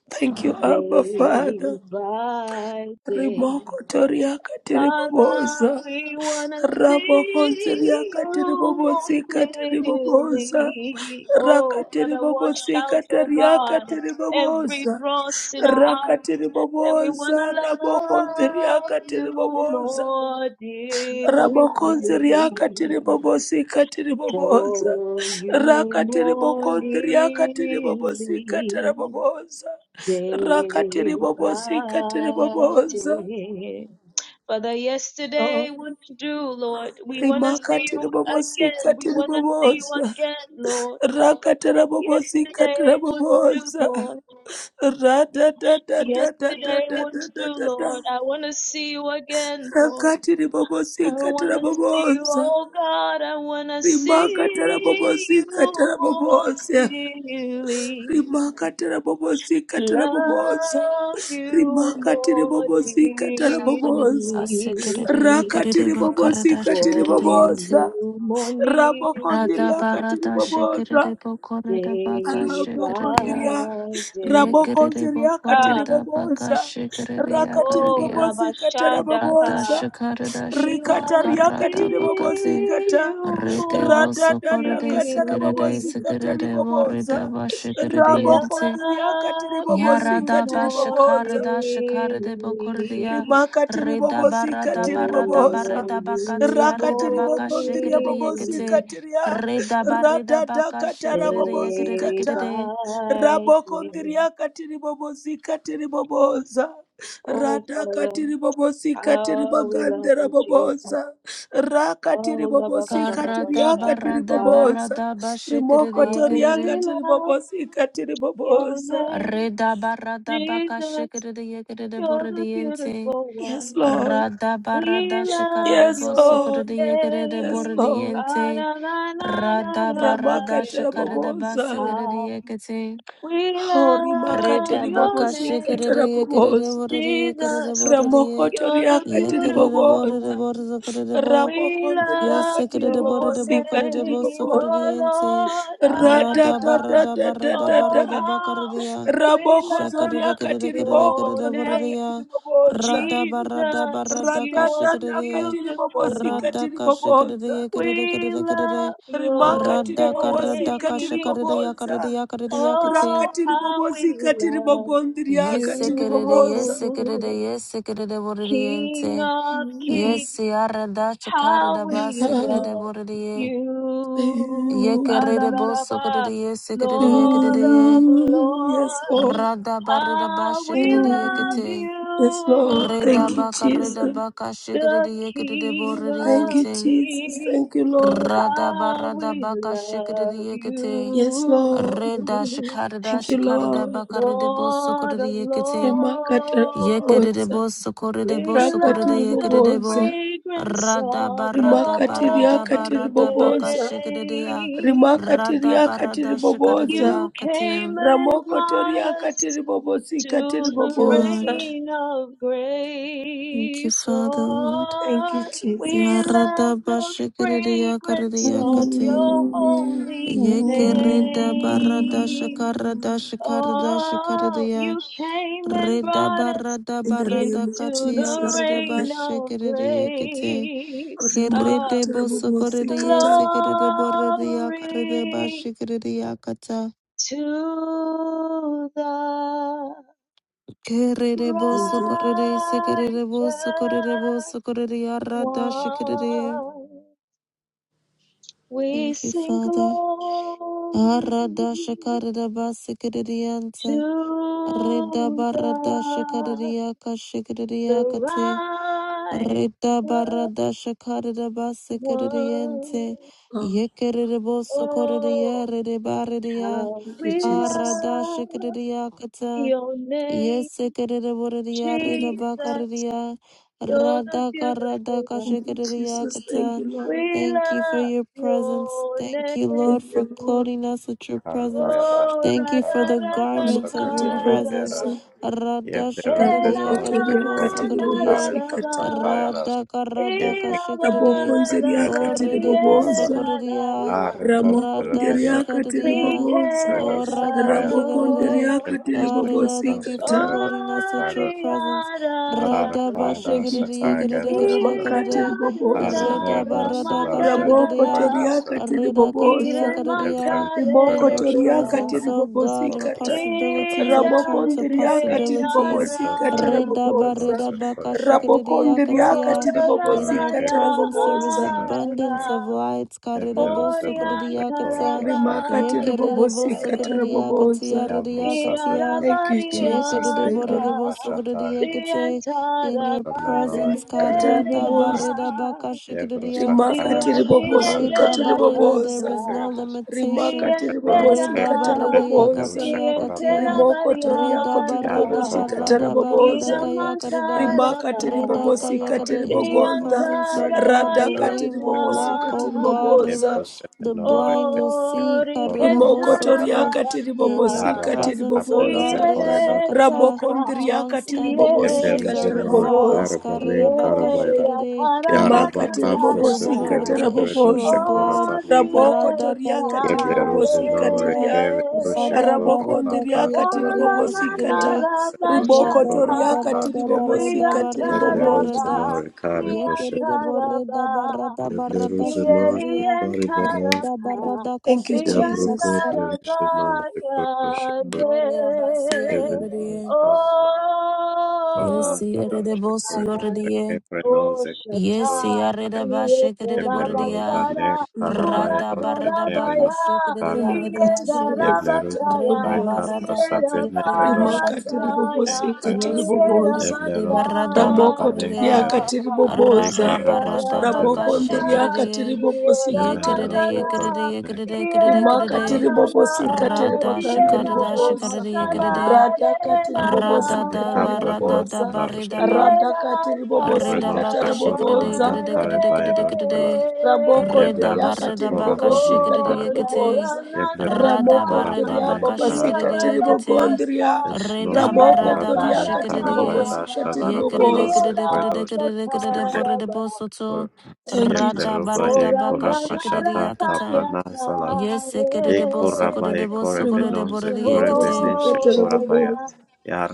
S5: Thank you, Abba
S2: day
S5: Father.
S2: by day.
S5: Rimoko toriaka
S2: Father,
S5: tiribobosa.
S2: we want to
S5: Rabokonsilia
S2: see
S5: katiri
S2: you more
S5: bobosika tiri
S2: clearly.
S5: bobosa.
S2: Oh,
S5: Rakatiri
S2: Father, wash
S5: bobosika
S2: out, oh
S5: tariaka
S2: God
S5: tiri
S2: every
S5: bobosa.
S2: dross in our
S5: Rakatiri
S2: And we
S5: bobosa
S2: want to
S5: rabokonsilia
S2: love
S5: katiri
S2: you
S5: bobosa.
S2: more dearly,
S5: Rabokonsilia katiri bobosika tiri bobosa.
S2: follow you
S5: Rakatiri
S2: more
S5: bokonsilia katiri bobosika
S2: nearly,
S5: tiri bobosa. Rakatiri
S2: day
S5: bobosika
S2: by day. Father, yesterday, what to do, Lord? We want to see
S5: rimakatiri
S2: you again. We
S5: bobosikatiri
S2: want to see you
S5: bobosa
S2: again, Lord.
S5: rakatara bobosikatara
S2: Yesterday, what to do,
S5: bobosa
S2: Lord? Yesterday, what to do,
S5: radadadadadadadadadada
S2: Lord? I want to see you again, Lord.
S5: rakatiri
S2: I want
S5: bobosikatara
S2: to see you,
S5: bobosa
S2: oh God. I want to
S5: rimakatara
S2: see you
S5: bobosikatara
S2: more
S5: bobosa
S2: clearly.
S5: rimakatara bobosikatara bobosa
S2: Love you
S5: rimakatiri
S2: more
S5: bobosikatara
S2: dearly.
S5: bobosa rakatiri bobosi katiri
S2: Follow
S3: Shakaridiasikiridiakiridiakaridashikiridianti.
S5: bobosa
S2: you more nearly.
S5: rabokonziriakatiri bobosa
S2: Day
S3: Radabaradashikiridibokoridabakashikiridia.
S5: rabokonziria
S2: by day.
S3: Yekerere
S5: rabokonziriakatiri
S2: Ah,
S3: bokoreda baka
S5: bobosa
S3: shekerere
S5: rakatiri
S3: yakarere
S2: oh,
S3: ya.
S5: bobosikatara
S3: Rata
S5: bobosa
S2: Rabashadaka.
S3: shakarada
S2: We
S3: shaka
S2: want to
S3: karata
S5: rikatariakatiri
S3: bakate.
S2: see
S5: bobosikata
S2: you
S3: Rete
S2: more
S3: boso korede
S5: radadadakatara
S3: sekerede
S2: clearly.
S5: bobosikatari
S3: sekerede boreda
S5: bobosa
S3: bashekerede yente.
S5: rabokonziriakatiri katiri
S2: love
S5: bobosi
S2: you
S3: Yarada
S5: katiri
S2: more
S5: bobosa
S3: bashakarada shakarede bokorede ya.
S2: dearly,
S5: rimakatiri
S3: Reda
S5: bobosika
S3: barada
S5: tiri
S3: barada
S5: bobosa
S2: follow
S3: bareda bakate
S2: you
S3: ya reda
S5: rakatiri
S2: more
S3: baka
S5: bogondria
S3: shekerede
S2: nearly,
S5: bobosika
S3: yekete.
S5: tiria
S3: Reda bareda baka
S5: radadakatara
S3: shekerede yekerede
S2: day
S5: bobosikata
S3: kerede.
S2: by day.
S5: rabokondria katiri bobosika tiri bobosa
S2: Oh Father,
S5: radakatiri bobosika tiri
S2: how we love
S5: bagandera
S2: you, Jesus.
S5: bobosa rakatiri
S2: Oh, la ba ba ba
S5: bobosika
S2: ba ba
S3: Karada
S5: tiriakatiri
S3: barada
S2: shakata.
S3: barada
S5: bobosa
S3: bashikirida
S2: How we
S3: yekirida.
S5: rimokotoriakatiri
S2: love
S5: bobosika tiri
S2: your
S5: bobosa
S2: name,
S3: Reda barada baka
S2: Jesus.
S3: shikirida yekirida
S2: You're the
S3: borodiente.
S2: beautiful one.
S5: yes lord
S3: Rada barada
S2: We love
S3: shikarida
S5: yes
S2: your
S5: lord
S3: bosokorida yekirida
S5: yes
S2: name.
S5: lord
S2: Ah,
S3: borodiente.
S2: na, na, na, na,
S3: Rada
S2: na, na,
S3: barada
S2: yeah,
S5: ramakata
S2: yeah.
S3: shikarida
S5: rabobosa
S3: basikirida
S2: Ah,
S3: yekete.
S2: we
S5: o rimakati
S2: love
S3: Reda baka
S2: your
S5: ribobosika
S2: name,
S3: shikarede
S5: rabobosa
S3: yekarede de yekarede
S2: Jesus.
S3: borede ye.
S5: ramokoto
S2: You're the
S5: riakati
S3: Yekere de
S2: beautiful
S3: bore de Yekarede borede
S5: ribobosa
S2: one.
S3: borede korede bo.
S2: We
S5: ramokondi
S2: love
S5: riakati
S3: Yesekarede de bore
S2: your
S3: de bo
S5: ribobosika
S3: kore de bo
S2: name,
S3: sokarede
S5: tiribobosa
S2: oh
S3: yente.
S2: Lord. Ay, ay,
S3: Rada
S2: ay.
S3: barada barada
S2: Oh,
S3: barada
S5: radadadadadadada
S3: bakarede
S2: how
S3: ya.
S2: we
S5: rabokozo
S3: Shakarede
S2: love
S5: riakati
S3: karede karede
S2: your
S3: karede
S5: ribokoto
S3: borede
S2: name,
S5: riakati
S3: ya.
S5: ribobosa
S3: Rada barada
S2: Jesus.
S3: barada
S2: You're the
S3: kashikarede ye.
S5: radadadakati
S2: beautiful one.
S5: ribobosika
S3: Rada kashikarede
S5: tiribobosa
S3: yekarede
S2: We
S3: karede karede.
S2: love your
S3: Rada karada
S2: name.
S3: kashikarede yakarede
S5: rimakatiribobosikatiribobosa
S3: yakarede yakate.
S2: Oh, how we love
S3: Yes, sekerere, yes,
S5: rakatiribobosikatiribogonziriakatiribobosa
S3: sekerere,
S2: you.
S3: yes, sekerere,
S2: King
S3: borediente.
S2: of
S3: Yes,
S2: kings,
S3: siara da chakara
S2: how
S3: da ba,
S2: we
S3: sekerere,
S2: love
S3: borediye.
S2: you.
S3: Yekerere, bo, sokerere, yes, sekerere, yekerere,
S2: Lord of
S3: ye.
S5: yes
S2: lords,
S5: lord
S3: Rada barida ba,
S2: how we
S3: shekerere,
S2: love
S3: yekete.
S5: yes lord
S2: you.
S3: Reda
S5: thank you
S3: baka, reda
S5: jesus
S3: baka, shekerere,
S2: The
S3: yekerere,
S2: King
S5: thank
S2: of
S5: you
S3: borediente.
S5: jesus
S2: kings.
S5: thank you lord
S3: Rada
S2: How
S3: barada
S2: we
S3: baka,
S2: love
S3: shekerere, yekete.
S5: yes
S2: you,
S5: lord
S3: Reda shakara da,
S5: thank you
S3: shakara da
S5: lord
S3: baka, rede bo,
S2: Lord of
S3: sokerere, yekete.
S2: Lords.
S5: rimakatiribobosa
S3: Yekerebo sokorebo
S2: We
S3: sokorede
S2: love the
S3: yekerebo
S5: rakatiribobosa
S2: fragrance
S3: rada
S2: of
S3: barada
S2: your
S3: barada
S2: holy
S3: barada baka
S5: rimakatiriakatiribobosa
S3: shikadeya
S2: name.
S3: rada barada
S5: rimakatiriakatiribobosa
S3: shikadeya
S2: You came
S3: katiya.
S2: and brought us to the
S3: Thank you, Lord.
S5: ramokotoriakatiribobosikatiribobosa
S2: reign of
S3: Thank you,
S2: grace,
S3: Father, Lord.
S5: thank you
S2: Lord. We
S3: Ya
S5: jesus
S2: love
S3: rada
S2: the
S3: bashikadeya
S2: fragrance
S3: kadeya
S2: of
S3: kate.
S2: your holy
S3: Yekereda barada
S2: name.
S3: shakarada shikarada
S2: Oh,
S3: shikadeya.
S2: you came and
S3: Reda
S2: brought us
S3: barada
S5: in the name
S3: barada
S2: into
S5: of
S3: katiya
S2: the
S5: jesus
S3: karede
S2: reign
S5: Christ.
S2: of
S3: bashikadeya kate.
S2: grace. Ah,
S3: Kerede boso korede
S5: rimakatiribobosikata
S3: yese kerede borede ya karede
S2: glory
S3: bashi kerede ya kata.
S2: to the
S3: Kerede
S2: righteous
S5: thank
S3: boso
S5: you
S3: korede yese kerede boso korede boso korede ya radashi kerede ye.
S2: one. We
S3: Thank you,
S2: sing
S3: Father.
S2: glory
S3: Aradasha karada basi kerede yanta. Reda
S2: to
S3: baradasha karede
S2: God,
S3: ya kashi kerede
S2: the
S3: ya kate.
S2: righteous
S3: Rita barada shakare de basse kerere
S2: one.
S3: yente.
S5: lord
S3: Ye kerere boso korede ya
S2: Oh,
S3: ye rere barere
S2: how
S5: thank you
S2: we
S5: jesus
S3: Arada
S2: love
S3: shikriya kata.
S2: your name,
S3: Yesekerere borerea,
S5: thank you,
S3: rida
S2: Jesus.
S3: bakarrerea,
S2: You're the
S3: radaka
S2: beautiful
S3: radaka
S2: one.
S5: thank you
S3: shekererea
S5: jesus thank
S3: kata.
S5: you lord
S2: We
S3: Thank you for
S2: love
S3: your presence.
S2: your
S3: Thank you,
S2: name.
S3: Lord,
S5: thank
S3: for
S5: you lord
S3: clothing us with your presence.
S4: Kavayadas,
S2: Oh,
S3: Thank you for
S2: Radha
S3: the
S2: Radha
S3: garments of your
S4: Kavakapasananore
S3: presence.
S5: makatiribobosa
S2: Tarava,
S4: Keras,
S3: Rada
S4: Yevlerus de
S3: shekererea,
S2: Ela Na
S3: karere boso
S2: Na
S3: kerere.
S4: Koravare
S5: rabokotoriakatiribobosikata
S2: Radava,
S4: Pasatayaras,
S3: Radaka radaka
S4: Yevrekede
S2: Ela
S3: shekerere. O
S2: Radava,
S3: rede boso
S2: Ela
S5: rabokonzeriakatiribobosa
S4: Koravana,
S3: kerere.
S2: Radaya,
S4: Arekop,
S3: Rada
S4: Ravena,
S3: shekererea.
S5: ramokonderiakatiribobosa
S4: Corridos,
S3: O
S4: the
S3: radaka
S4: Kayat,
S2: Srikhando.
S3: shekerere.
S4: Elvis, the
S3: Arera, thank
S4: Kans,
S3: you for
S5: rabokonderiakatiribobosikata
S3: clothing us
S2: Oh,
S3: with your presence.
S2: Yara
S3: Rada
S2: Yara,
S4: Arakada,
S5: Thank you,
S3: shikadidi yikadidi
S5: Jesus.
S4: Sakagatas, the
S2: Ela Na
S5: Makatiribobosa.
S3: Reda ba
S4: Arakoridas, the
S3: rada
S2: Ramanda
S4: Lardas, the
S2: Rara,
S3: Reda katiya
S2: Ire
S5: Rabokotoriakatiribobosa.
S3: kadidiya.
S4: Yevlerus, the
S3: In
S5: Rimoko
S2: Mantare
S3: your
S5: toriaka
S3: presence,
S2: Roba.
S3: O God,
S4: Corridos,
S5: tiribobosikata.
S3: impossibilities are turned to
S4: Have
S5: Rabokondriaka
S3: possibilities.
S2: Irareyara,
S4: corrected the
S5: tiribobosikata
S3: Reda ba
S5: rabobosa.
S4: Rosenos
S3: reda
S4: and
S3: ba ka
S4: Corriba. Have
S5: Rabokondriaka
S4: posted the
S3: In
S4: Norric
S3: your
S5: tiribobosikata
S2: ororabaya
S3: presence, there is
S5: rabobosa.
S4: Corridors and
S2: ala,
S4: Corriba.
S3: abundance of light.
S4: Have
S3: Karida
S4: the
S3: bo
S4: Rosenos and
S3: sukadidiya kata.
S4: Corriba
S5: Rimaka
S4: Carriba
S3: Yekerebo
S5: tiribobosikata
S4: Carriba.
S2: oriantarabarigaseya,
S3: sokoria katia
S5: rabobosa.
S4: Have
S3: reria
S4: Rosapel
S3: katia.
S4: and
S5: Thank you,
S4: Corriba
S5: Jesus.
S4: and
S3: Yekerebo
S5: Thank
S2: iarabarianta,
S4: Carriba
S5: you.
S3: rebo sokoria
S4: Shataridos.
S3: kate. In your
S4: The Menoric
S3: presence,
S5: Rimaka
S4: Corridors and
S3: karada
S2: diantarabaneseya,
S5: tiribobosa.
S4: Corridors.
S3: barida baka
S4: Have
S3: shikriya
S5: Rimaka
S3: kata.
S4: Rosacariba Shataridos
S3: Reda
S5: tiribobosikata
S3: barida, there
S2: diandireperakanta,
S4: and
S5: rabobosa.
S3: is no
S4: Corridors.
S5: Rimaka
S3: limitation.
S4: Have the Norric
S3: Reda
S2: dienteraba,
S5: tiribobosikata
S3: barida
S4: Corridors
S5: rabobosa.
S4: and
S3: yakatia katia.
S4: Corriba
S5: Rimoko toriako
S3: Reda barada
S2: dienterabariaraba,
S5: tiribobosikata
S4: Yarabaka,
S3: barada barada
S4: no,
S5: rabobosa.
S3: kaya karida.
S5: rimaka
S2: Iramantaraba,
S3: Reda kaya
S5: tiribobosika
S3: karida. In your
S5: tiribogonda
S3: presence, O God, the
S5: radhaka
S3: lame
S2: Deyantarabayanta,
S3: will walk,
S5: tiribobosika
S3: O God.
S5: tiriboboza
S3: The blind will see,
S2: Ori
S3: Karirabosoto,
S5: rimokotoriaka
S2: Kentarabayanta,
S3: in your
S5: tiribobosika
S3: presence, O God,
S5: tiriboboza
S2: Iere
S3: Rirabakata.
S2: Santa,
S5: rabokondriaka
S3: Long-standing
S2: Iere
S3: issues
S5: tiribobosika
S3: are
S2: Santa,
S3: resolved,
S5: taraboboza
S2: Iere
S3: Karirabakashikiride, like
S5: rimaka
S3: you did for the woman
S5: tiribobosika
S3: with
S2: Yakarabatantaraba,
S3: the issue
S5: taraboboza
S3: of blood.
S2: Ori
S3: Radakaya
S5: rabokotoriaka tiribobosika
S2: Sare,
S3: Karirabosokiridia,
S5: tiria rabokondriaka
S3: Radabaradakaya
S2: Ora
S5: tiribobosika
S3: Kaririyashikiride,
S5: ta
S4: Shekora
S2: Nanarabashanta,
S5: ribokotoriaka
S4: Bakati,
S5: tiribobosika
S2: Riantaraba,
S5: tiriboboza
S4: Yebleruzeno
S3: Radadabaradabaradabaradabarada.
S4: rekare boshe.
S3: Yekerere
S2: Riantaraba,
S3: borreda barada barada
S4: Yebleruzeno
S3: şekereriya.
S4: shekare banas.
S3: Rada
S2: Riantaraba,
S3: barada
S5: Thank you,
S3: kaşekereriya
S4: Yabruko
S5: Jesus.
S3: kısa.
S2: Riantaraba,
S4: plerisheno shekore shekore.
S2: Yande.
S3: Morera basiya
S4: Yebeno
S3: ereriye.
S4: rekare
S2: Oh.
S4: banas.
S3: Yesi erede bosu
S4: Shekore do
S3: yoreriye.
S4: shekere no
S2: O
S4: zekero.
S3: Yesi
S2: Shaddai,
S3: yarede başekerere
S4: Yeblero
S3: boreriya.
S4: bane
S2: Yeterabasara,
S5: Mm.
S4: karabaya do
S3: Rada barada
S4: senere
S3: baka
S4: no
S2: Uratarabaya,
S4: shekare.
S3: şekereriya
S5: Rimaka tiri
S3: rediyashe.
S5: vuvusika tiri
S4: Yebleruzeno
S2: Yedarabasaya,
S3: Reda
S5: vuvusa
S4: rekapra
S3: barada katiya
S4: satenere
S3: reda
S4: do
S5: rimaka tiri
S4: shekore
S3: bakatiya.
S4: bane
S2: Yerabarasaya,
S5: vuvusika
S4: kairas.
S3: Yes, kerede borede
S4: Yeblero
S3: barada
S4: bakora
S5: ramoko
S3: bakarede
S4: bane
S3: ya.
S5: toriaka
S4: kairas.
S5: tiri
S2: Yerabasara,
S5: vuvusa
S3: Rada barada
S4: Ekarabasatela
S3: baka
S5: ramoko
S2: Yerabasaka,
S4: robane.
S3: shekerede
S5: ndiriaka
S3: ye.
S5: tiri vuvusika
S3: Ye
S5: tara
S3: kerede
S4: Yemereno
S3: ye
S5: vuvusa
S4: shekore
S3: kerede
S2: Yeramazana,
S3: ye
S4: bane.
S3: kerede kerede
S5: rimaka tiri
S3: kerede.
S4: Thank
S2: Yeramasana,
S5: vuvusika tiri
S3: Rada
S5: vakandiri
S3: shakarada
S5: vuvusa
S3: shakarede ye
S2: Yenaramasana,
S3: kerede.
S5: radhaka tiri
S3: Rada
S5: vuvusika
S3: da barada
S2: Renabadaba.
S3: da
S2: Oh,
S3: barida ba. Reda baka shikade kade kade kade kade
S5: Ramoko
S3: Reda
S5: tiriaka
S3: barada baka
S5: tiribobosika
S3: shikade yekete
S5: tiribobosa.
S3: Rada
S5: Ramoko
S3: barada
S5: tiriaba
S3: baka shikade
S5: basika
S3: yekete
S5: tiribogondria.
S3: Reda
S5: Ramoko
S3: barada ka
S5: tiriaka
S3: shikade ye
S5: tiribobosika
S3: yekade
S5: tiribobosa.
S3: kade kade kade kade borede bosoto
S5: Thank you,
S3: Rada
S5: Jesus.
S3: barada
S4: Yeblerovade
S3: baka shikade
S4: Korabashata
S3: yakata
S4: Kaprana Salarosh.
S3: Yes, kade
S4: E
S3: boso kade
S4: Korabaye
S3: boso kade
S5: Remaka
S4: Korebenoze
S3: borede yekete
S5: tiribobosika
S4: Korebeneshe
S2: yeah,
S4: Korabaya.
S2: yeah.
S5: tiribobosa.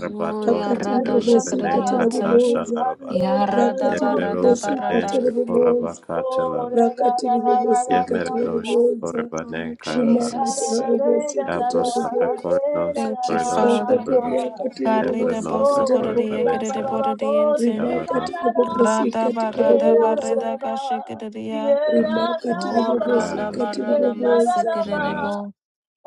S3: Oh ya
S5: Raka
S3: rada
S2: Prasanta,
S3: shikade
S5: tiribobosika
S4: Keperusene
S3: yanta
S4: Katasha
S5: tiribobosa.
S4: Larobano.
S3: Ya
S5: Raka
S3: rada barada
S4: Yeblerose
S2: Rikandela,
S5: tiribobosika
S3: barada
S4: Neshe
S5: tiribobosa.
S4: Korabaka
S2: Oh,
S4: Telarosh.
S2: da
S5: Raka
S2: da da da da da
S5: tiribobosika
S2: da da.
S4: Yemeredosh
S5: tiribobosa.
S4: Korebane
S3: Lord
S2: Ni
S4: Karadas.
S2: da
S5: Remaka
S2: da
S3: Jesus,
S2: da da da
S5: tiribobosika
S2: da da.
S4: Yabrosa
S5: tiribobosa.
S4: Prekorenoze
S2: da da da
S3: thank you,
S2: da.
S4: Koredosh
S3: Father.
S5: Bokotoria
S4: Koredos.
S5: katiri
S3: Barrida
S5: bobosi
S4: Yebrenoze
S3: boso
S5: katara
S2: Oh, ri
S3: cordia,
S2: ba
S4: Korebane
S2: ba
S5: bobozo.
S3: querida
S2: ba
S4: Karadas.
S2: ba bo.
S3: bordiente.
S2: Si
S5: Rima
S2: da
S4: Yabrenos
S5: katiri
S2: da da.
S5: bobosi
S3: Rada
S5: katara
S2: Re
S3: barrada
S2: da da
S5: bobozo.
S2: da
S3: barrida
S2: ba. Ye
S3: cashicria.
S2: da
S4: Karadas.
S5: Rima
S2: da
S5: katiri
S2: da
S3: O
S2: ba.
S5: bobosi
S3: rada
S5: katiri
S2: Re
S3: barrada
S2: da da
S5: bobozo.
S2: da ba.
S4: Karadas.
S3: masicrebo.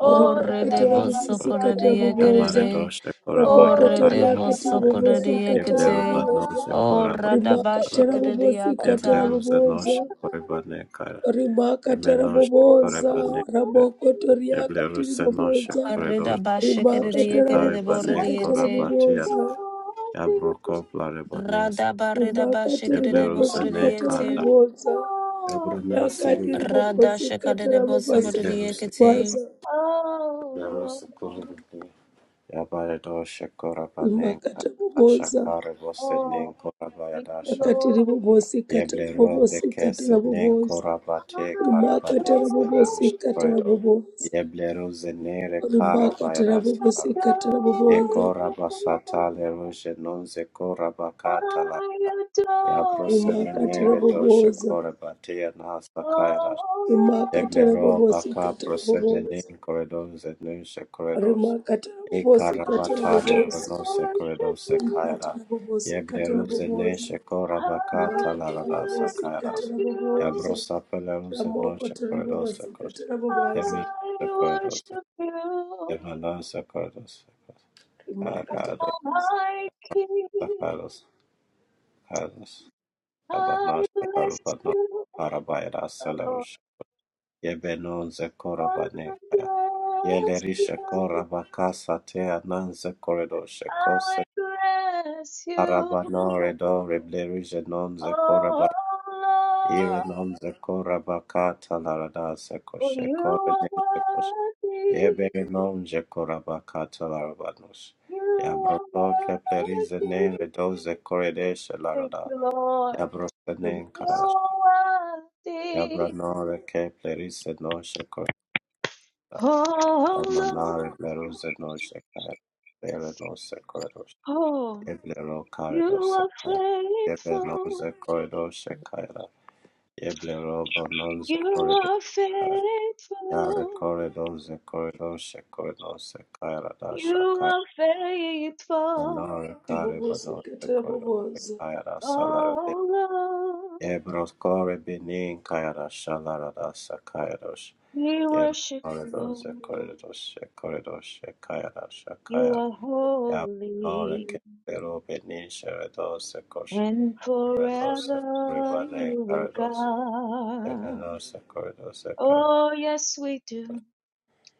S3: O
S5: Rima
S2: da da da
S5: katara
S3: redebo
S2: ba.
S5: bobosi
S4: Fellowship
S2: Da da
S5: katara
S2: da.
S3: socordia,
S5: bobozo.
S3: querida.
S4: Yamaradosha
S3: O
S4: Korabai
S2: Oh, da
S4: Kaya
S5: Rabokotoria
S2: da da
S3: redebo
S2: ba.
S5: katiri
S4: Kaya
S2: Si
S5: bobosi
S2: da da
S3: socordia,
S5: katara
S4: Yebleru
S3: quete.
S5: bobozo.
S4: Badnoze
S2: da.
S3: O
S4: Korabai
S3: rada
S5: Rima katara
S4: Salarus
S5: bobosi
S3: bashicria
S5: katara
S3: cata.
S4: Yebleru
S5: bobozo.
S4: Zenosha Koribane Kaya
S5: Rima katara
S4: Yemenosha
S5: boboza.
S4: Koribane Kaya
S5: Rabokotoria
S4: Yebleru
S5: katiri
S4: Zenosha
S5: boboza.
S3: Arrida
S4: Koridosha
S5: Rima
S4: Koridosha
S3: bashicria,
S5: katara
S3: querida
S5: bobosi
S4: Karibane
S5: katara
S3: bordiente.
S4: Korabatiada
S5: boboza.
S2: Oh,
S4: Yabroko Blarebanese
S3: Rada barrida
S5: rimakati
S4: Yebleru
S3: bashicrebo
S4: Zene
S5: ribobosikata
S3: cordiente.
S4: Karada
S5: rabobodza
S4: Yebleru
S5: rakati
S4: Zenosha
S3: Radha
S5: ribobosikata
S3: shakadere boso kodere
S4: Yebleru
S5: rabobasikata
S3: yekete.
S5: rabodza
S4: Zekoribane Yabayado Shakorabaning
S5: rimakata rabobodza
S2: oh,
S4: Shakarabosening
S2: thank you,
S4: Korabayadasha
S5: rakati
S2: Lord.
S5: ribobosikata
S4: Yeblero
S5: rabobosikata
S4: Bekesening
S5: rabobodza
S2: I
S4: Korabate
S5: rimakata
S4: Karabanes
S2: adore
S4: Belarush
S5: rabobosikata
S2: you.
S4: Corridor
S5: rabobodza
S4: Yeblero Zenere
S2: I
S5: rimakata
S4: Karabayadas
S5: rabobosikata
S2: adore
S5: rabobodza
S2: you.
S4: Yekorabasata Lerushe Nonze Korabakatala
S2: I adore
S5: rimakata
S4: Yabrosemenere
S2: you.
S4: Dosha
S5: rabobodza
S4: Korabate Nasa Kairas
S2: Oh,
S5: rimakata
S4: Yeblero Baka
S5: rabobosikata rabobodza
S4: Prosemening Corridors and Nusha
S5: rimakata
S4: E
S2: I
S5: rabobosikata
S4: karabatale
S5: rabobodza
S4: bruno sekredo
S2: worship you.
S5: rikata
S4: sekayada.
S5: rabobosikata
S4: Yebleruze ne
S5: rabobodza
S4: shekora bakata
S2: I
S5: makatara
S4: larada
S2: worship
S4: sakayadas.
S5: bosikatara
S2: you.
S5: boboza
S4: Yabrosa peleruze no
S5: ramokotori
S4: shekredo sekos.
S2: I
S4: Yemen sekredos.
S2: worship you,
S4: Yemenon sekredos. Kakados
S2: oh my King.
S4: sakados. Kados.
S2: I
S4: Abanos
S2: bless
S4: sekarubanos.
S2: you,
S4: Arabayada
S2: Lord.
S4: selerush. Yebenon zekora
S2: I bless
S4: banekaya. Yelerisha kora
S2: you.
S4: bakasa te anan zekoredo
S2: I bless you,
S4: Arabano redo reblerige non ze koraba
S2: oh
S4: ire
S2: Lord.
S4: non ze koraba kata larada se
S2: For
S4: koshe
S2: you
S4: kore
S2: are
S4: ne ze koshe
S2: worthy.
S4: yebere non ze koraba kata larabanos
S2: You are
S4: yabroto keplerize ne
S2: worthy.
S4: redo ze korede she
S2: Thank
S4: larada
S2: you, Lord.
S4: yabrose ne
S2: You
S4: karasha
S2: are worthy,
S4: yabrano reke plerize no
S2: oh
S4: Amanare
S2: Lord.
S4: Bleruzeno Shekar, Bereno Sekoros,
S2: Oh.
S4: Yeblero
S2: You
S4: Karedo
S2: are
S4: Sekar, Yebeno
S2: faithful.
S4: Zekoido Shekara, Yeblero Bonon
S2: You
S4: Zekorede,
S2: are
S4: Yare
S2: faithful.
S4: Koredo Zekoido Shekorno Sekara
S2: You
S4: Dashaka,
S2: are faithful.
S4: Menore Kare Bonon Zekoido Sekara Salarade,
S2: Oh Lord,
S4: Yebros Kore Benin Kayara Shalarada
S2: we
S4: Yem
S2: worship you,
S4: Corridor
S2: Lord.
S4: Corridor Corridor Shakaya
S2: You
S4: Shakaya
S2: are
S4: Yabore
S2: holy,
S4: Kero Benisha Dos Kosh
S2: and
S4: Renos
S2: forever
S4: Ribane
S2: you are
S4: Corridors
S2: God.
S4: Yemenos Corridors
S2: Oh yes, we do.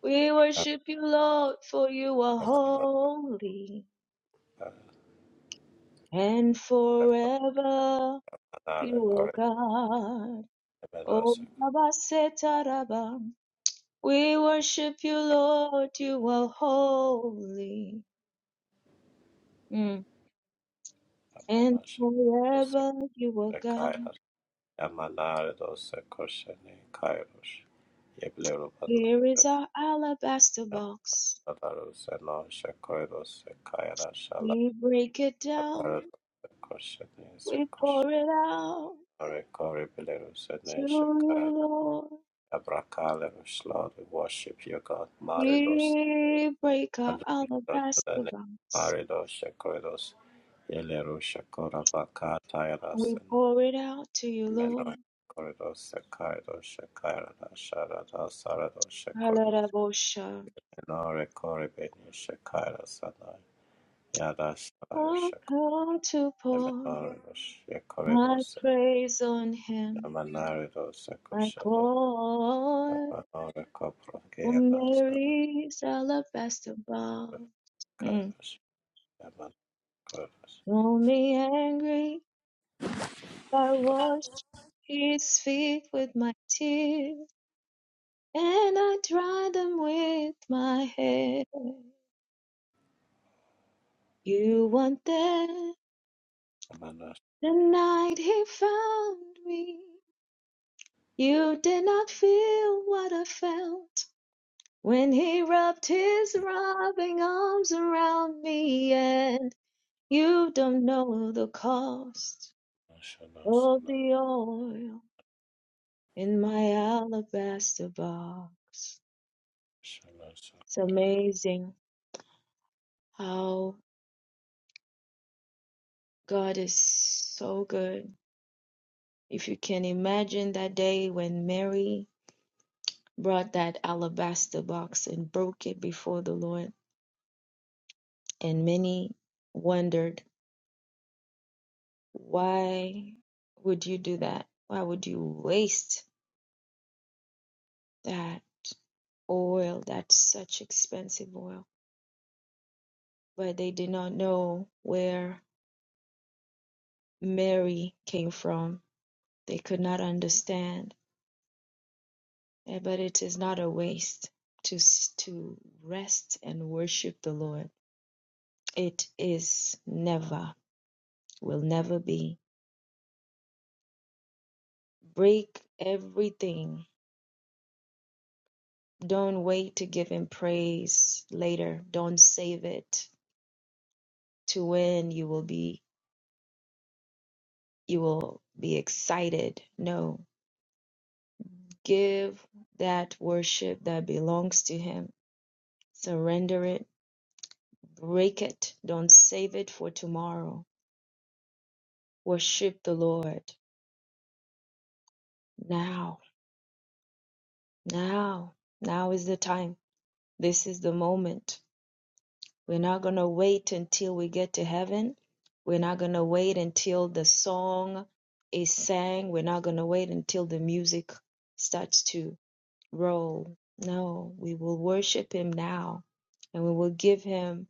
S2: We worship you, Lord, for you are holy,
S4: Yamanare
S2: and forever you are
S4: Corridor
S2: God. O
S4: Yemenos
S2: Baba Setaraba, we worship you, Lord. You are holy. Mm. And
S4: Yamanosha Dos
S2: forever you are God.
S4: Kaya Yamanare Dos Koshene Kairos Yeblero Panos
S2: Here is our alabaster box.
S4: Yamadaros Eno shala
S2: We break it down.
S4: Aparato Koshadinse
S2: We pour
S4: Koshnare
S2: it out
S4: Kori Belarus
S2: to you,
S4: and Shekar
S2: Lord.
S4: Abrakalerus, Lord, we worship you, God. Maridos,
S2: We break our alabaster
S4: Adonai,
S2: box.
S4: Maridos, Shekoridos, Yelero, Shekora, Baka,
S2: And
S4: Tayras,
S2: we pour it out to you, Lord.
S4: Meno, Koridos, Sekaidos, Shekaira, Sharada, Sarado, Shekoridos,
S2: Alarabosha.
S4: Menore, Koribeni, Shekaira, Sanai, Yada, Sharo,
S2: i come to pour.
S4: Shekoridos,
S2: My
S4: Yekoridos,
S2: praise on him,
S4: Yamanaridos,
S2: like
S4: Sekoshan,
S2: oil
S4: Ahora copro que
S2: from
S4: las
S2: Mary's alabaster bowl. Mm.
S4: caras llaman caras
S2: Don't be angry, I washed his feet with my tears, and I dried them with my hair. You weren't there
S4: llamanas
S2: the night he found me. You did not feel what I felt when he wrapped his loving arms around me and. You don't know the cost
S4: nacionales
S2: of the oil in my alabaster box.
S4: nacionales
S2: It's amazing how God is so good. If you can imagine that day when Mary brought that alabaster box and broke it before the Lord, and many wondered, why would you do that? Why would you waste that oil, that such expensive oil? but they did not know where Mary came from. They could not understand. Eh, But it is not a waste to s- to rest and worship the Lord. It is never, will never be. Break everything. Don't wait to give Him praise later. Don't save it to when you will be you will be excited. No, give that worship that belongs to Him. Surrender it Break it. Don't save it for tomorrow. Worship the Lord now. Now. Now is the time. This is the moment. We're not going to wait until we get to heaven. We're not going to wait until the song is sang. We're not going to wait until the music starts to roll. No, we will worship Him now and we will give Him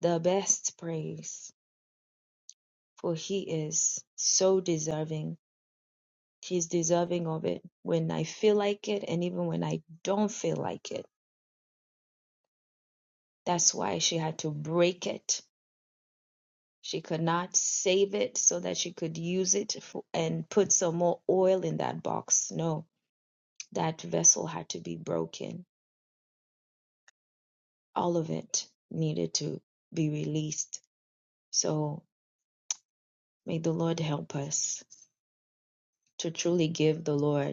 S2: the best praise, for He is so deserving He's deserving of it when I feel like it and even when I don't feel like it. That's why she had to break it. She could not save it so that she could use it for, and put some more oil in that box. No, that vessel had to be broken. All of it needed to be released. So may the Lord help us to truly give the Lord.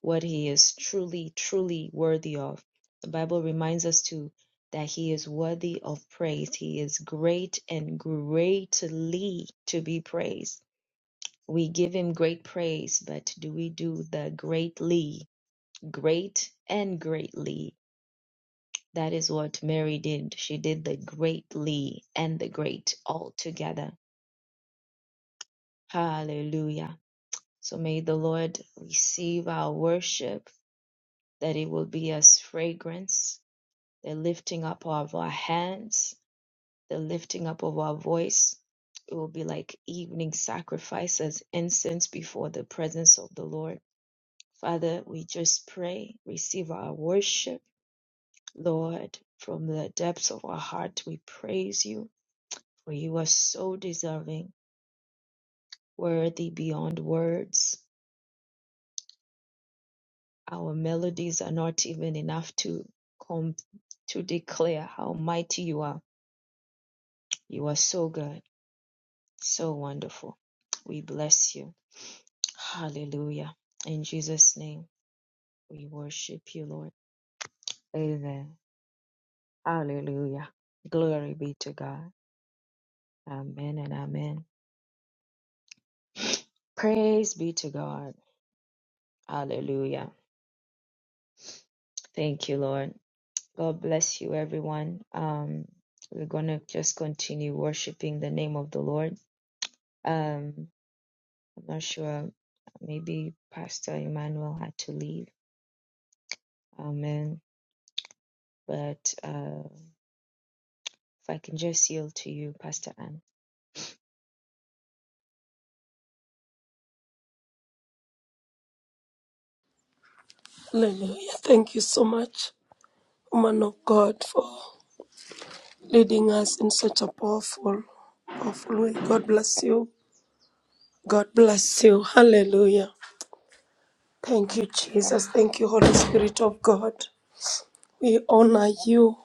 S2: what he is truly, truly worthy of. The Bible reminds us too that he is worthy of praise. He is great and greatly to be praised. We give him great praise, but do we do the greatly? Great and greatly. That is what Mary did. She did the greatly and the great all together. Hallelujah. So may the Lord receive our worship, that it will be as fragrance the lifting up of our hands, the lifting up of our voice. It will be like evening sacrifices, incense before the presence of the Lord. Father, we just pray, receive our worship. Lord, from the depths of our heart, we praise you, for you are so deserving, worthy beyond words. Our melodies are not even enough to come to declare how mighty you are. You are so good. So wonderful. We bless you. Hallelujah. In Jesus' name, we worship you, Lord. Amen. Hallelujah. Glory be to God. Amen and amen. Praise be to God. Hallelujah. Thank you, Lord. God bless you, everyone. Um, we're going to just continue worshiping the name of the Lord. Um, I'm not sure. Maybe Pastor Emmanuel had to leave. Amen. But. uh. If I can just yield to you, Pastor Anne.
S5: hallelujah thank you so much woman of god for leading us in such a powerful powerful way god bless you god bless you hallelujah thank you jesus thank you holy spirit of god we honor you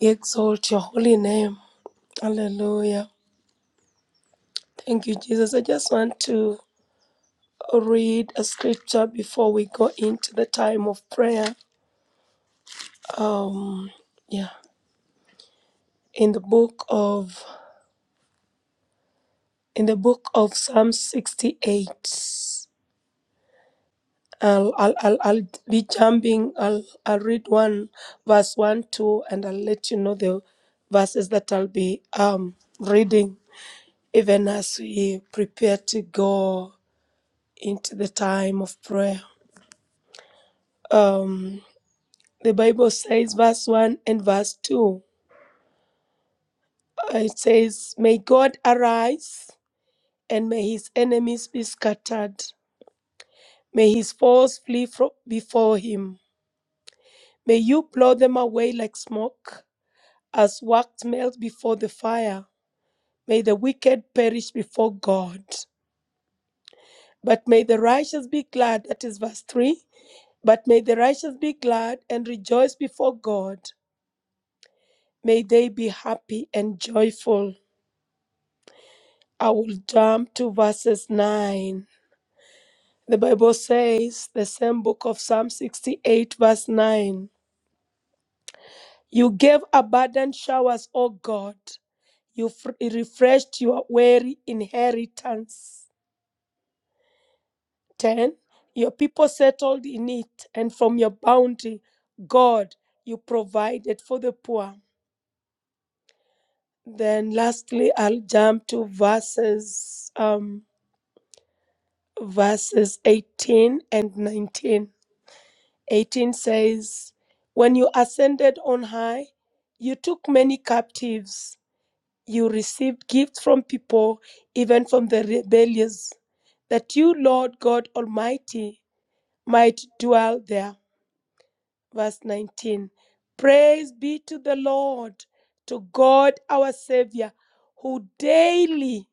S5: we exalt your holy name hallelujah Thank you, Jesus. I just want to read a scripture before we go into the time of prayer. Um, yeah, in the book of in the book of Psalm 68. I'll, I'll, I'll, I'll be jumping. I'll, I'll read one verse one, two, and I'll let you know the verses that I'll be um reading even as we prepare to go into the time of prayer. Um. The Bible says, verse 1 and verse 2, uh, it says, May God arise and may his enemies be scattered. May his foes flee fro- before him. May you blow them away like smoke, as wax melts before the fire. May the wicked perish before God. But may the righteous be glad, that is verse 3. But may the righteous be glad and rejoice before God. May they be happy and joyful. I will jump to verses 9. The Bible says, the same book of Psalm 68, verse 9 You gave abundant showers, O God. You fr- refreshed your weary inheritance. 10. Your people settled in it, and from your bounty, God, you provided for the poor. Then lastly, I'll jump to verses um, verses 18 and 19. 18 says, When you ascended on high, you took many captives. You received gifts from people, even from the rebellious, that you, Lord God Almighty, might dwell there. Verse 19 Praise be to the Lord, to God our Savior, who daily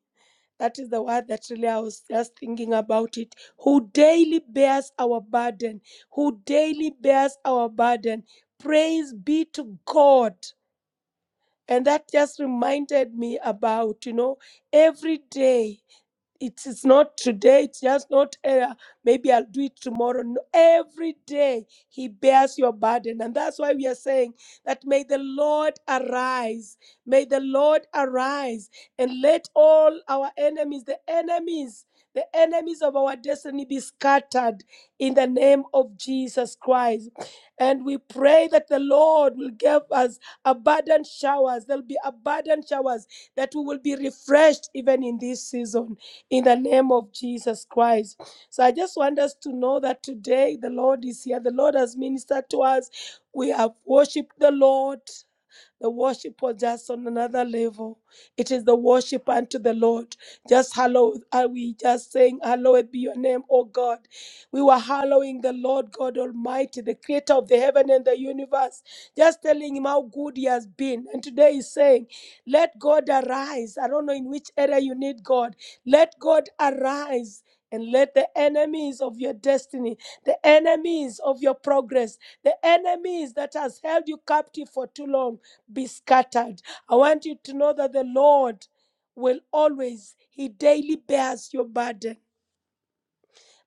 S5: that is the word that really I was just thinking about it. Who daily bears our burden, who daily bears our burden. Praise be to God. And that just reminded me about, you know, every day it is not today it's just not uh, maybe i'll do it tomorrow no, every day he bears your burden and that's why we are saying that may the lord arise may the lord arise and let all our enemies the enemies the enemies of our destiny be scattered in the name of Jesus Christ. And we pray that the Lord will give us abundant showers. There'll be abundant showers that we will be refreshed even in this season in the name of Jesus Christ. So I just want us to know that today the Lord is here. The Lord has ministered to us. We have worshiped the Lord. The worship was just on another level. It is the worship unto the Lord. Just hallowed are we, just saying, Hallowed be your name, O God. We were hallowing the Lord God Almighty, the creator of the heaven and the universe, just telling him how good he has been. And today he's saying, Let God arise. I don't know in which area you need God. Let God arise. And let the enemies of your destiny, the enemies of your progress, the enemies that has held you captive for too long be scattered. I want you to know that the Lord will always, He daily bears your burden.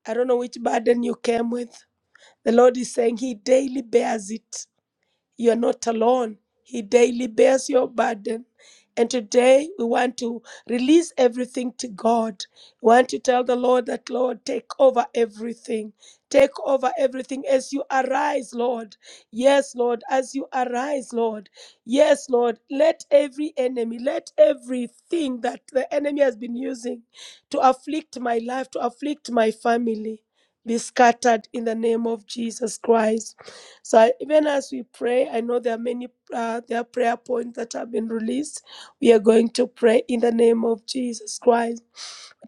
S5: I don't know which burden you came with. The Lord is saying He daily bears it. You are not alone. He daily bears your burden. And today we want to release everything to God. We want to tell the Lord that, Lord, take over everything. Take over everything as you arise, Lord. Yes, Lord, as you arise, Lord. Yes, Lord, let every enemy, let everything that the enemy has been using to afflict my life, to afflict my family, be scattered in the name of Jesus Christ. So I- even as we pray, I know there are many uh, there are prayer points that have been released. We are going to pray in the name of Jesus Christ.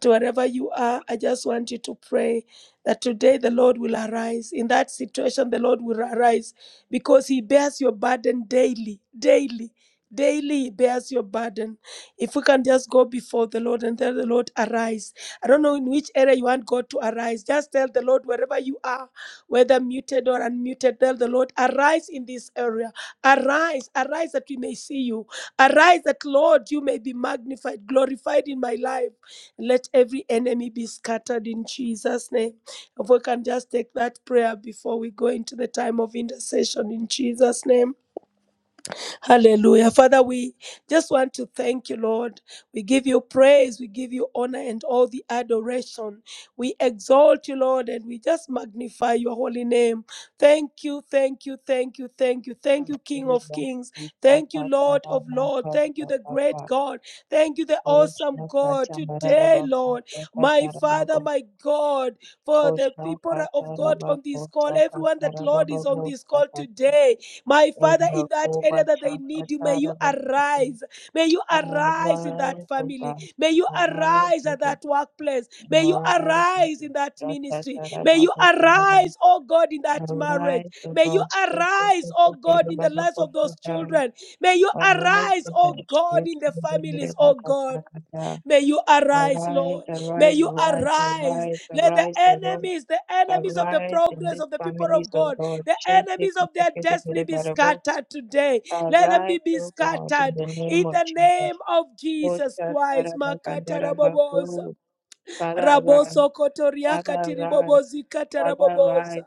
S5: But wherever you are, I just want you to pray that today the Lord will arise. In that situation, the Lord will arise because He bears your burden daily, daily. Daily he bears your burden. If we can just go before the Lord and tell the Lord, arise. I don't know in which area you want God to arise. Just tell the Lord wherever you are, whether muted or unmuted, tell the Lord, arise in this area. Arise, arise that we may see you. Arise that, Lord, you may be magnified, glorified in my life. Let every enemy be scattered in Jesus' name. If we can just take that prayer before we go into the time of intercession in Jesus' name. Hallelujah. Father, we just want to thank you, Lord. We give you praise, we give you honor and all the adoration. We exalt you, Lord, and we just magnify your holy name. Thank you, thank you, thank you, thank you. Thank you, King of
S2: Hallelujah.
S5: Kings.
S2: We thank
S5: Thank you,
S2: God that
S5: Lord
S2: our
S5: of
S2: Lord
S5: Lords.
S2: God,
S5: Thank you,
S2: God,
S5: the
S2: God,
S5: great
S2: God,
S5: God. Thank you, the
S2: Lord,
S5: awesome
S2: Shna, God,
S5: God.
S2: Tamara,
S5: Today,
S2: Rabba,
S5: Lord,
S2: God, God,
S5: my
S2: God, Rabba,
S5: Father,
S2: God,
S5: my God, for
S2: Ko,
S5: the
S2: Shna,
S5: people
S2: God,
S5: of God
S2: Tarabba,
S5: on this
S2: Ko,
S5: call, everyone that, Lord, is on this call today. My
S2: In
S5: Father, in
S2: the
S5: that
S2: Ko,
S5: area
S2: Ba,
S5: that they
S2: Shna,
S5: need you, may you arise. May you arise in that
S2: Arise, O
S5: family.
S2: God,
S5: May you
S2: arise,
S5: arise
S2: O
S5: at
S2: God,
S5: that workplace. May you
S2: arise, O
S5: arise
S2: God,
S5: in that
S2: God, God,
S5: ministry. May
S2: Tarabba,
S5: you
S2: Ko,
S5: arise, oh God, in that marriage.
S2: arise, O
S5: May you
S2: God, Shna, God,
S5: arise,
S2: God,
S5: oh
S2: God,
S5: God,
S2: God,
S5: in the lives of those children. May you
S2: Arise,
S5: arise,
S2: O
S5: oh
S2: Lord,
S5: God,
S2: shake
S5: in the
S2: the middle
S5: families,
S2: back
S5: oh
S2: at
S5: God.
S2: Sakata.
S5: May you arise,
S2: Arise,
S5: Lord. May
S2: arise,
S5: you
S2: arise,
S5: arise.
S2: arise,
S5: Let the
S2: arise, O Lord.
S5: enemies, the enemies of the
S2: Arise in
S5: progress
S2: these
S5: of the people
S2: families,
S5: of
S2: O
S5: God,
S2: Lord.
S5: the
S2: Shake the
S5: enemies
S2: middle
S5: of
S2: back
S5: their
S2: at
S5: destiny be
S2: Sakata.
S5: scattered today. Let them be,
S2: Arise,
S5: be
S2: O God, in
S5: scattered
S2: the
S5: in
S2: name of
S5: the
S2: Jesus.
S5: name of Jesus
S2: Osha
S5: Christ. Makata
S2: Tarabakandara
S5: raboboza.
S2: Bakuru. Father, arise.
S5: Raboso kotoriaka
S2: Father, arise.
S5: tiribobozi
S2: Father,
S5: kataraboboza.
S2: arise.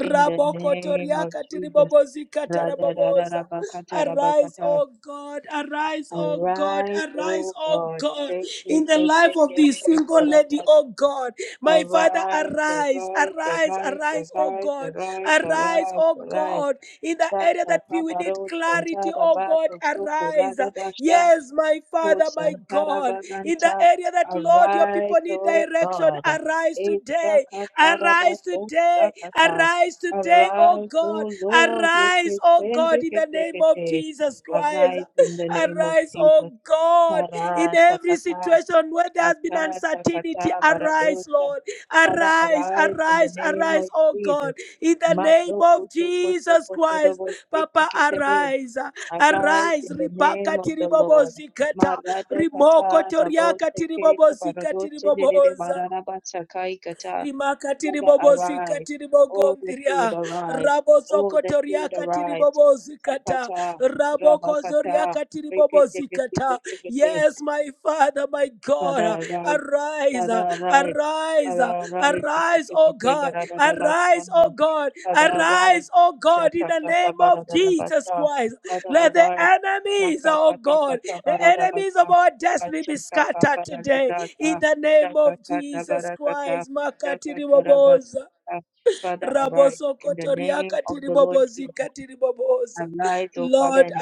S2: In the name of Jesus.
S5: tiribobozika
S2: Radha
S5: taraboboza.
S2: Rabakata
S5: Arise,
S2: Rabakata
S5: O God, arise, O God,
S2: Arise, O
S5: arise, O
S2: God,
S5: God,
S2: shake, shake,
S5: in the
S2: shake,
S5: life
S2: shake,
S5: of
S2: shake,
S5: this
S2: shake, da,
S5: single
S2: da,
S5: lady, O God. My Father,
S2: arise,
S5: arise,
S2: arise,
S5: arise,
S2: arise,
S5: arise, O
S2: arise,
S5: God.
S2: arise, arise,
S5: Arise, O
S2: arise.
S5: God, in the area
S2: Shata
S5: that we we need
S2: kabaro
S5: clarity,
S2: santara
S5: O God,
S2: bako soko
S5: arise.
S2: labadasha
S5: Yes, my
S2: ko
S5: Father, my
S2: santara
S5: God, in the
S2: baganta.
S5: area that, Lord, your people
S2: Arise,
S5: need
S2: O
S5: direction,
S2: God.
S5: arise today.
S2: Eshaka
S5: Arise
S2: tarabako
S5: today.
S2: sakata.
S5: Arise today, oh
S2: Arise,
S5: God.
S2: O Lord, you
S5: Arise, oh
S2: created
S5: God, in the name of Jesus Christ.
S2: Arise in the name of
S5: Arise,
S2: Jesus.
S5: oh God, in
S2: Tara,
S5: every
S2: Sakata,
S5: situation where there has been
S2: Kasa,
S5: uncertainty.
S2: Sakata,
S5: Arise,
S2: Baradosa.
S5: Lord.
S2: Father,
S5: Arise,
S2: arise in the
S5: arise,
S2: name of
S5: arise, oh
S2: Jesus.
S5: God, in the name
S2: Mazo
S5: of
S2: kutu kutu
S5: Jesus
S2: kutu
S5: Christ.
S2: robo siku
S5: Papa,
S2: kitebe.
S5: arise.
S2: Arise
S5: Arise.
S2: in the name
S5: Ribaka
S2: of the
S5: tiribobo
S2: Lord.
S5: zikata.
S2: Marada
S5: Rimoko
S2: kata rabo
S5: toriaka
S2: seke
S5: tiribobo
S2: baradosa dedede
S5: zikatiriboboza
S2: bararaba sakai kata.
S5: rimakatiri
S2: Father,
S5: bobosi
S2: arise.
S5: katiri
S2: Oh, that you would
S5: bogondria
S2: arise. Oh, that you
S5: rabosokotoria
S2: would
S5: katiri
S2: arise.
S5: bobozikata
S2: Sakata,
S5: rabokozoria
S2: rabakata,
S5: katiri
S2: rikete kete
S5: bobozikata
S2: kete kete.
S5: yes my father my god
S2: Father, arise
S5: arise
S2: Father Right.
S5: arise
S2: Father, Right. ticket,
S5: arise oh
S2: ticket, ticket,
S5: god
S2: Barada
S5: arise oh
S2: Bashanda,
S5: god
S2: Father, Right.
S5: arise oh god in
S2: Shata
S5: the
S2: Kata
S5: name of
S2: Barada
S5: jesus
S2: Basta,
S5: christ
S2: Father,
S5: let the
S2: Right.
S5: enemies oh god the enemies of
S2: Shatakatakatabaratabasta.
S5: our destiny be scattered today in
S2: Shatakatabaradabasta.
S5: the name of Jesus
S2: Shatakatabarakata.
S5: Christ. Makatiriboboza.
S2: Shakatarabasta. Father, arise in the name of the Lord Jesus.
S5: Rabosokotoriakatiribobozikatiriboboza.
S2: Arise, O Father,
S5: Lord,
S2: and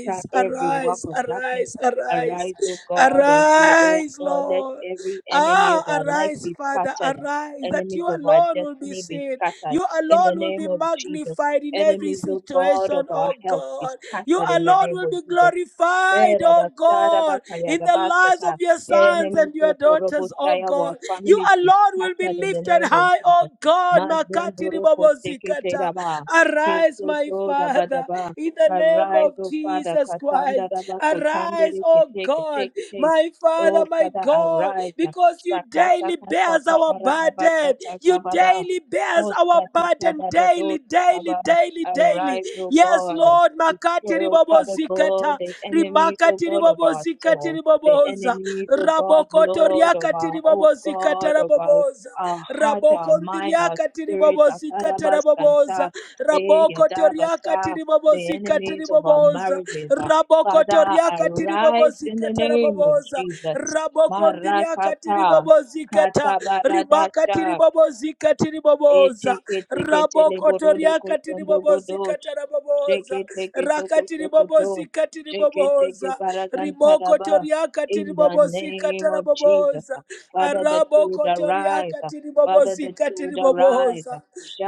S2: scatter every work
S5: arise,
S2: of darkness.
S5: arise, arise.
S2: Arise, O God, and be, O
S5: Arise,
S2: God, let
S5: Lord.
S2: every enemy of
S5: Ah,
S2: our life
S5: arise,
S2: be
S5: Father,
S2: scattered.
S5: arise. That
S2: Enemies
S5: you
S2: of our
S5: alone will be
S2: destiny be
S5: seen.
S2: scattered.
S5: You
S2: In the
S5: alone will
S2: name
S5: be
S2: of Jesus.
S5: magnified in every
S2: Enemies, O God, of
S5: situation,
S2: our
S5: oh
S2: health be
S5: God. You
S2: scattered in the
S5: alone
S2: name
S5: will
S2: of
S5: be
S2: Jesus
S5: glorified, oh God, in the lives of
S2: rabasata.
S5: your sons
S2: Enemies
S5: and your
S2: of
S5: daughters, oh
S2: Korobosaya, our
S5: God. You
S2: families be
S5: alone will be
S2: scattered in the
S5: lifted
S2: name of
S5: high, oh
S2: Jesus.
S5: God. Makati
S2: Mazondoroko sekete
S5: ribabozikata,
S2: raba.
S5: Arise, my
S2: Kesoto
S5: Father,
S2: rabadaba.
S5: in the name of
S2: Arise, O Father,
S5: Jesus Christ.
S2: Katanda Rabako
S5: Arise,
S2: Tandere
S5: oh
S2: Kete
S5: God,
S2: Kete
S5: my Father,
S2: O
S5: my
S2: Father,
S5: God,
S2: arise.
S5: because you
S2: Shakata
S5: daily
S2: Kata
S5: bears our
S2: Kabarana
S5: burden.
S2: Bakata
S5: You daily bears our
S2: Kosta Kata
S5: burden
S2: Barado
S5: daily, daily daily,
S2: Sakaba.
S5: daily, daily.
S2: Arise, O
S5: Yes,
S2: God
S5: Lord, makati
S2: destroy, oh
S5: ribobo
S2: Father God,
S5: zikata,
S2: the enemies, oh
S5: rimakati
S2: God, of
S5: ribobo
S2: our
S5: zikati
S2: soul, the
S5: riboboza,
S2: enemies, oh God,
S5: rabokoto
S2: Lord, of
S5: riakati
S2: our, oh
S5: ribobo zikata
S2: God, of our,
S5: raboboza,
S2: our heart, our
S5: rabokondi
S2: mind, our
S5: riakati
S2: spirit,
S5: ribobo
S2: our
S5: zikata
S2: tarabas, kanta,
S5: raboboza,
S2: eh,
S5: rabokoto riakati
S2: yadabasa,
S5: ribobo
S2: the
S5: zikata
S2: enemies of our
S5: riboboza,
S2: marriages. ah.
S5: rabokoto
S2: Father,
S5: riakati ribobo
S2: arise in the
S5: zikata
S2: name of
S5: raboboza,
S2: Jesus.
S5: rabokondi riakati
S2: Marakata,
S5: ribobo zikata, rimakati
S2: katabaradasha,
S5: ribobo zikata katiri boboza.
S2: Eteketeketele
S5: Raboko
S2: borodo
S5: toria katiri
S2: kosondo
S5: bobozi
S2: godosh.
S5: katara boboza. Rakatiri
S2: Sheketeketekosokoto.
S5: bobozi katiri
S2: Sheketeke
S5: boboza. Riboko
S2: paragantaraba.
S5: toria katiri
S2: In the
S5: bobozi
S2: name
S5: katara
S2: of Jesus,
S5: boboza.
S2: Father, that you would
S5: Araboko toria
S2: arise,
S5: katiri zikatiriboboza rabokotoriaka tiribobozikataraboboza rakatiribobozikatiriboboza ribokotoriaka tiribobozikataraboboza arabokotoriaka
S2: Father, that you would arise.
S5: tiribobozikatiriboboza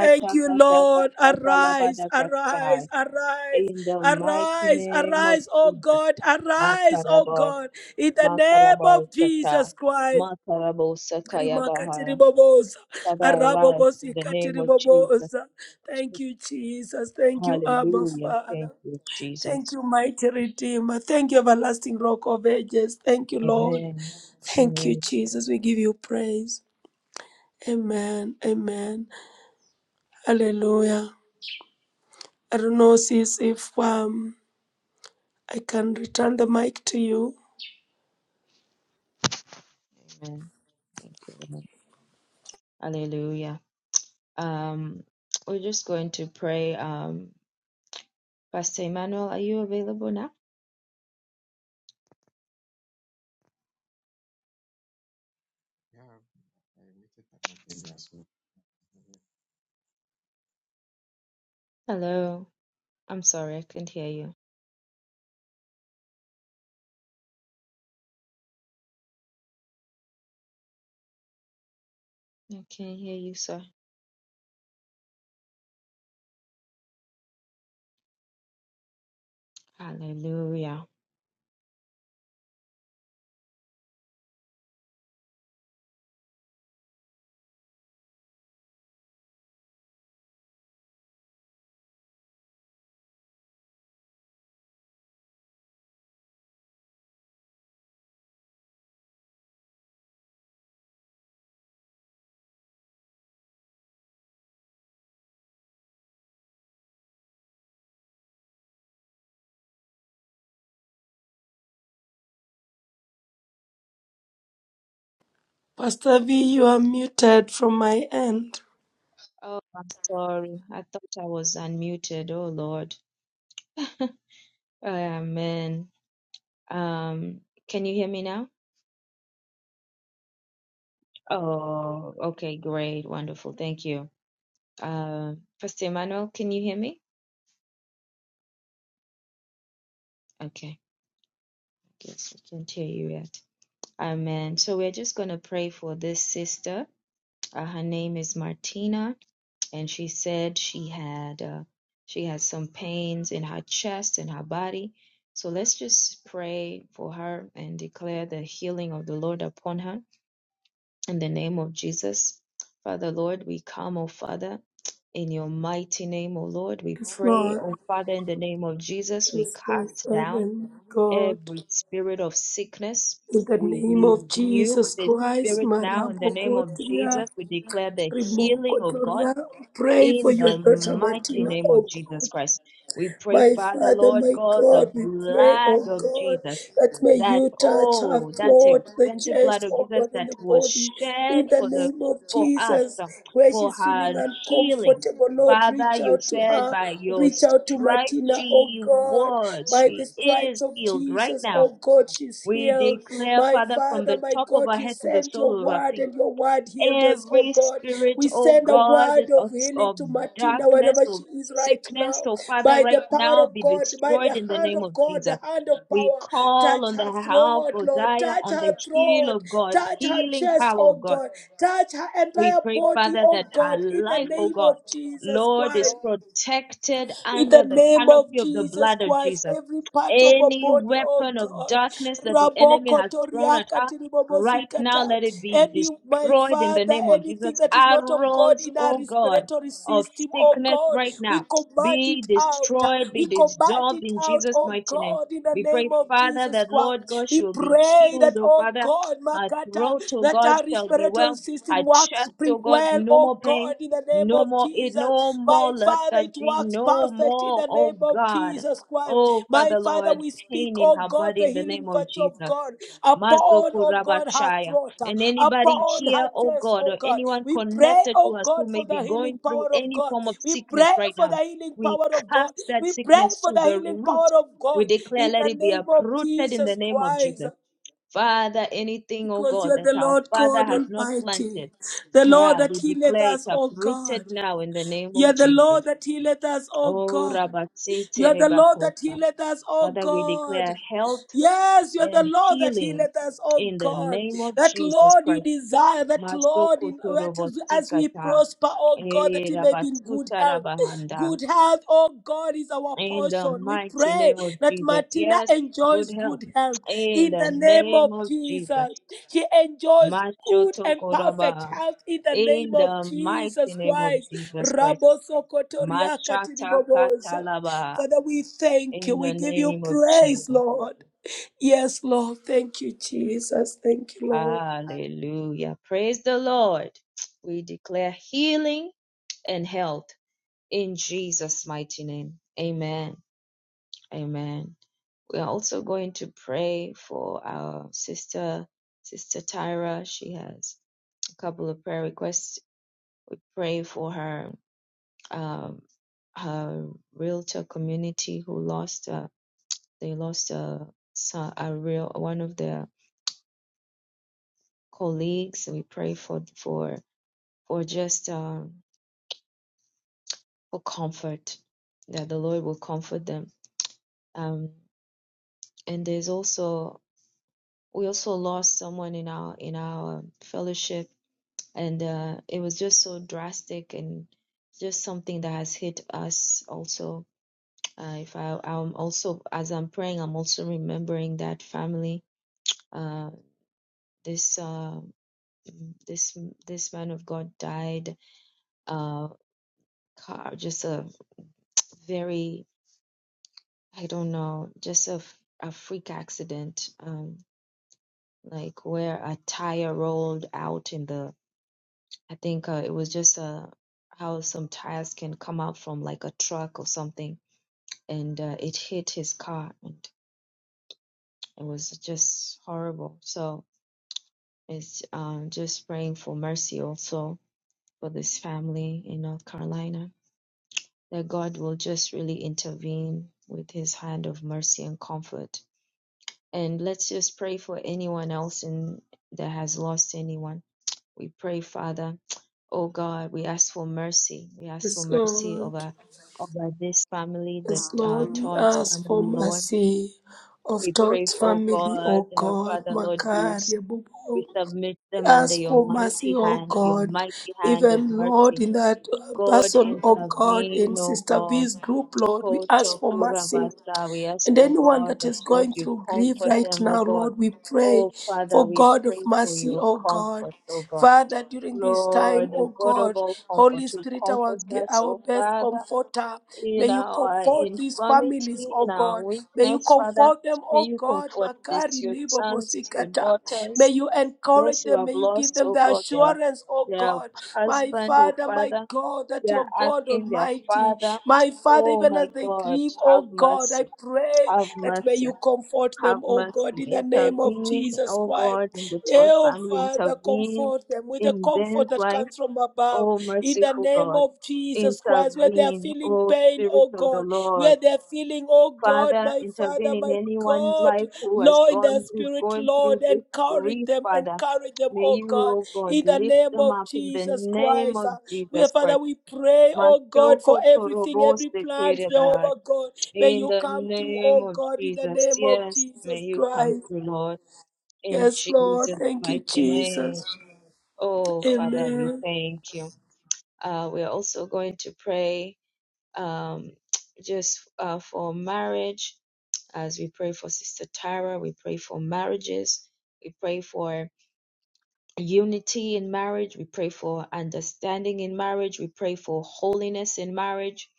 S5: Thank you, Lord. Arise, arise, arise,
S2: In the mighty
S5: arise,
S2: name of
S5: arise, oh
S2: Jesus,
S5: God, arise, oh
S2: Makaraba,
S5: God, in the name
S2: Makaraba
S5: of
S2: Sata,
S5: Jesus Christ.
S2: Makarabo Sakayabahara.
S5: Rimakatiribobosa,
S2: Father, arise in the name of Jesus.
S5: arabobosikatiribobosa. Thank you, Jesus. Thank you, Abba
S2: Hallelujah. Thank
S5: Father.
S2: you,
S5: Thank
S2: Jesus.
S5: you, mighty Redeemer. Thank you, everlasting Rock of Ages. Thank you, Lord.
S2: Amen.
S5: Thank you,
S2: Amen.
S5: Jesus. We give you praise. Amen. Amen. Hallelujah. I don't know, sis, if um, I can return the mic to you.
S2: Amen. Thank you, Lord. Hallelujah. Um, we're just going to pray. Um, Pastor Emmanuel, are you available now?
S6: Yeah, I waited at my mic as well.
S2: Hello. I'm sorry, I couldn't hear you. I can't hear you, sir. Hallelujah.
S5: Pastor V, you are muted from my end.
S2: Oh, I'm sorry. I thought I was unmuted. Oh, Lord. Amen. Um, can you hear me now? Oh, okay, great, wonderful. Thank you. Uh, Pastor Emmanuel, can you hear me? Okay, I guess I can't hear you yet. Amen. So we're just going to pray for this sister. Uh, her name is Martina, and she said she had uh, she has some pains in her chest and her body. So let's just pray for her and declare the healing of the Lord upon her in the name of Jesus. Father Lord, we come, O Father, in your mighty name, O Lord. We
S5: It's
S2: pray,
S5: not.
S2: O Father, in the name of Jesus, we
S5: It's my
S2: cast
S5: Father
S2: down.
S5: and my God.
S2: every spirit of sickness.
S5: In the
S2: We
S5: name of
S2: rebuke
S5: Jesus
S2: the
S5: Christ,
S2: spirit now in the name of
S5: Marabokotoria,
S2: Jesus. We declare the healing of God
S5: Rimokotoria, pray for
S2: in
S5: your
S2: the
S5: daughter
S2: mighty
S5: Martina,
S2: name of
S5: oh
S2: Jesus
S5: God.
S2: Christ. We pray,
S5: My
S2: Father,
S5: Father,
S2: Lord
S5: my
S2: God, the
S5: God, we pray,
S2: blood
S5: oh
S2: of
S5: God,
S2: Jesus,
S5: that may
S2: that,
S5: you touch our
S2: oh, that
S5: throat, the
S2: expensive blood
S5: chest,
S2: of
S5: oh
S2: Jesus
S5: God, and
S2: that
S5: the
S2: was
S5: body.
S2: shed
S5: In the
S2: for the
S5: name of
S2: for us,
S5: Jesus,
S2: uh,
S5: where
S2: for
S5: she's
S2: her
S5: feeling
S2: healing.
S5: uncomfortable, Lord,
S2: Father,
S5: reach
S2: you
S5: out to
S2: said
S5: her.
S2: by your
S5: Reach out to
S2: stripes
S5: Martina, oh
S2: she
S5: God.
S2: was,
S5: By
S2: she
S5: the
S2: is
S5: stripes of
S2: healed right
S5: Jesus,
S2: now
S5: oh God, she's
S2: we
S5: healed.
S2: declare,
S5: My
S2: Father, from
S5: Father,
S2: the
S5: my
S2: top
S5: God.
S2: of
S5: God,
S2: our
S5: you
S2: head to the
S5: sent your
S2: sole of our
S5: word
S2: feet,
S5: and your word healed us, oh
S2: every
S5: God.
S2: spirit,
S5: We
S2: oh
S5: send a
S2: God,
S5: word of
S2: of,
S5: healing
S2: of
S5: to Martina
S2: darkness,
S5: wherever
S2: of
S5: she is right
S2: sickness,
S5: now.
S2: oh Father,
S5: By
S2: right
S5: the power
S2: now
S5: of
S2: be
S5: God, by
S2: destroyed
S5: the
S2: in the
S5: hand
S2: name
S5: of
S2: of
S5: God,
S2: Jesus.
S5: the hand of
S2: We
S5: power,
S2: call
S5: touch
S2: on
S5: her
S2: the help
S5: throat,
S2: of
S5: Lord.
S2: Zion,
S5: Touch
S2: on
S5: her
S2: the heal
S5: throat.
S2: of God,
S5: Touch her
S2: healing
S5: chest,
S2: power of
S5: oh
S2: God.
S5: God. Touch her
S2: We
S5: entire
S2: pray,
S5: body,
S2: Father,
S5: oh
S2: that her
S5: God, in the
S2: life, oh
S5: name
S2: God,
S5: of Jesus
S2: Lord, is
S5: Christ.
S2: protected
S5: In the
S2: under the
S5: name of
S2: canopy of the
S5: Jesus
S2: blood of
S5: Christ,
S2: Jesus.
S5: every part of our
S2: Any
S5: body, oh
S2: weapon of
S5: God,
S2: darkness that the enemy has thrown at
S5: Rabokotoriaka
S2: us right now,
S5: tiribobosikata.
S2: let it be
S5: any, my
S2: destroyed in the
S5: Father,
S2: name of Jesus.
S5: anything that is not of God
S2: Arrows,
S5: in our
S2: oh God,
S5: respiratory
S2: of
S5: system, oh
S2: sickness
S5: God,
S2: right
S5: we
S2: now,
S5: command
S2: be
S5: it out.
S2: destroyed, be
S5: We command
S2: dissolved
S5: it
S2: in
S5: out,
S2: Jesus'
S5: oh
S2: mighty name.
S5: God, in the
S2: We pray,
S5: name of
S2: Father,
S5: Jesus
S2: that Lord
S5: Christ.
S2: God she
S5: We
S2: will be
S5: pray that,
S2: healed, oh
S5: oh
S2: Father.
S5: God,
S2: Her
S5: Makata,
S2: throat, oh
S5: that
S2: God,
S5: our
S2: shall be
S5: respiratory
S2: well. Her
S5: system works
S2: chest,
S5: bring
S2: oh God,
S5: well,
S2: no
S5: oh
S2: more pain,
S5: God, in the name
S2: no
S5: of
S2: more, no
S5: Jesus. My
S2: more
S5: Father, it
S2: lethargy,
S5: works
S2: no
S5: perfect in
S2: more,
S5: the name
S2: oh
S5: of
S2: God.
S5: Jesus Christ.
S2: Oh,
S5: My
S2: Father
S5: Father,
S2: Lord,
S5: we speak,
S2: pain in
S5: oh
S2: her
S5: God,
S2: body
S5: the
S2: in the
S5: healing
S2: name of
S5: virtue of
S2: Jesus.
S5: God upon,
S2: Mazoku
S5: oh God, her
S2: Rabashaya.
S5: throat, uh,
S2: And anybody
S5: upon
S2: here,
S5: her
S2: oh
S5: chest,
S2: God,
S5: oh
S2: or
S5: God.
S2: anyone
S5: We pray,
S2: connected to
S5: oh
S2: us who
S5: God,
S2: may
S5: for
S2: be
S5: the healing
S2: going through
S5: power of
S2: any
S5: God.
S2: form of
S5: We
S2: sickness
S5: pray
S2: right
S5: for
S2: now,
S5: the healing
S2: we
S5: power of God.
S2: cast that
S5: We pray
S2: sickness
S5: for
S2: to
S5: the
S2: the
S5: healing
S2: root.
S5: power of
S2: We
S5: God
S2: declare,
S5: in
S2: let
S5: the
S2: it be
S5: name of
S2: uprooted in the
S5: Jesus
S2: name of
S5: Christ.
S2: Jesus. Father, anything, oh
S5: Because you
S2: God,
S5: are the
S2: that our
S5: Lord
S2: Father
S5: God
S2: has not
S5: Almighty,
S2: planted,
S5: the Lord
S2: yeah,
S5: that
S2: we
S5: healeth
S2: declare it
S5: us, O
S2: uprooted
S5: God.
S2: now in the name
S5: You
S2: of
S5: are the
S2: Jesus.
S5: Lord that healeth us, O
S2: Oh,
S5: God. You
S2: Rabasete
S5: are the Lord that
S2: Rebakosa.
S5: healeth us, O
S2: Father, we declare
S5: God.
S2: health
S5: Yes, you're the
S2: and
S5: Lord that
S2: healing
S5: healeth us, oh
S2: in the
S5: God.
S2: name of
S5: That
S2: Jesus
S5: Lord you
S2: Christ.
S5: desire, that Lord, in, that as, as we
S2: Masokotorobosikata,
S5: prosper, oh God, that
S2: eh,
S5: we may be in good health.
S2: rabasutarabahanda.
S5: Good health, oh God, is our
S2: In the
S5: portion. We
S2: mighty
S5: pray
S2: name of
S5: that
S2: Jesus.
S5: Martina
S2: Yes, good
S5: enjoys
S2: health.
S5: good health
S2: In
S5: in the
S2: the
S5: name
S2: name
S5: of
S2: of Jesus.
S5: Jesus. She enjoys good and perfect
S2: Mashotokoraba.
S5: health in the name
S2: In
S5: of
S2: the mighty
S5: Jesus
S2: name of
S5: Christ.
S2: Jesus Christ.
S5: Rabosokotoriakatiribobosa.
S2: Mashatakatalaba.
S5: Father, we thank
S2: In
S5: you.
S2: the
S5: We give you
S2: name of
S5: praise,
S2: Jesus.
S5: Lord. Yes, Lord. Thank you, Jesus. Thank you, Lord.
S2: Hallelujah. Praise the Lord. We declare healing and health in Jesus' mighty name. Amen. Amen. We are also going to pray for our sister, Sister Tyra. She has a couple of prayer requests. We pray for her, um, her realtor community who lost, uh, they lost a, a real one of their colleagues. We pray for for for just. um, for comfort that the lord will comfort them um, and there's also we also lost someone in our in our fellowship and uh, it was just so drastic and just something that has hit us also uh, if I, i'm also as i'm praying i'm also remembering that family uh, this uh, this this man of god died uh, car just a very I don't know, just a, f- a freak accident, um, like where a tire rolled out in the, I think uh, it was just uh how some tires can come out from like a truck or something, and uh, it hit his car, and it was just horrible. So it's um, just praying for mercy also for this family in North Carolina, that God will just really intervene with his hand of mercy and comfort And let's just pray for anyone else in, that has lost anyone. We pray, Father, oh God, we ask for mercy. We ask for
S5: Yes,
S2: mercy
S5: Lord.
S2: over, over this family, the
S5: Yes,
S2: uh,
S5: Lord. We
S2: Todd's
S5: ask for
S2: family, Lord.
S5: mercy of
S2: We pray,
S5: Todd's
S2: for, oh
S5: family, O
S2: God, uh,
S5: God.
S2: Father, Lord, you,
S5: Makari, Bubu.
S2: we submit
S5: We
S2: them under
S5: ask
S2: your
S5: for mercy,
S2: mighty
S5: O
S2: hand, your
S5: God.
S2: mighty hand of
S5: Even, Lord,
S2: mercy.
S5: in that uh,
S2: God,
S5: person, O God,
S2: intervene,
S5: in
S2: oh
S5: Sister
S2: God.
S5: V's group, Lord, we
S2: Ko
S5: ask for
S2: Shokura
S5: mercy.
S2: Basa. We ask,
S5: And
S2: oh
S5: anyone
S2: God,
S5: that
S2: that
S5: is
S2: Lord,
S5: going
S2: you
S5: through grief
S2: comfort
S5: right
S2: them, oh
S5: now,
S2: God.
S5: Lord, we pray
S2: Oh Father,
S5: for
S2: we
S5: God of
S2: pray for
S5: mercy,
S2: your
S5: O God.
S2: comfort, oh God.
S5: Father, during this time,
S2: Lord,
S5: O
S2: the God of
S5: God,
S2: all comfort,
S5: Holy
S2: who
S5: Spirit, our,
S2: comforts
S5: g-
S2: us,
S5: our
S2: oh
S5: best
S2: Father,
S5: comforter, may
S2: in
S5: you
S2: our
S5: comfort these
S2: infirmity,
S5: families, O
S2: in our
S5: God. May you
S2: weakness, Father,
S5: comfort them,
S2: may
S5: O
S2: you
S5: God.
S2: comfort this,
S5: Makari
S2: your
S5: libo
S2: sons, your
S5: bosikata.
S2: daughters,
S5: May you
S2: those
S5: encourage
S2: who
S5: them.
S2: have
S5: May you you give
S2: lost,
S5: them
S2: oh
S5: the
S2: God, their,
S5: assurance, oh
S2: their
S5: God, my
S2: husband, oh
S5: Father, my
S2: Father.
S5: God, that
S2: They are
S5: you're God
S2: asking their
S5: Almighty.
S2: father,
S5: My Father,
S2: Oh
S5: even
S2: my
S5: as they
S2: God,
S5: grieve, oh
S2: have
S5: God, I
S2: mercy,
S5: pray
S2: have
S5: that may
S2: mercy,
S5: you comfort
S2: have
S5: them, oh
S2: mercy.
S5: God, in the name of
S2: Intervene,
S5: Jesus
S2: oh
S5: Christ.
S2: God, in the Todd
S5: Oh
S2: family,
S5: Father,
S2: intervene
S5: comfort them with the
S2: in Ben's
S5: comfort that
S2: life,
S5: comes from above,
S2: oh
S5: in the
S2: merciful
S5: name
S2: God.
S5: of Jesus Christ, where they are
S2: Intervene,
S5: feeling
S2: oh
S5: pain,
S2: Spirit
S5: oh
S2: of the
S5: God,
S2: Lord.
S5: where they are feeling, oh God,
S2: Father,
S5: my
S2: intervene
S5: Father,
S2: in
S5: my
S2: anyone's
S5: God,
S2: life who has
S5: Lord, in the
S2: gone, who's
S5: spirit,
S2: going
S5: Lord,
S2: through this
S5: encourage
S2: grief,
S5: them,
S2: Father.
S5: encourage them,
S2: May
S5: oh
S2: you,
S5: God,
S2: oh God,
S5: in the
S2: lift
S5: name
S2: them
S5: of
S2: up in the
S5: Jesus
S2: name
S5: Christ.
S2: of
S5: Uh, We,
S2: Jesus Christ.
S5: Father, we pray, oh God, for
S2: Mashoko
S5: everything,
S2: Torobos
S5: every plant,
S2: Dekedaba.
S5: Jehovah God, may
S2: In
S5: you
S2: the
S5: come through,
S2: name
S5: oh
S2: of
S5: God, in the
S2: Jesus,
S5: name of
S2: yes, may
S5: Jesus
S2: you come
S5: Christ.
S2: through, Lord, in
S5: Yes, Lord,
S2: Jesus'
S5: thank
S2: mighty
S5: you,
S2: name.
S5: Jesus.
S2: Oh, Father, we
S5: Amen.
S2: thank you. Uh, we're also going to pray um, just uh, for marriage as we pray for Sister Tara, we pray for marriages, we pray for unity in marriage. We pray for understanding in marriage. We pray for holiness in marriage.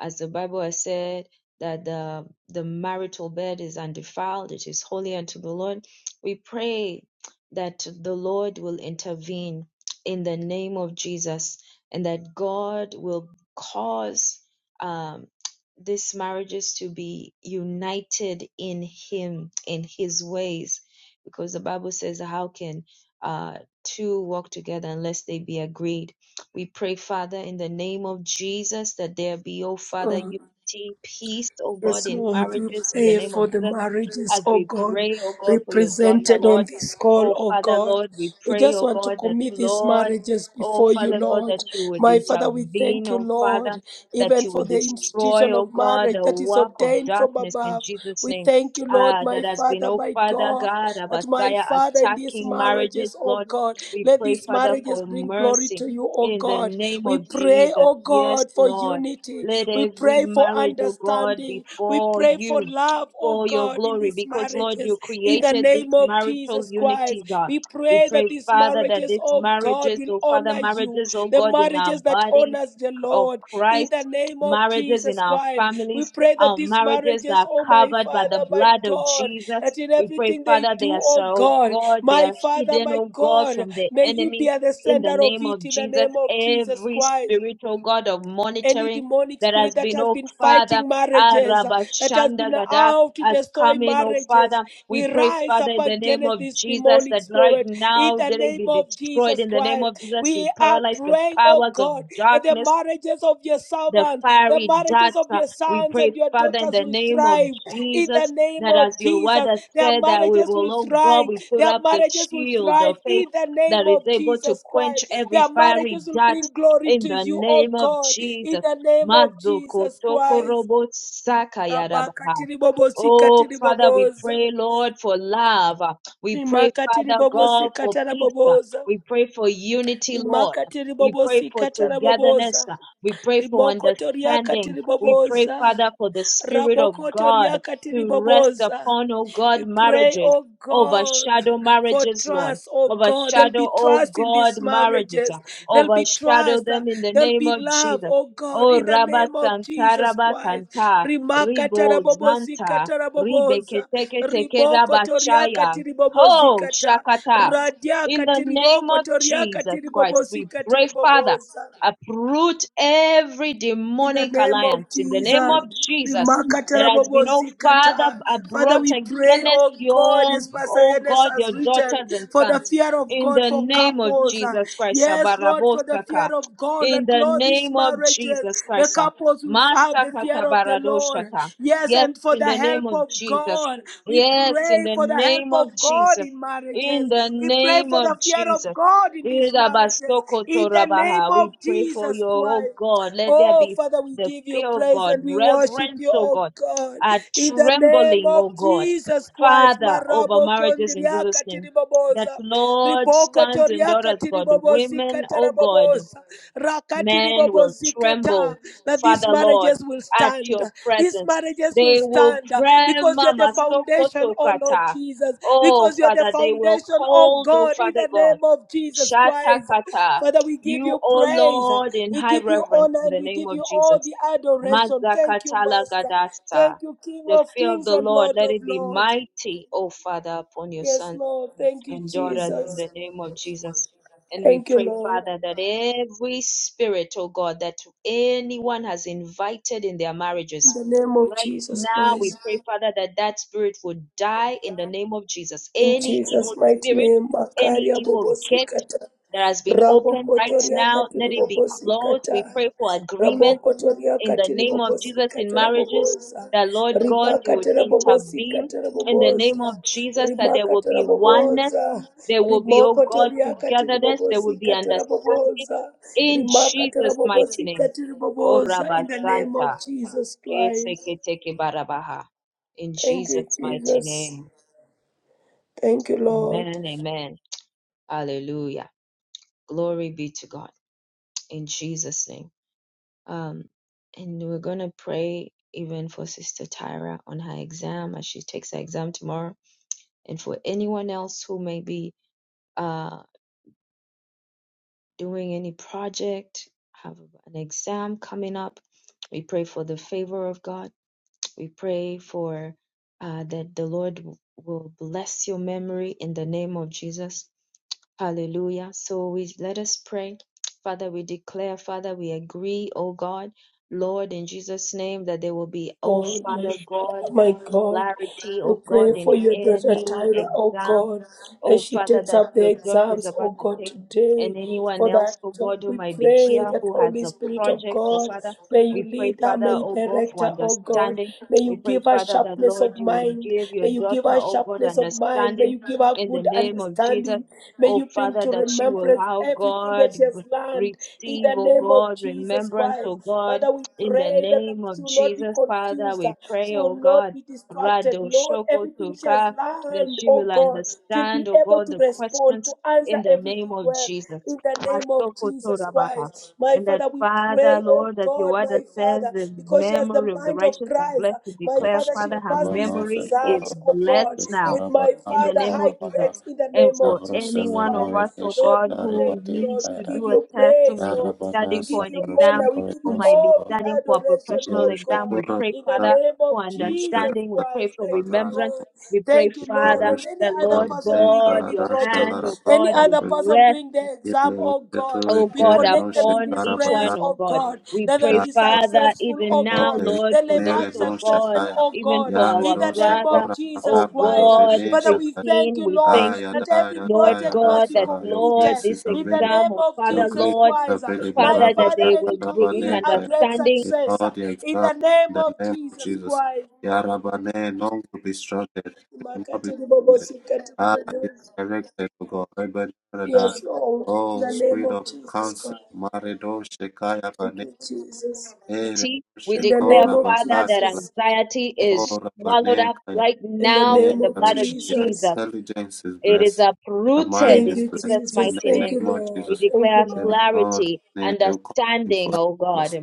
S2: As the Bible has said, that the, the marital bed is undefiled, it is holy unto the Lord. We pray that the Lord will intervene in the name of Jesus and that God will cause um, these marriages to be united in Him, in His ways. Because the Bible says, How can uh, two walk together unless they be agreed. We pray, Father, in the name of Jesus, that there be, oh Father,
S5: Oh.
S2: unity, peace, oh God,
S5: Yes,
S2: in
S5: Lord, we
S2: marriages, in the
S5: pray
S2: name of
S5: for the
S2: Jesus
S5: marriages,
S2: as
S5: oh
S2: we
S5: God,
S2: pray, oh God, for your daughter,
S5: represented on
S2: Lord.
S5: this call,
S2: Oh
S5: oh
S2: Father,
S5: God.
S2: Lord, we
S5: We
S2: pray,
S5: just
S2: oh
S5: want to
S2: God, that
S5: commit these
S2: Lord,
S5: marriages
S2: oh
S5: before you,
S2: Father God, that
S5: Lord.
S2: you would
S5: My Father, we thank
S2: intervene,
S5: you,
S2: oh Father,
S5: Lord,
S2: that
S5: even
S2: you
S5: for
S2: would
S5: the
S2: destroy,
S5: institution
S2: oh
S5: of
S2: God,
S5: marriage
S2: the
S5: that is
S2: work of
S5: ordained from
S2: darkness in
S5: above.
S2: Jesus'
S5: We
S2: name.
S5: thank you, Lord,
S2: Ah, that
S5: my
S2: has been,
S5: Father,
S2: oh
S5: my
S2: Father
S5: God,
S2: God,
S5: that my
S2: Abasaya
S5: Father, in these
S2: attacking marriages,
S5: marriages, oh
S2: Lord.
S5: God,
S2: We
S5: let
S2: pray,
S5: these
S2: Father,
S5: marriages
S2: for
S5: bring glory
S2: mercy
S5: to you, oh
S2: in the
S5: God.
S2: name
S5: We
S2: of
S5: pray,
S2: Jesus.
S5: oh
S2: Yes,
S5: God, for
S2: Lord.
S5: unity.
S2: Let
S5: We
S2: every
S5: pray for
S2: marriage, oh God,
S5: understanding. We
S2: before
S5: pray for
S2: you
S5: love, oh
S2: for your
S5: God, in
S2: glory
S5: these
S2: because, Lord, you
S5: marriages. In the
S2: created this
S5: name of
S2: marital
S5: Jesus
S2: unity,
S5: Christ,
S2: God.
S5: we
S2: We
S5: pray that
S2: pray,
S5: these
S2: Father, that
S5: marriages,
S2: these
S5: oh God,
S2: marriages,
S5: will
S2: oh Father,
S5: honor you.
S2: marriages, oh
S5: The
S2: God, in our
S5: marriages that
S2: body
S5: honors the
S2: of
S5: Lord. In
S2: Christ,
S5: the name of
S2: marriages in
S5: Jesus
S2: our
S5: Christ, we
S2: families,
S5: pray that
S2: our
S5: these
S2: marriages that
S5: marriages,
S2: are
S5: oh my
S2: covered by the
S5: Father, my
S2: blood of
S5: God,
S2: Jesus.
S5: that in
S2: We pray,
S5: everything they
S2: Father, they
S5: do,
S2: are so,
S5: oh
S2: oh
S5: God,
S2: God, they
S5: my
S2: are
S5: Father,
S2: hidden,
S5: my
S2: oh God,
S5: God,
S2: from the
S5: may you be
S2: enemy.
S5: at the
S2: In the
S5: center of
S2: name
S5: it
S2: of
S5: in the
S2: Jesus,
S5: name of Jesus
S2: every
S5: Christ
S2: spiritual God of
S5: any
S2: monitoring
S5: demonic
S2: that has
S5: spirit that
S2: been,
S5: has
S2: oh
S5: been
S2: Father,
S5: fighting marriages, uh, that has
S2: Arabashanda
S5: been
S2: gada
S5: out to
S2: as
S5: destroy
S2: coming, oh
S5: marriages.
S2: Father.
S5: We
S2: We pray,
S5: rise
S2: Father,
S5: up
S2: in the name
S5: against
S2: of
S5: this
S2: Jesus,
S5: demonic
S2: that right
S5: spirit in
S2: now
S5: the
S2: they
S5: name
S2: be
S5: of
S2: destroyed.
S5: Jesus
S2: In the name
S5: Christ.
S2: of Jesus, we
S5: We are
S2: paralyze the
S5: praying, oh
S2: powers of
S5: God, that the
S2: darkness
S5: marriages of your
S2: the
S5: servants, the
S2: fiery dart.
S5: marriages of
S2: Uh,
S5: your
S2: We
S5: sons
S2: pray,
S5: and your
S2: Father, in
S5: daughters
S2: the
S5: will
S2: name of
S5: thrive in the
S2: Jesus,
S5: name
S2: that as
S5: of
S2: your word
S5: Jesus.
S2: has
S5: Their
S2: said, that we
S5: marriages
S2: will,
S5: will
S2: oh God,
S5: thrive.
S2: we put
S5: Their
S2: up the
S5: marriages will
S2: shield
S5: thrive
S2: of faith
S5: in the name
S2: that is
S5: of
S2: able to
S5: Jesus Christ.
S2: quench every
S5: Their
S2: fiery
S5: marriages will
S2: dart
S5: bring glory
S2: in
S5: to
S2: the
S5: you, oh
S2: name of
S5: God, in
S2: Jesus.
S5: the name of
S2: Mazuko
S5: Jesus
S2: toko
S5: Christ.
S2: robo
S5: Rabaka
S2: yarabaha.
S5: tiribobosika
S2: Oh, Father, we
S5: tiriboboza.
S2: pray, Lord, for love. We pray,
S5: Rimaka
S2: Father God,
S5: tiribobosika
S2: for peace.
S5: taraboboza.
S2: We pray for unity, Lord.
S5: Rimaka
S2: We pray for
S5: tiribobosika
S2: togetherness.
S5: taraboboza.
S2: We pray for
S5: Rimoko toriaka
S2: understanding. We pray,
S5: tiriboboza.
S2: Father, for the Spirit of
S5: Rabokoto
S2: God
S5: riakati
S2: to rest
S5: riboboza.
S2: upon, oh God,
S5: We pray,
S2: marriages.
S5: oh God,
S2: Overshadow
S5: for
S2: marriages, Lord.
S5: trust, oh God. There'll be
S2: Overshadow, oh
S5: trust in
S2: God,
S5: these
S2: marriages.
S5: marriages. There'll be
S2: Overshadow
S5: trust. uh,
S2: them in the
S5: There'll
S2: name
S5: be
S2: of
S5: love,
S2: Jesus.
S5: oh God,
S2: Oh,
S5: in the
S2: Rabba
S5: name of
S2: Santa,
S5: Jesus
S2: Rabba
S5: Christ.
S2: Santa,
S5: Rimakata
S2: Ribo Zanta,
S5: rabobozikata
S2: Ribeketeke
S5: raboboza.
S2: Teke Teke
S5: Riboko
S2: Rabba Shaya.
S5: toriakati
S2: Oh,
S5: ribobozikata.
S2: Shakata. In the
S5: Radiakati
S2: name
S5: riboko
S2: of Jesus
S5: toriakati
S2: Christ, we
S5: ribobozikati
S2: pray, Father
S5: riboboza.
S2: uproot every
S5: In the
S2: demonic
S5: name of
S2: alliance in the name
S5: Jesus.
S2: of Jesus that has been, oh Father,
S5: Remarkatarabobozikata.
S2: uh,
S5: Father,
S2: brought
S5: we pray,
S2: against
S5: oh God,
S2: your,
S5: as Pastor
S2: oh
S5: Ernest
S2: God,
S5: has
S2: your
S5: written,
S2: daughters and
S5: for the
S2: sons.
S5: fear of
S2: In
S5: God
S2: the
S5: for
S2: name of
S5: couples. Uh,
S2: Jesus Christ,
S5: Yes, Lord, for the
S2: Sabarabosaka.
S5: fear of God,
S2: in
S5: that
S2: the
S5: Lord, these
S2: name of
S5: marriages,
S2: Jesus
S5: the
S2: Christ, uh,
S5: couples will have
S2: Master
S5: the fear of the Lord.
S2: Katabaradoshata.
S5: Yes,
S2: Yes,
S5: and for
S2: in
S5: the
S2: the name
S5: help
S2: of
S5: of
S2: Jesus.
S5: God, we
S2: Yes, in
S5: pray
S2: the
S5: for the help
S2: name of
S5: of God
S2: Jesus.
S5: in
S2: In
S5: marriages.
S2: the
S5: We pray
S2: name
S5: for
S2: of
S5: the fear of
S2: Jesus.
S5: God in these marriages. In the name
S2: Irabasokotorabaha. We
S5: of
S2: pray for
S5: Jesus
S2: your, oh
S5: Christ.
S2: God, let there
S5: Oh,
S2: be
S5: Father, we
S2: the
S5: give you
S2: fear of
S5: praise
S2: God,
S5: and we worship
S2: reverence,
S5: you,
S2: oh
S5: oh
S2: God,
S5: God.
S2: a
S5: In the name
S2: trembling,
S5: of
S2: oh God,
S5: Jesus Christ,
S2: Father, over
S5: Marabo
S2: marriages in Jesus'
S5: Kondriaka
S2: name. That
S5: Tiribobosa,
S2: Lord,
S5: Riboko
S2: sons and
S5: Toriaka
S2: daughters, God,
S5: Tiribobosika
S2: women, oh God.
S5: Tarabobosa, Rakati
S2: Men will
S5: Ribobosika
S2: tremble,
S5: Ta, that these
S2: Father Lord,
S5: marriages will
S2: at
S5: stand.
S2: your
S5: These
S2: presence.
S5: marriages will
S2: They will
S5: stand uh,
S2: pray,
S5: because you're the
S2: Mama
S5: foundation, oh Lord
S2: Sokotokata.
S5: Jesus,
S2: Oh,
S5: because you're the
S2: Father, they will
S5: foundation, oh
S2: hold, oh,
S5: God, in
S2: Father
S5: the
S2: God.
S5: name of Jesus Christ.
S2: Shatakata.
S5: Father, we give
S2: You,
S5: you
S2: oh
S5: praise, uh,
S2: Lord, in
S5: we
S2: high
S5: give you
S2: reverence
S5: honor,
S2: in
S5: and
S2: the
S5: we
S2: name
S5: give you
S2: of Jesus.
S5: all the adoration. Thank you,
S2: Mazakatala
S5: Master.
S2: Gadasta.
S5: Thank you, King
S2: The
S5: of
S2: fear of
S5: Kings
S2: the
S5: and
S2: Lord,
S5: Lord
S2: let
S5: of
S2: it be
S5: Lords.
S2: mighty, oh Father, upon your
S5: Yes,
S2: Son
S5: Lord. Thank you,
S2: and daughters in
S5: Jesus.
S2: the name of Jesus. And we
S5: Thank you,
S2: pray,
S5: Lord.
S2: Father, that every spirit, oh God, that anyone has invited in their
S5: In
S2: marriages,
S5: the name of
S2: right
S5: Jesus
S2: now we
S5: Christ.
S2: pray, Father, that that spirit would die in the name of Jesus.
S5: In
S2: Any evil
S5: Jesus' mighty
S2: spirit,
S5: name,
S2: any
S5: Makaria
S2: evil gate
S5: Bobosikata.
S2: that has been opened right
S5: Rabokotoria
S2: now, let
S5: Katiri
S2: it be closed. We
S5: Bobosikata.
S2: pray for agreement
S5: Rabokotoria
S2: in the
S5: Katiri
S2: name of Jesus in
S5: Bobosikata
S2: marriages,
S5: Rabobosa.
S2: that Lord God, you would
S5: Ribakatera
S2: intervene
S5: Bobosikata
S2: in the name of
S5: Rabobosa.
S2: Jesus, that there will
S5: Rimakatera
S2: be oneness
S5: Bobosa.
S2: there will be, oh God,
S5: toria Katiri
S2: togetherness. There will be
S5: Bobosikata
S2: understanding
S5: Rabobosa.
S2: in
S5: Rimakatera
S2: Jesus' mighty name.
S5: Bobosikata Rabobosa. In the name of
S2: Korabazanta,
S5: Jesus Christ.
S2: kesekekebarabaha. In
S5: Thank you,
S2: Jesus' mighty
S5: Jesus.
S2: name.
S5: Thank you, Lord.
S2: Amen. Amen. Hallelujah. Glory be to God. In Jesus' name. Um, and we're going to pray even for Sister Tyra on her exam as she takes her exam tomorrow, and for anyone else who may be. uh doing any project, have an exam coming up, we pray for the favor of God. We pray for uh, that the Lord w- will bless your memory in the name of Jesus. Hallelujah. So we let us pray. Father, we declare, Father, we agree, oh God, Lord, in Jesus' name, that there will be, oh
S5: Lord, my,
S2: Father God,
S5: my God,
S2: clarity,
S5: we
S2: oh God,
S5: pray
S2: in
S5: for your daughter
S2: any
S5: Tyra, oh
S2: exam,
S5: God,
S2: oh
S5: as she
S2: Father,
S5: takes
S2: that
S5: up the
S2: your daughter is
S5: exams,
S2: about
S5: oh
S2: to
S5: God,
S2: take,
S5: today.
S2: and anyone
S5: For
S2: else,
S5: that,
S2: oh
S5: job,
S2: God, who
S5: we
S2: might be
S5: pray
S2: here,
S5: that
S2: who has
S5: Holy
S2: a
S5: Spirit of
S2: project, oh
S5: God,
S2: Father,
S5: may you
S2: we pray,
S5: lead her, may
S2: Father,
S5: you
S2: oh God,
S5: direct
S2: for
S5: her, oh God.
S2: understanding.
S5: May
S2: We
S5: you
S2: pray,
S5: give her
S2: Father, that
S5: sharpness
S2: Lord,
S5: of
S2: you would
S5: mind.
S2: give your
S5: May you
S2: daughter,
S5: give her
S2: oh God,
S5: sharpness of mind. May
S2: understanding
S5: you give her
S2: in the
S5: good
S2: name of Jesus.
S5: understanding. May
S2: Oh
S5: you bring
S2: Father,
S5: to
S2: that she will,
S5: remembrance
S2: oh
S5: everything that
S2: God,
S5: she has learned in
S2: receive,
S5: the
S2: oh
S5: name of
S2: God,
S5: Jesus
S2: remembrance,
S5: Christ.
S2: oh God,
S5: Father, we
S2: in the
S5: pray that the
S2: name
S5: she
S2: of
S5: will not be
S2: Jesus, Father,
S5: confused. uh,
S2: we
S5: She
S2: pray,
S5: will
S2: oh God
S5: not be distracted.
S2: Rado
S5: Lord,
S2: Shoko
S5: everything she has
S2: Tuka, that
S5: learned,
S2: she
S5: oh
S2: will
S5: God, she'll
S2: understand,
S5: be
S2: oh
S5: able
S2: God,
S5: to
S2: the
S5: respond,
S2: questions
S5: to answer
S2: in the
S5: everything
S2: name of
S5: well.
S2: Jesus.
S5: In the name of
S2: Masoko
S5: Jesus
S2: Torabaha.
S5: Christ. My
S2: And that
S5: Father, we
S2: Father,
S5: pray, oh
S2: Lord, that your
S5: God,
S2: word
S5: my
S2: that says
S5: Father,
S2: the
S5: because she has the
S2: memory of the
S5: mind of
S2: righteous is
S5: Christ. uh,
S2: blessed to
S5: My
S2: declare,
S5: Father, she
S2: Father,
S5: will
S2: her
S5: pass these
S4: Tesarabanos de
S2: memory is
S5: exams, oh
S4: Corabani
S5: God,
S4: de
S2: blessed now
S5: with my
S4: Caravana
S2: in the
S4: de
S5: Father,
S2: name
S5: high
S2: of Jesus.
S4: Caravana
S5: grades in the
S2: And
S5: name of
S2: for
S4: Abros de
S2: any
S5: Jesus
S2: one of
S5: Christ.
S2: us,
S4: Menore de
S2: oh
S5: Lord,
S2: God,
S5: we
S4: Shekariba
S5: thank
S2: who
S5: you,
S4: de
S2: needs
S5: Lord. We
S2: to
S5: give
S2: do
S4: Caras
S2: a
S5: you
S2: test, who
S5: praise,
S2: may be
S5: Lord.
S4: Yarabana
S5: We
S2: studying for
S5: give
S2: an
S5: you
S4: Sarus de
S2: exam,
S5: honor. We give
S2: who
S5: you
S4: Corrigan se
S2: might
S4: de
S2: be
S5: all
S4: Cor
S5: the
S2: studying for a
S5: adoration,
S2: professional
S5: oh
S4: Ipirush de
S2: exam,
S5: God.
S2: we pray,
S5: In the
S4: Corabana
S2: Father
S5: name of
S2: for
S4: de
S5: Jesus
S2: understanding. We pray
S5: Christ.
S2: for
S5: Thank you,
S4: Shekariba de
S2: remembrance.
S5: Lord.
S2: We pray,
S5: Thank you, Lord.
S2: Father,
S5: And
S4: Ipirush
S5: any
S2: the
S5: other
S2: Lord
S5: person
S4: Rabanen
S5: doing
S2: God,
S5: any
S2: your
S4: Karadash
S5: project,
S2: hand, oh
S5: any
S2: God, would
S5: other person
S2: rest,
S5: doing their exam,
S4: Yellow
S5: oh God.
S2: oh
S5: We
S2: God,
S4: care no
S5: connect them in
S2: upon
S5: these
S2: each
S5: prayers,
S4: shekarabana
S2: one, oh
S5: oh
S2: God.
S5: God,
S2: We
S5: that they'll
S2: pray,
S4: Yar
S5: be
S2: Father,
S5: successful successful,
S2: even
S5: oh
S2: now,
S5: God,
S4: Ogle
S2: Lord,
S5: that
S2: for
S5: they
S2: those,
S5: might
S4: Nere
S2: oh
S4: no
S2: God,
S5: successful,
S4: Shataya
S5: oh
S2: even
S5: God,
S2: for
S4: Yar
S5: in
S2: our
S5: the
S4: Dose
S5: name
S2: brother,
S5: of
S4: Kora
S5: Jesus
S2: oh
S4: Makapla
S5: Christ.
S2: God,
S4: Robene
S5: Father, we
S4: Shaka
S5: thank
S2: Christine,
S5: you,
S2: we
S5: Lord,
S2: thank
S4: Aya
S5: that
S2: you,
S5: every
S4: Daya
S2: Lord
S4: Daya
S5: project must
S2: God,
S5: be
S2: that
S4: Dasala Your grace
S2: Lord,
S5: completed
S2: this
S5: in the
S4: available
S2: exam,
S5: name
S2: oh
S5: of
S4: Your
S2: Father,
S4: grace
S5: Jesus
S2: Lord,
S5: Christ,
S4: available
S5: my
S2: Father,
S4: Rabba
S2: that
S5: Father,
S2: they
S5: and
S2: will
S5: it will
S2: bring
S5: be
S4: Shakarabane
S5: a
S4: Kaya
S5: great
S2: understanding.
S4: In
S5: success
S4: all the
S5: in the
S4: examples in
S5: name
S4: the
S5: of
S4: name of
S5: Jesus
S4: Jesus
S5: Christ.
S4: Yarabane none to be stranded We will not be
S5: Makatiri bobo
S4: stranded
S5: sikatiri
S4: Ah
S5: bobo.
S4: you are directed to God
S5: Yes, Lord, in
S4: Oh,
S5: the name
S4: spirit
S5: of
S4: of
S5: Jesus
S4: counsel,
S5: Christ.
S4: Maredo Shekaya
S5: Thank
S4: Bane,
S5: you, Jesus.
S4: Ere
S2: anxiety. We
S5: In the
S2: declare,
S5: name
S4: Shekora
S5: of
S2: Father,
S4: Bakat,
S2: that
S5: Jesus.
S2: anxiety is
S4: Laora
S2: swallowed
S4: Bane
S2: up
S4: Kaya,
S2: right
S5: In the
S2: now
S4: Ere
S2: in
S5: name
S2: the
S5: of
S2: blood of
S4: Rosh- Their
S5: Jesus.
S2: Jesus.
S4: intelligence is
S2: It is
S4: blessed, their
S2: uprooted
S4: mind
S5: Thank
S2: in
S4: is
S5: you,
S4: blessed.
S2: Jesus'
S5: Jesus.
S4: In the
S2: mighty
S5: Thank
S2: name.
S5: you,
S4: name of
S5: Lord.
S2: We
S4: Jesus,
S5: Thank you,
S2: declare
S4: they
S5: Lord.
S4: will
S2: clarity,
S4: they will come in
S2: understanding,
S4: flight
S2: oh God,
S4: lost.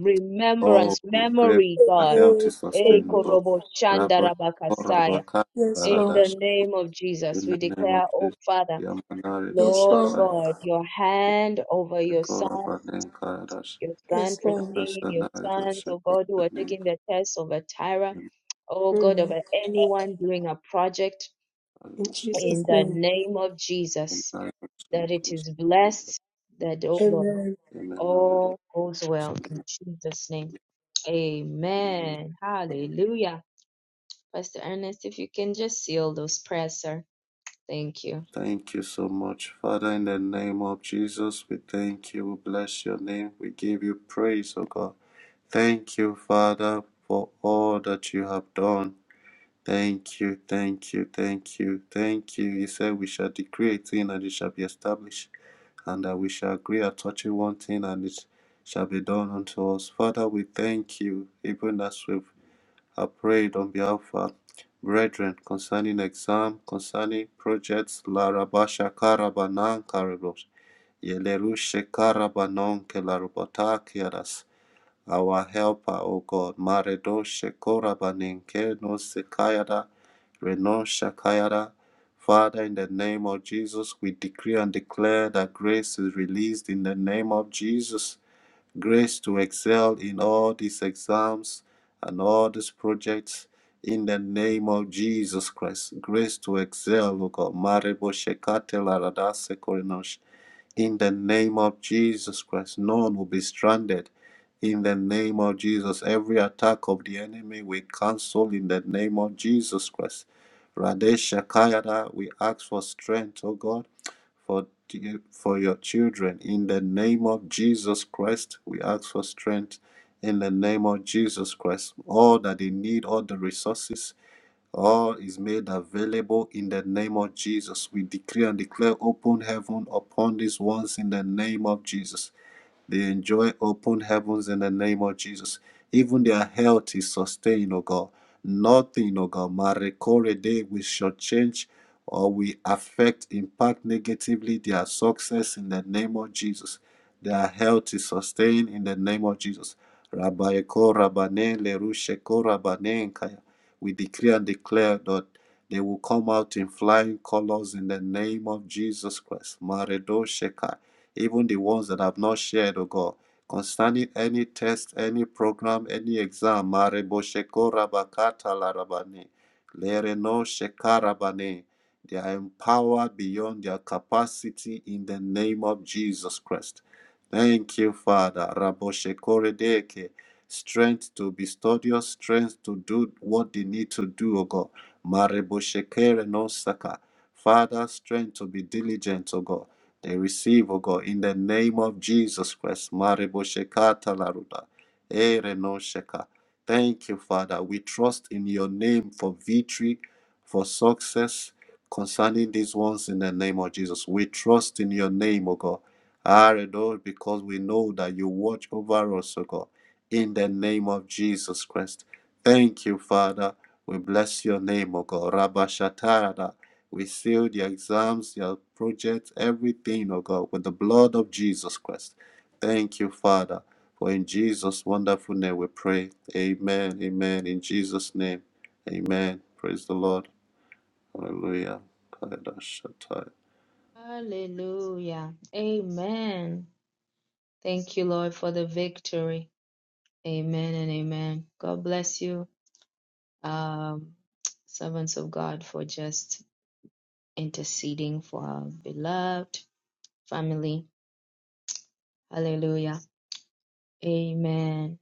S4: Oh,
S2: remembrance,
S4: we pray for
S2: memory, God.
S4: their health
S5: Amen.
S4: is
S2: Eh,
S4: sustained, O
S5: Amen.
S4: God.
S2: korobo shanda
S4: Rabba Shekora
S2: rabakasaya.
S4: Bakat,
S5: Yes,
S2: In the
S5: Lord.
S4: Baradash,
S2: name of Jesus,
S4: in
S2: we
S4: the name of
S2: declare, oh
S4: Jesus,
S2: Father,
S4: Yamanaredo
S5: Yes,
S2: Lord
S5: Lord.
S4: Shekaya,
S2: God, your hand over your son
S4: Shekora Bane Kaya Dash.
S2: your son
S5: Yes, Lord.
S2: Christine, your
S4: Rasala
S2: sons,
S4: Rosa
S2: oh God, who are
S4: Protein
S2: taking the test over Tyra,
S4: Kariba
S2: oh God,
S5: Mm.
S2: over anyone doing a project
S5: In
S4: Rosa
S5: Jesus'
S2: in the
S5: name.
S2: name of Jesus,
S4: Emma Rosa
S2: that it
S4: Costa
S2: is blessed, that, oh
S4: Rosa
S2: Lord,
S5: Amen.
S4: Emma Rosa
S2: all goes well in Jesus' name. Amen. Hallelujah. Pastor Ernest, if you can just seal those prayers, sir. Thank you.
S4: Thank you so much, Father, in the name of Jesus. We thank you. We bless your name. We give you praise, O God. Thank you, Father, for all that you have done. Thank you, thank you, thank you, thank you. He said, We shall decree a thing and it shall be established, and that we shall agree at touching one thing and it shall be done unto us. Father, we thank you, even as we've have prayed on behalf of our brethren concerning exam, concerning projects, Larabasha Karabanan Karabos, Yelerushe Karabanon Kelarubata Kiadas. Our helper, O God, Maredoshe Korabanin Kenos Sekayada. Reno Shakayara. Father, in the name of Jesus, we decree and declare that grace is released in the name of Jesus. Grace to excel in all these exams and all these projects in the name of Jesus Christ. Grace to excel, O God. Marebo Shekate Laradase Korinosh. In the name of Jesus Christ, none will be stranded. In the name of Jesus, every attack of the enemy we cancel in the name of Jesus Christ. Radesha Kayada, we ask for strength, O God, for for your children. In the name of Jesus Christ, we ask for strength. In the name of Jesus Christ, all that they need, all the resources, all is made available in the name of Jesus. We decree and declare open heaven upon these ones in the name of Jesus. They enjoy open heavens in the name of Jesus. Even their health is sustained, oh God. Nothing, oh God, Marekore day we shall change or we affect, impact negatively their success in the name of Jesus. Their health is sustained in the name of Jesus. Rabayeko Rabane Lerusheko Rabane Nkaya. We decree and declare that they will come out in flying colors in the name of Jesus Christ. Maredo shekai even the ones that have not shared, O God, concerning any test, any program, any exam. Marebo shekora bakata larabane, lereno shekarabane. They are empowered beyond their capacity in the name of Jesus Christ. Thank you, Father. Rabo shekoredeke. Strength to be studious, strength to do what they need to do, O God. Marebo shekere no saka. Father, strength to be diligent, O God. They receive, O God, in the name of Jesus Christ. Marebo shekata laruda, ere no sheka. Thank you, Father. We trust in your name for victory, for success concerning these ones in the name of Jesus. We trust in your name, O God. Are those because we know that you watch over us, O God in the name of Jesus Christ. Thank you, Father. We bless your name, O God. Rabba Shatarada. We seal the exams, your projects, everything, O God, with the blood of Jesus Christ. Thank you, Father. For in Jesus' wonderful name we pray. Amen. Amen. In Jesus' name. Amen. Praise the Lord. Hallelujah. Kada Shatai.
S2: Hallelujah. Amen. Thank you, Lord, for the victory. Amen and amen. God bless you. um, servants of God for just interceding for our beloved family. Hallelujah. Amen.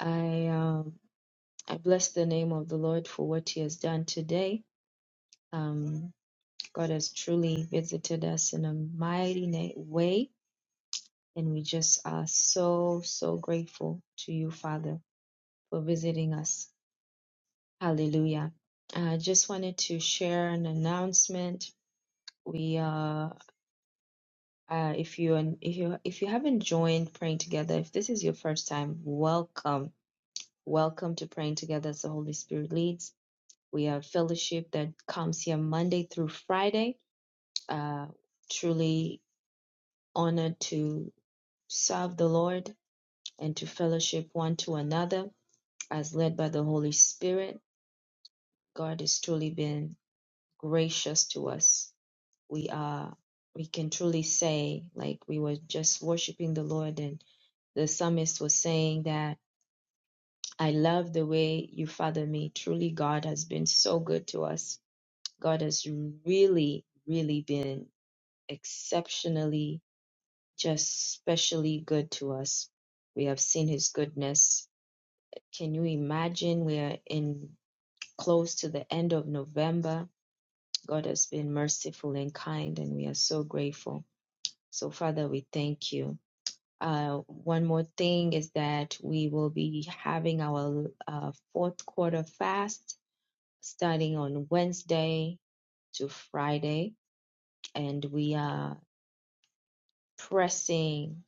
S2: I um, I bless the name of the Lord for what He has done today. Um, God has truly visited us in a mighty na- way, and we just are so so grateful to you, Father, for visiting us. Hallelujah. I just wanted to share an announcement. We are Uh, if you and if you if you haven't joined praying together, if this is your first time, welcome, welcome to praying together as the Holy Spirit leads. We have fellowship that comes here Monday through Friday. Uh, truly honored to serve the Lord and to fellowship one to another as led by the Holy Spirit. God has truly been gracious to us. We are we can truly say like we were just worshiping the Lord and. the psalmist was saying that I love the way you father me. Truly, God has been so good to us. God has really, really been exceptionally, just specially good to us. We have seen his goodness. Can you imagine? We are in close to the end of November. God has been merciful and kind, and we are so grateful. So, Father, we thank you. Uh, one more thing is that we will be having our uh, fourth quarter fast starting on Wednesday to Friday, and we are pressing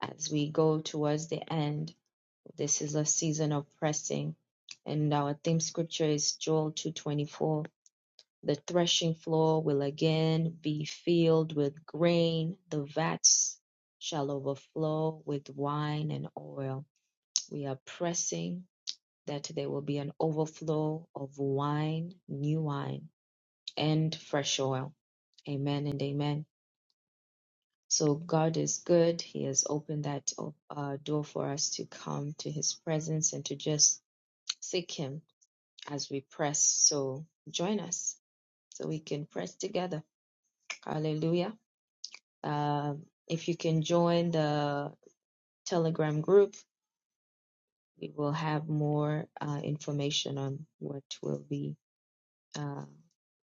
S2: as we go towards the end. This is a season of pressing, and our theme scripture is Joel 2:24. The threshing floor will again be filled with grain; the vats shall overflow with wine and oil. We are pressing that there will be an overflow of wine, new wine, and fresh oil. Amen and amen. So God is good. He has opened that uh, door for us to come to His presence and to just seek Him as we press. So join us so we can press together. Hallelujah. Um, if you can join the Telegram group, we will have more uh, information on what will be uh,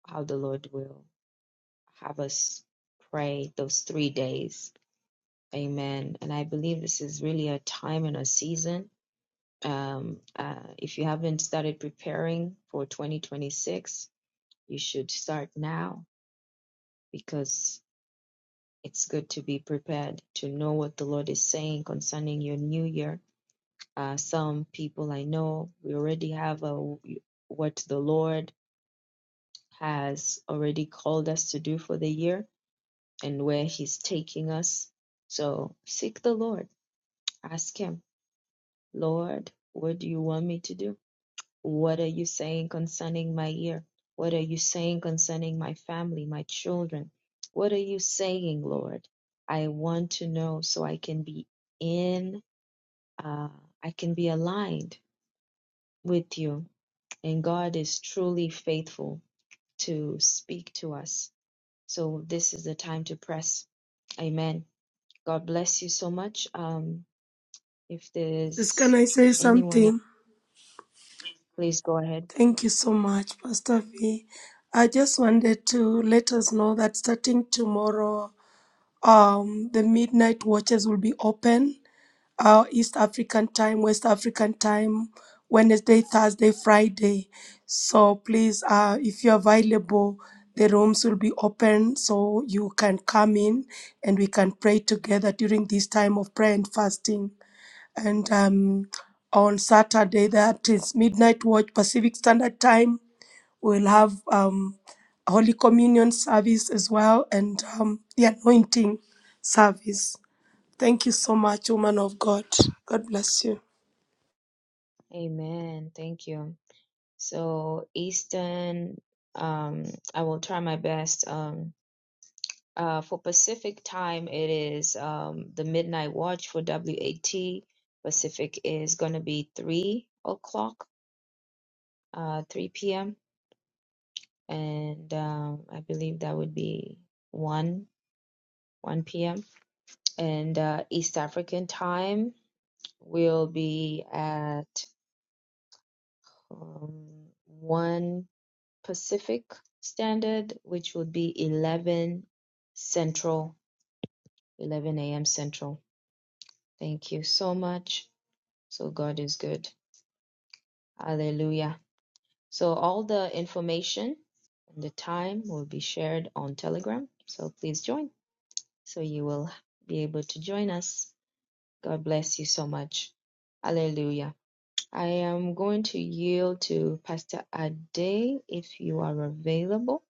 S2: how the Lord will have us pray those three days. Amen. And I believe this is really a time and a season. Um, uh, if you haven't started preparing for 2026, you should start now because it's good to be prepared to know what the Lord is saying concerning your new year. Uh, some people I know, we already have a, what the Lord has already called us to do for the year and where He's taking us. So seek the Lord. Ask Him, Lord, what do you want me to do? What are you saying concerning my year? What are you saying concerning my family, my children? What are you saying, Lord? I want to know so I can be in, uh, I can be aligned with you. And God is truly faithful to speak to us. So this is the time to press. Amen. God bless you so much. Um, If
S5: Just can
S2: there's
S5: I say
S2: anyone else,
S5: something?
S2: please go ahead.
S5: Thank you so much, Pastor V. I just wanted to let us know that starting tomorrow. Um, the midnight watches will be open, uh, East African time, West African time, Wednesday, Thursday, Friday. So please, uh, if you're available, the rooms will be open so you can come in and we can pray together during this time of prayer and fasting. And um, on Saturday, that is midnight watch Pacific Standard Time We'll have um, Holy Communion service as well and um, the anointing service. Thank you so much, woman of God. God bless you.
S2: Amen. Thank you. So Eastern, um, I will try my best. Um, uh, for Pacific time, it is um, the midnight watch for WAT. Pacific is going to be 3 o'clock, uh, 3 p.m. And um, I believe that would be 1, 1 p.m. And uh, East African time will be at um, one Pacific Standard, which would be 11 Central, 11 a.m. Central. Thank you so much. So God is good. Hallelujah. So all the information and the time will be shared on Telegram. So please join. So you will be able to join us. God bless you so much. Hallelujah. I am going to yield to Pastor Ade if you are available.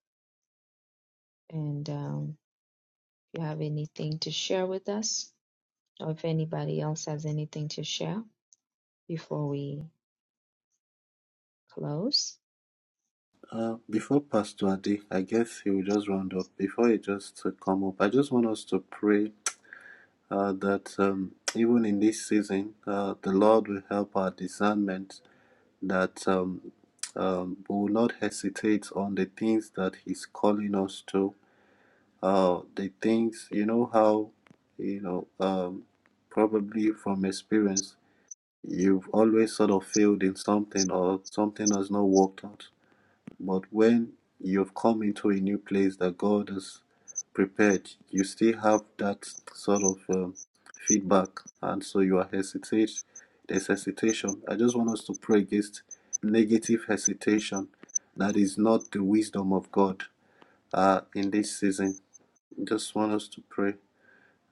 S2: And um, if you have anything to share with us, or if anybody else has anything to share before we close.
S4: Uh, before Pastor Adi, I guess he will just round up. Before he just to come up, I just want us to pray uh, that um, even in this season, uh, the Lord will help our discernment, that um, um, we will not hesitate on the things that He's calling us to. Uh, the things, you know, how, you know, um, probably from experience, you've always sort of failed in something or something has not worked out but when you've come into a new place that God has prepared, you still have that sort of um, feedback, and so you are hesitate. There's hesitation. I just want us to pray against negative hesitation that is not the wisdom of God uh, in this season. Just want us to pray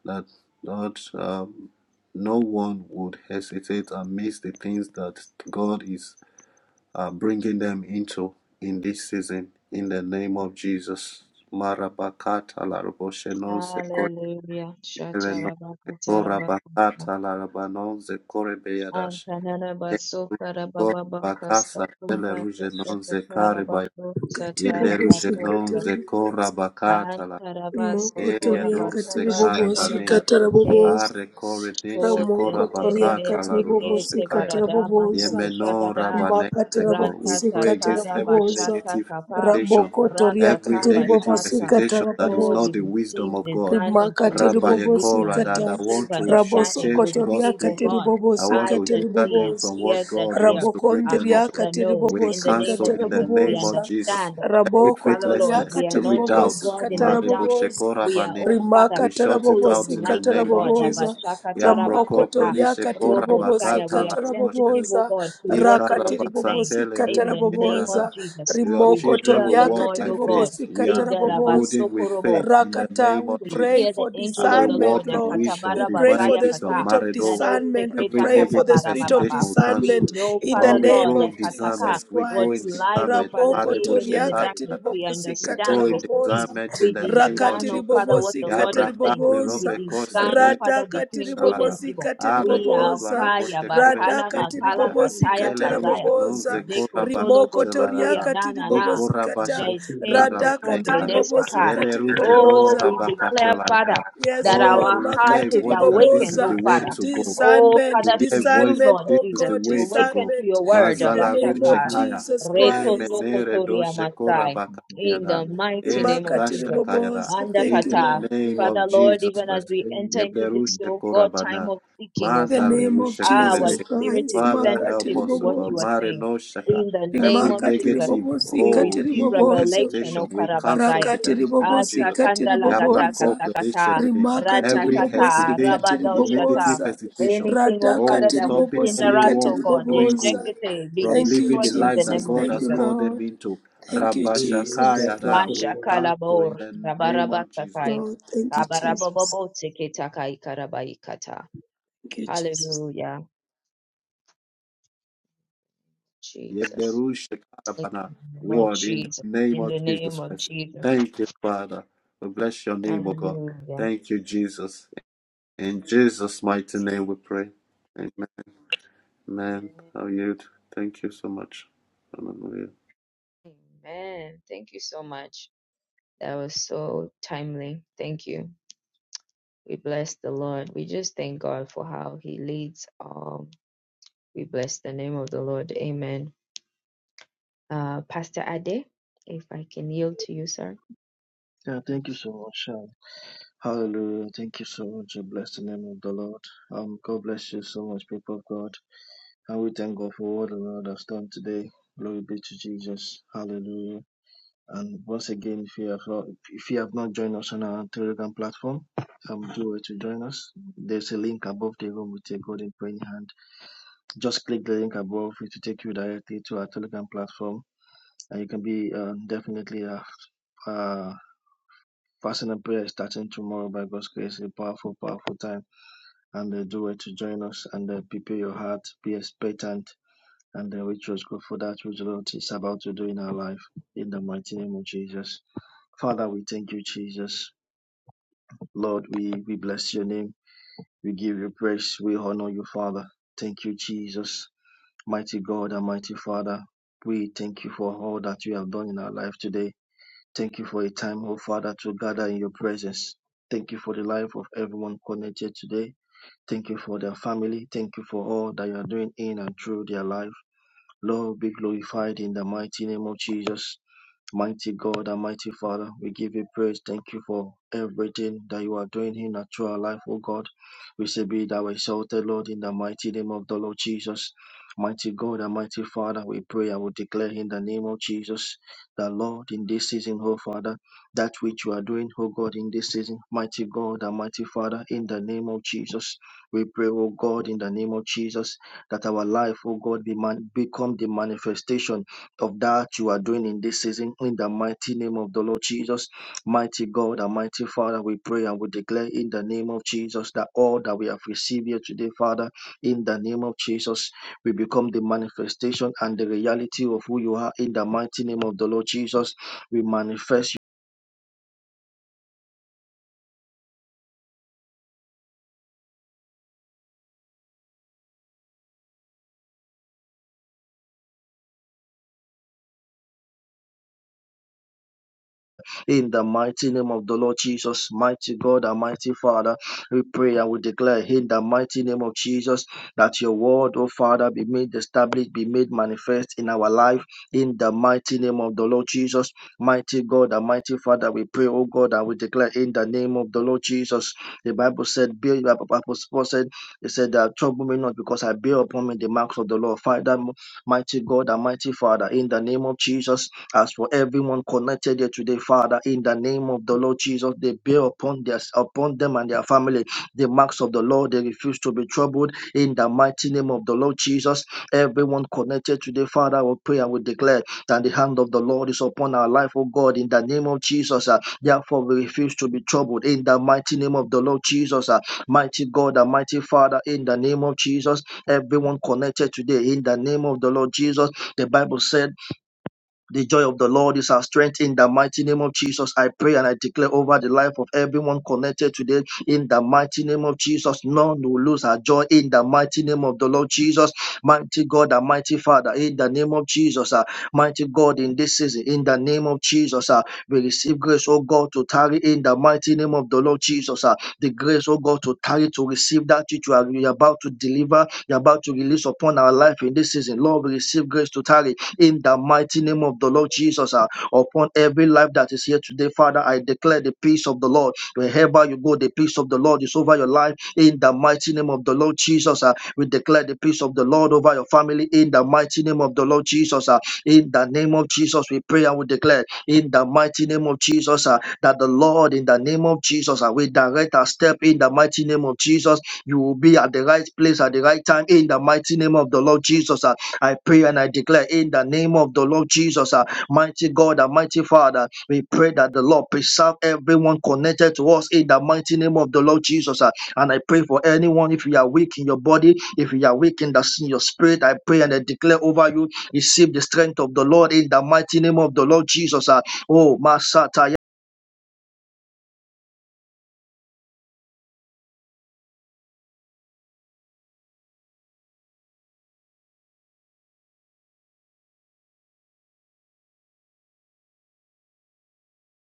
S4: that Lord, um, no one would hesitate and miss the things that God is uh, bringing them into in this season in the name of Jesus. Marabakata laraboshenon sekorebenon
S2: Hallelujah. Shatarabakatarabakata.
S4: sekorabakata larabanon sekorebeyadash. Bakasa elerujenon zekarebaya
S5: Katibobosi
S4: yelerujenon
S2: Antananabasokarabababakasokosatashatarabakosatarabatosa.
S5: katarabobosa.
S4: zekorabakata la
S5: Mokotoria
S4: eyados
S5: katiribobosi
S4: sekareba
S2: Antarabasokorabatabatakarabashake.
S4: are
S5: katarabobosa.
S2: O
S4: koreneshe
S5: Ramokotoria
S2: senterebe
S4: korabakata la
S5: katiribobosi
S2: sekete
S4: rudoshekaya.
S2: barada manto
S5: katarabobosa.
S4: Yemeno
S2: koshagada
S4: rabanezeko. We
S2: rata
S5: Makatarabobosi
S4: pray against
S2: tatara
S4: every
S5: katarabobosa.
S2: bashata
S4: negative
S2: kapa
S4: hesitation,
S5: Rabokotoria
S4: every
S2: rakata
S4: negative
S5: katiribobosi
S2: bashata.
S4: hesitation that is
S2: Oh,
S5: katarabobosa.
S2: we
S4: not the
S2: receive
S4: wisdom of God.
S2: discernment, we
S5: Rimakatiri
S2: receive
S5: bobosi
S2: wisdom,
S4: Rabayekora
S2: we
S4: that
S5: kata Rimakati
S4: I
S2: receive
S4: want to
S5: ribobosikata,
S2: understanding, we
S4: shortchange God's
S2: receive, oh
S5: rabosokotoriakati
S4: people.
S2: God,
S4: I want
S2: eyes
S4: to
S5: ribobosikati
S2: that
S4: hinder them
S2: see,
S5: ribobosa,
S4: from
S2: ears
S4: what
S2: that
S4: God
S2: hear,
S4: wants to bring
S2: a
S4: them
S2: heart
S4: into.
S2: that
S5: rabokondriakati
S2: knows.
S4: We
S2: In the name
S5: ribobosikata
S2: of
S4: cancel in the
S2: Jesus, we
S4: name
S5: rabobosa,
S4: of Jesus
S2: understand.
S4: every
S2: Oh, Father, Lord,
S4: faithlessness,
S2: we
S5: rabokotoriakati
S2: are
S4: every
S2: not, oh
S4: doubt.
S2: God, in
S5: ribobosikata
S2: the dark.
S5: rabobosa,
S2: We are,
S4: Mareboshekora
S2: oh Father
S4: we
S5: rimakata
S4: shout it
S2: full of
S4: out in the
S2: light,
S5: rabobosikata
S2: oh
S4: name of
S2: God.
S5: rabobosa,
S4: Jesus.
S2: Abashaka
S4: Ya broko
S2: tarabakata,
S4: plerishe
S5: ramokotoriakati
S4: kora
S2: Robo Saya.
S4: bakata
S2: We
S4: la
S2: are
S5: ribobosikata
S2: sensitive,
S5: rabobosa,
S2: oh God, to what the
S5: rakati
S2: Lord is saying.
S4: Ikarabasatele
S2: In
S5: ribobosikata
S4: rube
S2: the name of
S5: rabobosa,
S4: erada.
S2: Jesus,
S4: Your
S2: we
S4: children
S2: hear
S4: will
S2: the
S4: walk
S5: rimokotoriakati
S2: Lord,
S4: by
S2: oh God.
S4: faith. We
S5: ribobosikata
S2: In
S4: are
S2: the
S5: rabobosa.
S4: emboldened with
S2: rabasokorobo,
S4: faith in the
S5: Rakata,
S4: name
S5: we
S4: of
S2: we
S5: pray
S4: Jesus.
S2: hear the
S5: for
S4: I
S2: angel of
S4: will
S2: the
S5: discernment,
S2: Lord,
S4: walk in
S2: uh,
S5: Lord.
S4: wisdom,
S5: We
S2: Katabara
S5: pray
S4: divine
S5: for
S2: Bazaya
S5: the
S4: wisdom,
S2: Kata,
S5: spirit of
S4: marital.
S2: Nano
S5: discernment. We
S4: Every
S2: Seketa
S5: pray for the
S4: negative
S2: Katabara
S5: spirit of
S4: hesitation
S2: Bababa.
S4: will
S2: We
S4: cancel.
S5: discernment
S2: know,
S5: in the
S2: Father
S4: Lord, we
S2: God,
S5: name
S4: grow
S2: that
S5: of
S4: in
S2: Kataka,
S5: Jesus
S4: discernment. We
S2: what
S4: grow in
S5: Christ.
S2: lies, oh
S4: discernment.
S2: Father,
S5: Raboko
S4: Marebo
S2: even in the
S5: toriaka
S2: darkness,
S4: shekatara.
S2: we
S4: We
S5: tiriboposikata
S2: understand,
S4: grow
S2: we
S4: in
S2: see,
S4: discernment in
S2: we
S4: the name
S5: rabobonza
S4: of
S2: discern, oh
S4: Jesus.
S2: Father, what
S5: tiribobosi
S2: the Lord is
S4: Yabra
S2: saying.
S4: kaple
S2: We
S4: robe
S5: katiribobosa
S4: kose
S2: discern, oh
S4: ne
S5: Rada,
S2: Father, between good
S4: adashalara.
S2: and
S5: tiribobosi
S2: evil.
S4: Are
S2: We are
S4: kopla
S5: katiribobosa
S4: rebo
S2: Kaya
S4: shekore
S5: Rada,
S2: Bakala
S4: ne
S2: Bakala
S4: kaya.
S5: tiribobosi
S2: Kataya
S4: Yele
S2: Kazaya.
S4: rujeno ze
S5: katarabobosa
S2: Zeko Tolo
S5: rimoko
S2: Gozoko
S5: Toria,
S4: korabakatelarada.
S2: Yanana.
S5: tiribobosi kata
S4: Ikorabashate
S2: Jaiten
S5: radaka
S2: Tokombe
S4: karabanekaya.
S5: tiribobosi
S2: Ndesaka.
S4: Yele rujeno
S2: Oh,
S5: katiribobosa
S2: we declare, Father,
S4: rabakatelarada.
S5: Yes,
S2: that
S4: Oh,
S5: Lord,
S2: our
S4: we will
S2: heart
S4: hear a
S5: makati
S2: is
S4: voice that this
S2: awakened,
S4: is the
S2: oh
S5: riboboza,
S4: way
S2: Father.
S4: to go.
S2: Oh,
S5: discernment,
S4: We
S2: Father,
S4: hear
S2: to
S4: a
S2: you,
S4: voice
S5: discernment,
S2: Lord
S4: this
S5: oh
S4: is
S2: Jesus,
S4: the
S5: God,
S2: to
S4: way to
S2: awaken
S4: go.
S2: to
S5: discernment,
S2: your word,
S5: in the
S4: Mazalaru
S5: name of
S2: Abashaka.
S4: Shekaya.
S5: Jesus
S4: Eh,
S2: Reto
S5: Christ.
S4: menere do
S2: Sokotoria
S4: shekora
S2: Masai. In the
S4: bakayada.
S2: mighty
S4: Eh,
S2: name of
S4: da
S5: Imakati
S2: Jesus.
S5: riboboza. Thank
S4: In
S5: you,
S2: Mandakata.
S4: the
S5: Lord.
S4: name
S2: Father,
S4: of
S2: Lord,
S4: Jesus
S2: even as
S4: Christ.
S2: we enter into
S4: Yeberu
S2: this, oh God, time
S4: shekorabana. bana.
S2: of seeking, oh
S5: the
S2: Father,
S5: name
S4: Mandaleru
S5: of
S4: shekorede.
S2: our
S5: Jesus
S2: spirit is
S5: Christ,
S4: Father,
S5: makati
S4: help
S2: sensitive to
S4: us, O
S2: what
S4: God.
S2: you are
S5: ribobozo,
S4: Mare
S2: saying.
S4: no shaka.
S2: In the name
S4: Every
S2: of
S5: rimakati
S2: Jesus,
S4: negative,
S5: ribobozo,
S2: we
S4: oh,
S5: ikati
S2: receive
S4: evil
S5: ribobozo,
S2: revelation,
S4: hesitation,
S2: O
S4: we cancel
S2: Karabazaya.
S4: in
S5: rakati
S4: the name of
S5: ribobozo,
S4: Jesus.
S5: ikati
S2: Asakanda
S4: Yabra
S2: lagata
S5: ribobozo,
S4: koble
S2: katakata,
S4: rishene.
S5: rimakati
S4: Every
S5: ribobozo,
S2: ratakata,
S4: hesitation,
S5: ikati
S2: rabado shata.
S4: negative
S5: ribobozo,
S4: hesitation,
S2: Anything, oh
S4: Oh,
S2: Father,
S5: radakati
S2: that would
S4: stopping
S5: ribobozo,
S2: hinder us,
S5: ikati
S4: anyone
S2: oh
S4: from
S2: God,
S4: doing
S5: ribobozo.
S4: good,
S2: deshekete, be
S4: from
S5: Thank you,
S4: living
S2: destroyed
S4: the
S2: in the
S4: life that
S5: Jesus.
S2: name of
S4: God
S5: Thank
S4: has
S5: you,
S2: Jesus.
S4: called them
S5: Lord.
S4: into.
S5: Thank you, Jesus.
S4: Rabashakaya, da,
S2: Masha
S4: we cancel in
S2: kalabor,
S4: the name of Jesus.
S2: rabarabasakai,
S5: Lord, thank you, Jesus.
S2: kabarabobobo teketakai karabaikata.
S5: Thank you, Jesus.
S2: Hallelujah, Jesus. In
S4: Yebderushakarabana,
S2: the name
S4: We
S2: of
S4: word in the
S2: Jesus.
S4: name
S2: In
S4: of
S2: the
S4: Jesus
S2: name of
S4: Christ.
S2: Jesus.
S4: Thank you, Father. We bless your name, O God.
S2: Hallelujah.
S4: Thank you, Jesus. In Jesus' mighty name we pray. Amen. Amen.
S2: Amen.
S4: How are you? Thank you so much. Hallelujah.
S2: Amen. Thank you so much. That was so timely. Thank you. We bless the Lord. We just thank God for how He leads. Um, we bless the name of the Lord. Amen. Uh, Pastor Ade, if I can yield to you, sir.
S7: Yeah, thank you
S2: Yes,
S7: so much, Sha. Hallelujah. Thank you so much. I bless the name of the Lord. Um, God bless you so much, people of God. And we thank God for what the Lord has done today. Glory be to Jesus. Hallelujah. And once again, if you have not, if you have not joined us on our Telegram platform, um, do it to join us. There's a link above the room with a golden praying hand. Just click the link above. It will take you directly to our Telegram platform, and you can be uh, definitely a uh, uh, fasting and prayer starting tomorrow by God's grace. A powerful, powerful time and uh, do it to join us and uh, prepare your heart, be expectant, and uh, which was good for that which the Lord is about to do in our life. In the mighty name of Jesus. Father, we thank you, Jesus. Lord, we, we bless your name. We give you praise. We honor you, Father. Thank you, Jesus. Mighty God and mighty Father, we thank you for all that you have done in our life today. Thank you for a time, oh Father, to gather in your presence. Thank you for the life of everyone connected today. Thank you for their family. Thank you for all that you are doing in and through their life. Lord, be glorified in the mighty name of Jesus. Mighty God and mighty Father, we give you praise. Thank you for everything that you are doing in our through life, O God. We say be thou exalted, Lord, in the mighty name of the Lord Jesus. Mighty God and mighty Father, we pray I will declare in the name of Jesus the Lord, in this season, O Father, that which you are doing, O God, in this season, mighty God and mighty Father, in the name of Jesus, we pray, O God, in the name of Jesus, that our life, O God, be man- become the manifestation of that you are doing in this season. In the mighty name of the Lord Jesus, mighty God and mighty Father, we pray and we declare in the name of Jesus that all that we have received here today, Father, in the name of Jesus, we become the manifestation and the reality of who you are in the mighty name of the Lord Jesus. We manifest. In the mighty name of the Lord Jesus, mighty God and mighty Father, we pray and we declare in the mighty name of Jesus that your word, oh Father, be made established, be made manifest in our life. In the mighty name of the Lord Jesus, mighty God and mighty Father, we pray, oh God, and we declare in the name of the Lord Jesus. The Bible said, "Build," the Apostle Paul said, "He said that trouble me not, because I bear upon me the marks of the Lord." Father, mighty God and mighty Father, in the name of Jesus. As for everyone connected here today, Father, in the name of the Lord Jesus, they bear upon their upon them and their family the marks of the Lord. They refuse to be troubled. In the mighty name of the Lord Jesus, everyone connected today, Father, will pray and will declare that the hand of the Lord is upon our life, oh God, in the name of Jesus. uh, therefore, we refuse to be troubled. In the mighty name of the Lord Jesus, uh, mighty God and mighty Father, in the name of Jesus, everyone connected today, in the name of the Lord Jesus, the Bible said. The joy of the Lord is our strength in the mighty name of Jesus. I pray and I declare over the life of everyone connected today in the mighty name of Jesus. None will lose our joy in the mighty name of the Lord Jesus. Mighty God and mighty Father, in the name of Jesus. ah, mighty God, in this season, in the name of Jesus, ah, we receive grace, oh God, to tarry in the mighty name of the Lord Jesus. ah, the grace, oh God, to tarry to receive that which you are you're about to deliver, you're about to release upon our life in this season. Lord, we receive grace to tarry in the mighty name of the Lord Jesus. ah, upon every life that is here today, Father, I declare the peace of the Lord. Wherever you go, the peace of the Lord is over your life in the mighty name of the Lord Jesus. ah. we declare the peace of the Lord over your family in the mighty name of the Lord Jesus. ah. in the name of Jesus, we pray and we declare in the mighty name of Jesus ah, that the Lord, in the name of Jesus, ah, we direct our step in the mighty name of Jesus. You will be at the right place at the right time in the mighty name of the Lord Jesus. ah. I pray and I declare in the name of the Lord Jesus, uh, mighty God and mighty Father, we pray that the Lord preserve everyone connected to us in the mighty name of the Lord Jesus. uh, and I pray for anyone, if you are weak in your body, if you are weak in, the, in your spirit, I pray and I declare over you, receive the strength of the Lord in the mighty name of the Lord Jesus. uh, oh, Masata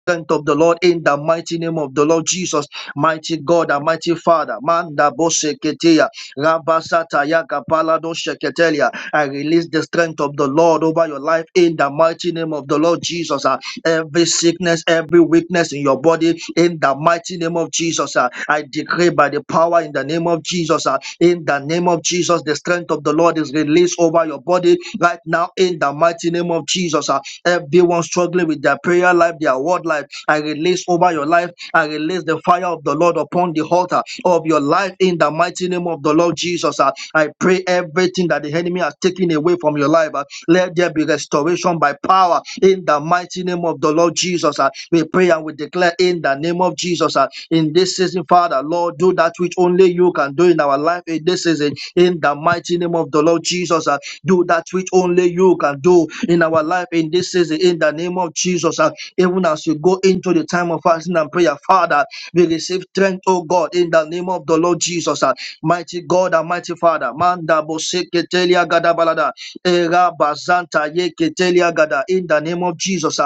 S7: of the Lord in the mighty name of the Lord Jesus, mighty God and mighty Father. Manda boseketea, rabasataya kapalado sheketelia. I release the strength of the Lord over your life in the mighty name of the Lord Jesus. ah. Every sickness, every weakness in your body, in the mighty name of Jesus, ah. I decree by the power in the name of Jesus, ah. in the name of Jesus, the strength of the Lord is released over your body right now in the mighty name of Jesus. ah. Everyone struggling with their prayer life, their word life, I release over your life. I release the fire of the Lord upon the altar of your life in the mighty name of the Lord Jesus. ah. I pray everything that the enemy has taken away from your life, ah, let there be restoration by power in the mighty name of the Lord Jesus. ah. We pray and we declare in the name of Jesus. ah, In this season, Father, Lord, do that which only you can do in our life in this season. In the mighty name of the Lord Jesus. uh, do that which only you can do in our life in this season, in the name of Jesus. And even as you go into the time of fasting and prayer, Father, we receive strength, oh God, in the name of the Lord Jesus. And Mighty God and mighty Father, Manda Boseketelia Gadabalada, Era Bazanta Yeketelia Gada, in the name of Jesus.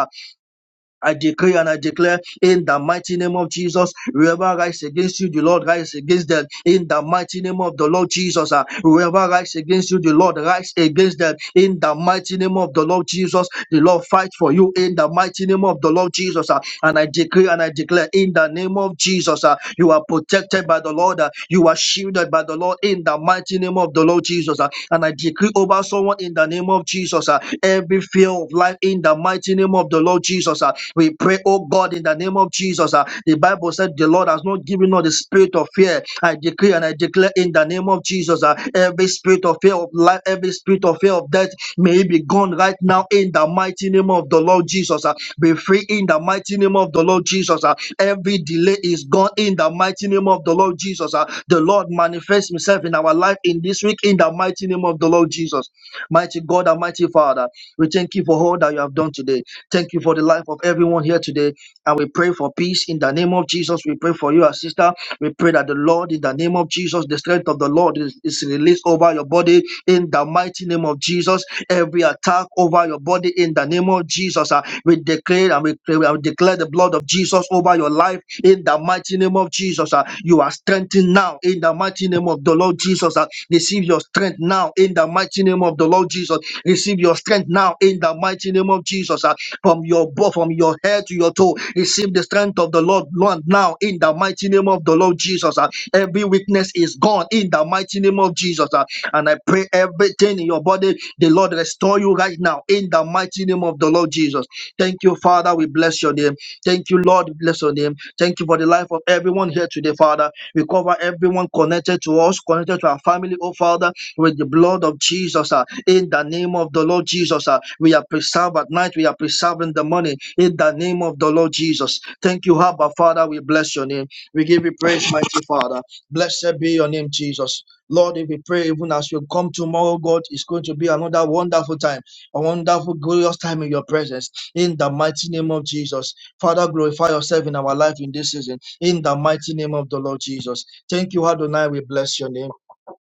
S7: I decree and I declare in the mighty name of Jesus, whoever rise against you, the Lord rise against them. In the mighty name of the Lord Jesus, ah, whoever rise against you, the Lord rise against them. In the mighty name of the Lord Jesus, the Lord fight for you. In the mighty name of the Lord Jesus, ah, and I decree and I declare in the name of Jesus, ah, you are protected by the Lord, ah, you are shielded by the Lord. In the mighty name of the Lord Jesus, ah, and I decree over someone in the name of Jesus, ah, every fear way of life in the mighty name of the Lord Jesus. ah. We pray, oh God, in the name of Jesus. ah. The Bible said the Lord has not given us the spirit of fear. I decree and I declare in the name of Jesus, ah, every spirit of fear of life, every spirit of fear of death, may it be gone right now in the mighty name of the Lord Jesus. ah. Be free in the mighty name of the Lord Jesus. ah. Every delay is gone in the mighty name of the Lord Jesus. ah. The Lord manifests himself in our life in this week in the mighty name of the Lord Jesus. Mighty God and mighty Father. We thank you for all that you have done today. Thank you for the life of everyone here today. And we pray for peace in the name of Jesus. We pray for you, our sister. We pray that the Lord, in the name of Jesus, the strength of the Lord is, is released over your body in the mighty name of Jesus. Every attack over your body in the name of Jesus, ah, we declare and we, pray- we declare the blood of Jesus over your life in the mighty name of Jesus. ah. You are strengthened now in the mighty name of the the Lord Jesus. uh, Receive your strength now in the mighty name of the Lord Jesus. Receive your strength now in the mighty name of Jesus. uh, From your bo- from your head to your toe, receive the strength of the Lord Lord, now in the mighty name of the Lord Jesus. uh, Every weakness is gone in the mighty name of Jesus. uh, And I pray everything in your body, the Lord restore you right now in the mighty mighty name of the Lord Jesus. Thank you, Father. We bless your name. Thank you, Lord. We Bless your name. Thank you for the life of everyone here today, Father. We cover everyone connected to us, connected to our family, oh Father, with the blood of Jesus. ah. in the name of the Lord Jesus, ah. we are preserved at night. We are preserved in the morning. In the name of the Lord Jesus. Thank you, Abba, Father. We bless your name. We give you praise, mighty Father. Blessed be your name, Jesus. Lord, if we pray, even as we come tomorrow, God, it's going to be another wonderful time a wonderful, glorious time in your presence. In the mighty name of Jesus. Father, glorify yourself in our life in this season. In the mighty name of the Lord Jesus. Thank you, Adonai. We bless your name.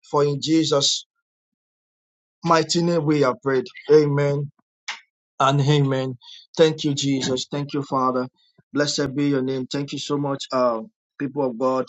S7: For in Jesus' mighty name we are prayed. Amen. And amen. Thank you, Jesus. Thank you, Father. Blessed be your name. Thank you so much, uh, people of God.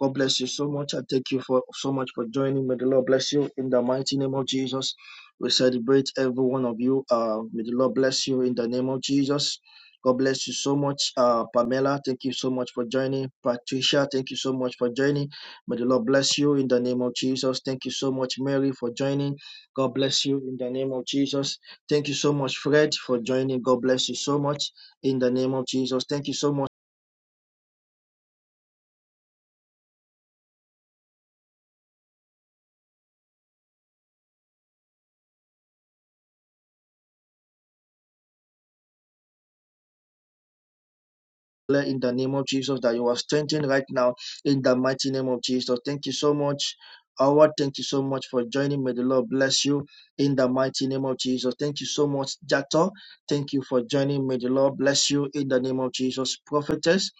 S7: God bless you so much. I thank you for so much for joining. May the Lord bless you in the mighty name of Jesus. We celebrate every one of you. Uh, may the Lord bless you in the name of Jesus. God bless you so much, uh, Pamela. Thank you so much for joining. Patricia, thank you so much for joining. May the Lord bless you in the name of Jesus. Thank you so much, Mary, for joining. God bless you in the name of Jesus. Thank you so much, Fred, for joining. God bless you so much in the name of Jesus. Thank you so much. in the name of Jesus that you are strengthened right now in the mighty name of Jesus. Thank you so much. Howard, thank you so much for joining. May the Lord bless you in the mighty name of Jesus. Thank you so much, Jato. Thank you for joining. May the Lord bless you in the name of Jesus. Prophetess,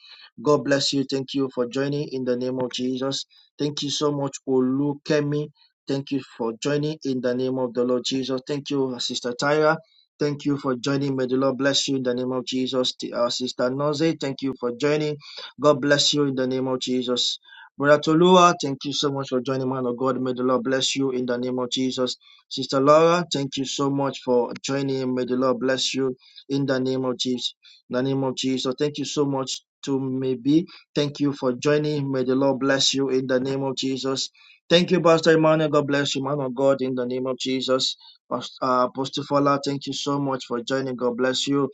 S7: God bless you. Thank you for joining in the name of Jesus. Thank you so much, Olukemi. Thank you for joining in the name of the Lord Jesus. Thank you, Sister Tyra. Thank you for joining. May the Lord bless you in the name of Jesus. T- Our sister Noze, thank you for joining. God bless you in the name of Jesus. Brother Tolua, thank you so much for joining, man of God. May the Lord bless you in the name of Jesus. Sister Laura, thank you so much for joining. May the Lord bless you in the name of Jesus. In the name of Jesus. Thank you so much to maybe. Thank you for joining. May the Lord bless you in the name of Jesus. Thank you, Pastor Emmanuel. God bless you, man of God, in the name of Jesus. Pastor, uh, Pastor Fola, thank you so much for joining. God bless you.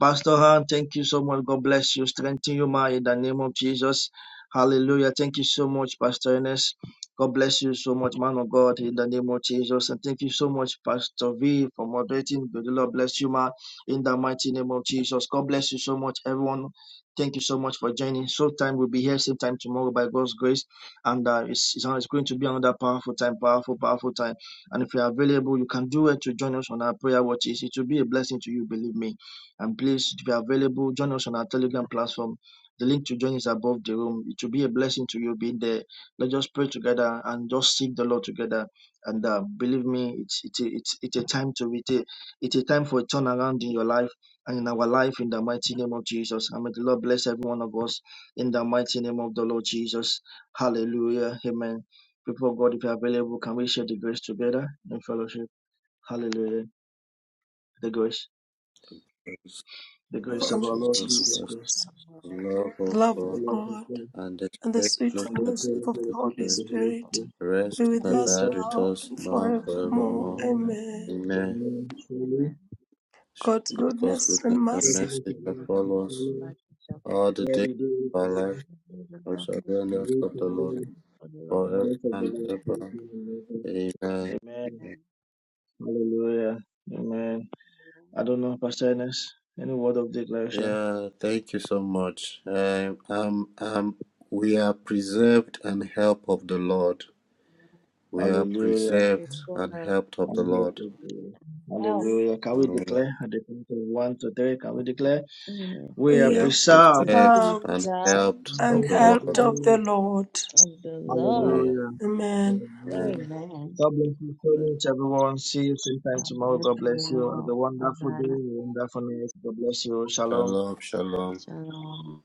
S7: Pastor Han, thank you so much. God bless you. Strengthen you, ma, in the name of Jesus. Hallelujah. Thank you so much, Pastor Ernest. God bless you so much, man of God, in the name of Jesus. And thank you so much, Pastor V, for moderating. May the Lord bless you, ma, in the mighty name of Jesus. God bless you so much, everyone. Thank you so much for joining. So time will be here same time tomorrow by God's grace, and uh, it's it's going to be another powerful time, powerful, powerful time. And if you're available, you can do it to join us on our prayer watches. It will be a blessing to you, believe me. And please, if you're available, join us on our Telegram platform. The link to join is above the room. It will be a blessing to you being there. Let's just pray together and just seek the Lord together. And uh, believe me, it's it's it's it's a time to it's a, it's a time for a turnaround in your life and in our life in the mighty name of Jesus. And may the Lord bless every one of us in the mighty name of the Lord Jesus. Hallelujah. Amen. People of God, if you're available, can we share the grace together in fellowship? Hallelujah. The grace, the grace
S4: Lord
S7: of
S5: Follow
S7: our Lord
S4: Jesus
S7: Jesus
S5: Jesus
S4: Christ,
S7: Christ,
S5: Christ.
S4: the love of
S5: Love of
S7: the
S4: God.
S7: love of
S5: God.
S7: God,
S4: and the
S5: and the
S4: state
S5: sweet
S4: fellowship
S7: and the
S4: of
S5: fellowship
S7: spirit
S5: of the
S4: the
S7: fellowship of
S5: Holy
S4: Spirit
S7: the Holy
S5: Spirit
S7: Spirit.
S5: be
S4: rest
S5: with
S4: and
S7: Be with
S5: us
S4: abide
S7: us
S4: with
S5: now
S4: us
S5: and
S4: now and
S7: and
S5: forevermore.
S4: forevermore.
S7: forevermore.
S5: Amen.
S4: Amen.
S7: Amen. Surely,
S2: amen.
S5: God's
S4: Surely God's
S5: goodness and
S4: goodness and
S5: mercy,
S7: goodness
S4: mercy
S2: And
S7: and
S4: shall
S7: mercy shall
S4: follow us
S7: follow us
S4: all the
S7: all
S4: days
S7: the days of
S4: of our
S7: our
S4: life,
S7: life,
S4: and shall
S2: we
S4: be in the
S7: and
S4: house
S7: we
S4: of the
S7: shall
S4: Lord
S7: dwell in the
S4: forever
S7: house of the
S4: and
S7: Lord
S4: ever.
S7: forever.
S4: Amen.
S7: Amen. Hallelujah. Amen. I don't know, Pastor Ernest, any word of declaration?
S4: Yeah, thank you so much. Um, um, um, we are preserved and help of the Lord. We are
S7: Hallelujah.
S2: Yes,
S4: preserved and helped of the
S7: I'm here
S4: Lord.
S7: to do. Hallelujah. Can we
S4: Mm.
S7: declare at the count of one to three? Can we declare?
S2: mm,
S7: We are
S4: We
S5: we
S4: are
S5: are
S7: preserved
S2: are
S4: preserved and
S5: served
S2: preserved
S4: helped
S7: in
S5: and
S4: of
S7: the
S4: the
S2: and
S7: hope of the
S5: helped
S4: Lord.
S2: health
S5: of the
S7: Lord.
S5: Lord.
S2: in the Lord.
S4: Hallelujah.
S7: Hallelujah.
S5: Amen.
S4: Amen.
S7: Hallelujah.
S2: Amen.
S7: God bless you so
S4: Amen.
S7: much, everyone. See you same time
S2: God
S7: tomorrow.
S2: bless
S7: God bless you. Have
S2: you.
S7: a
S2: Bye
S7: wonderful
S2: bye.
S7: day, wonderful night. God bless you. Shalom.
S4: Shalom, shalom.
S2: Shalom.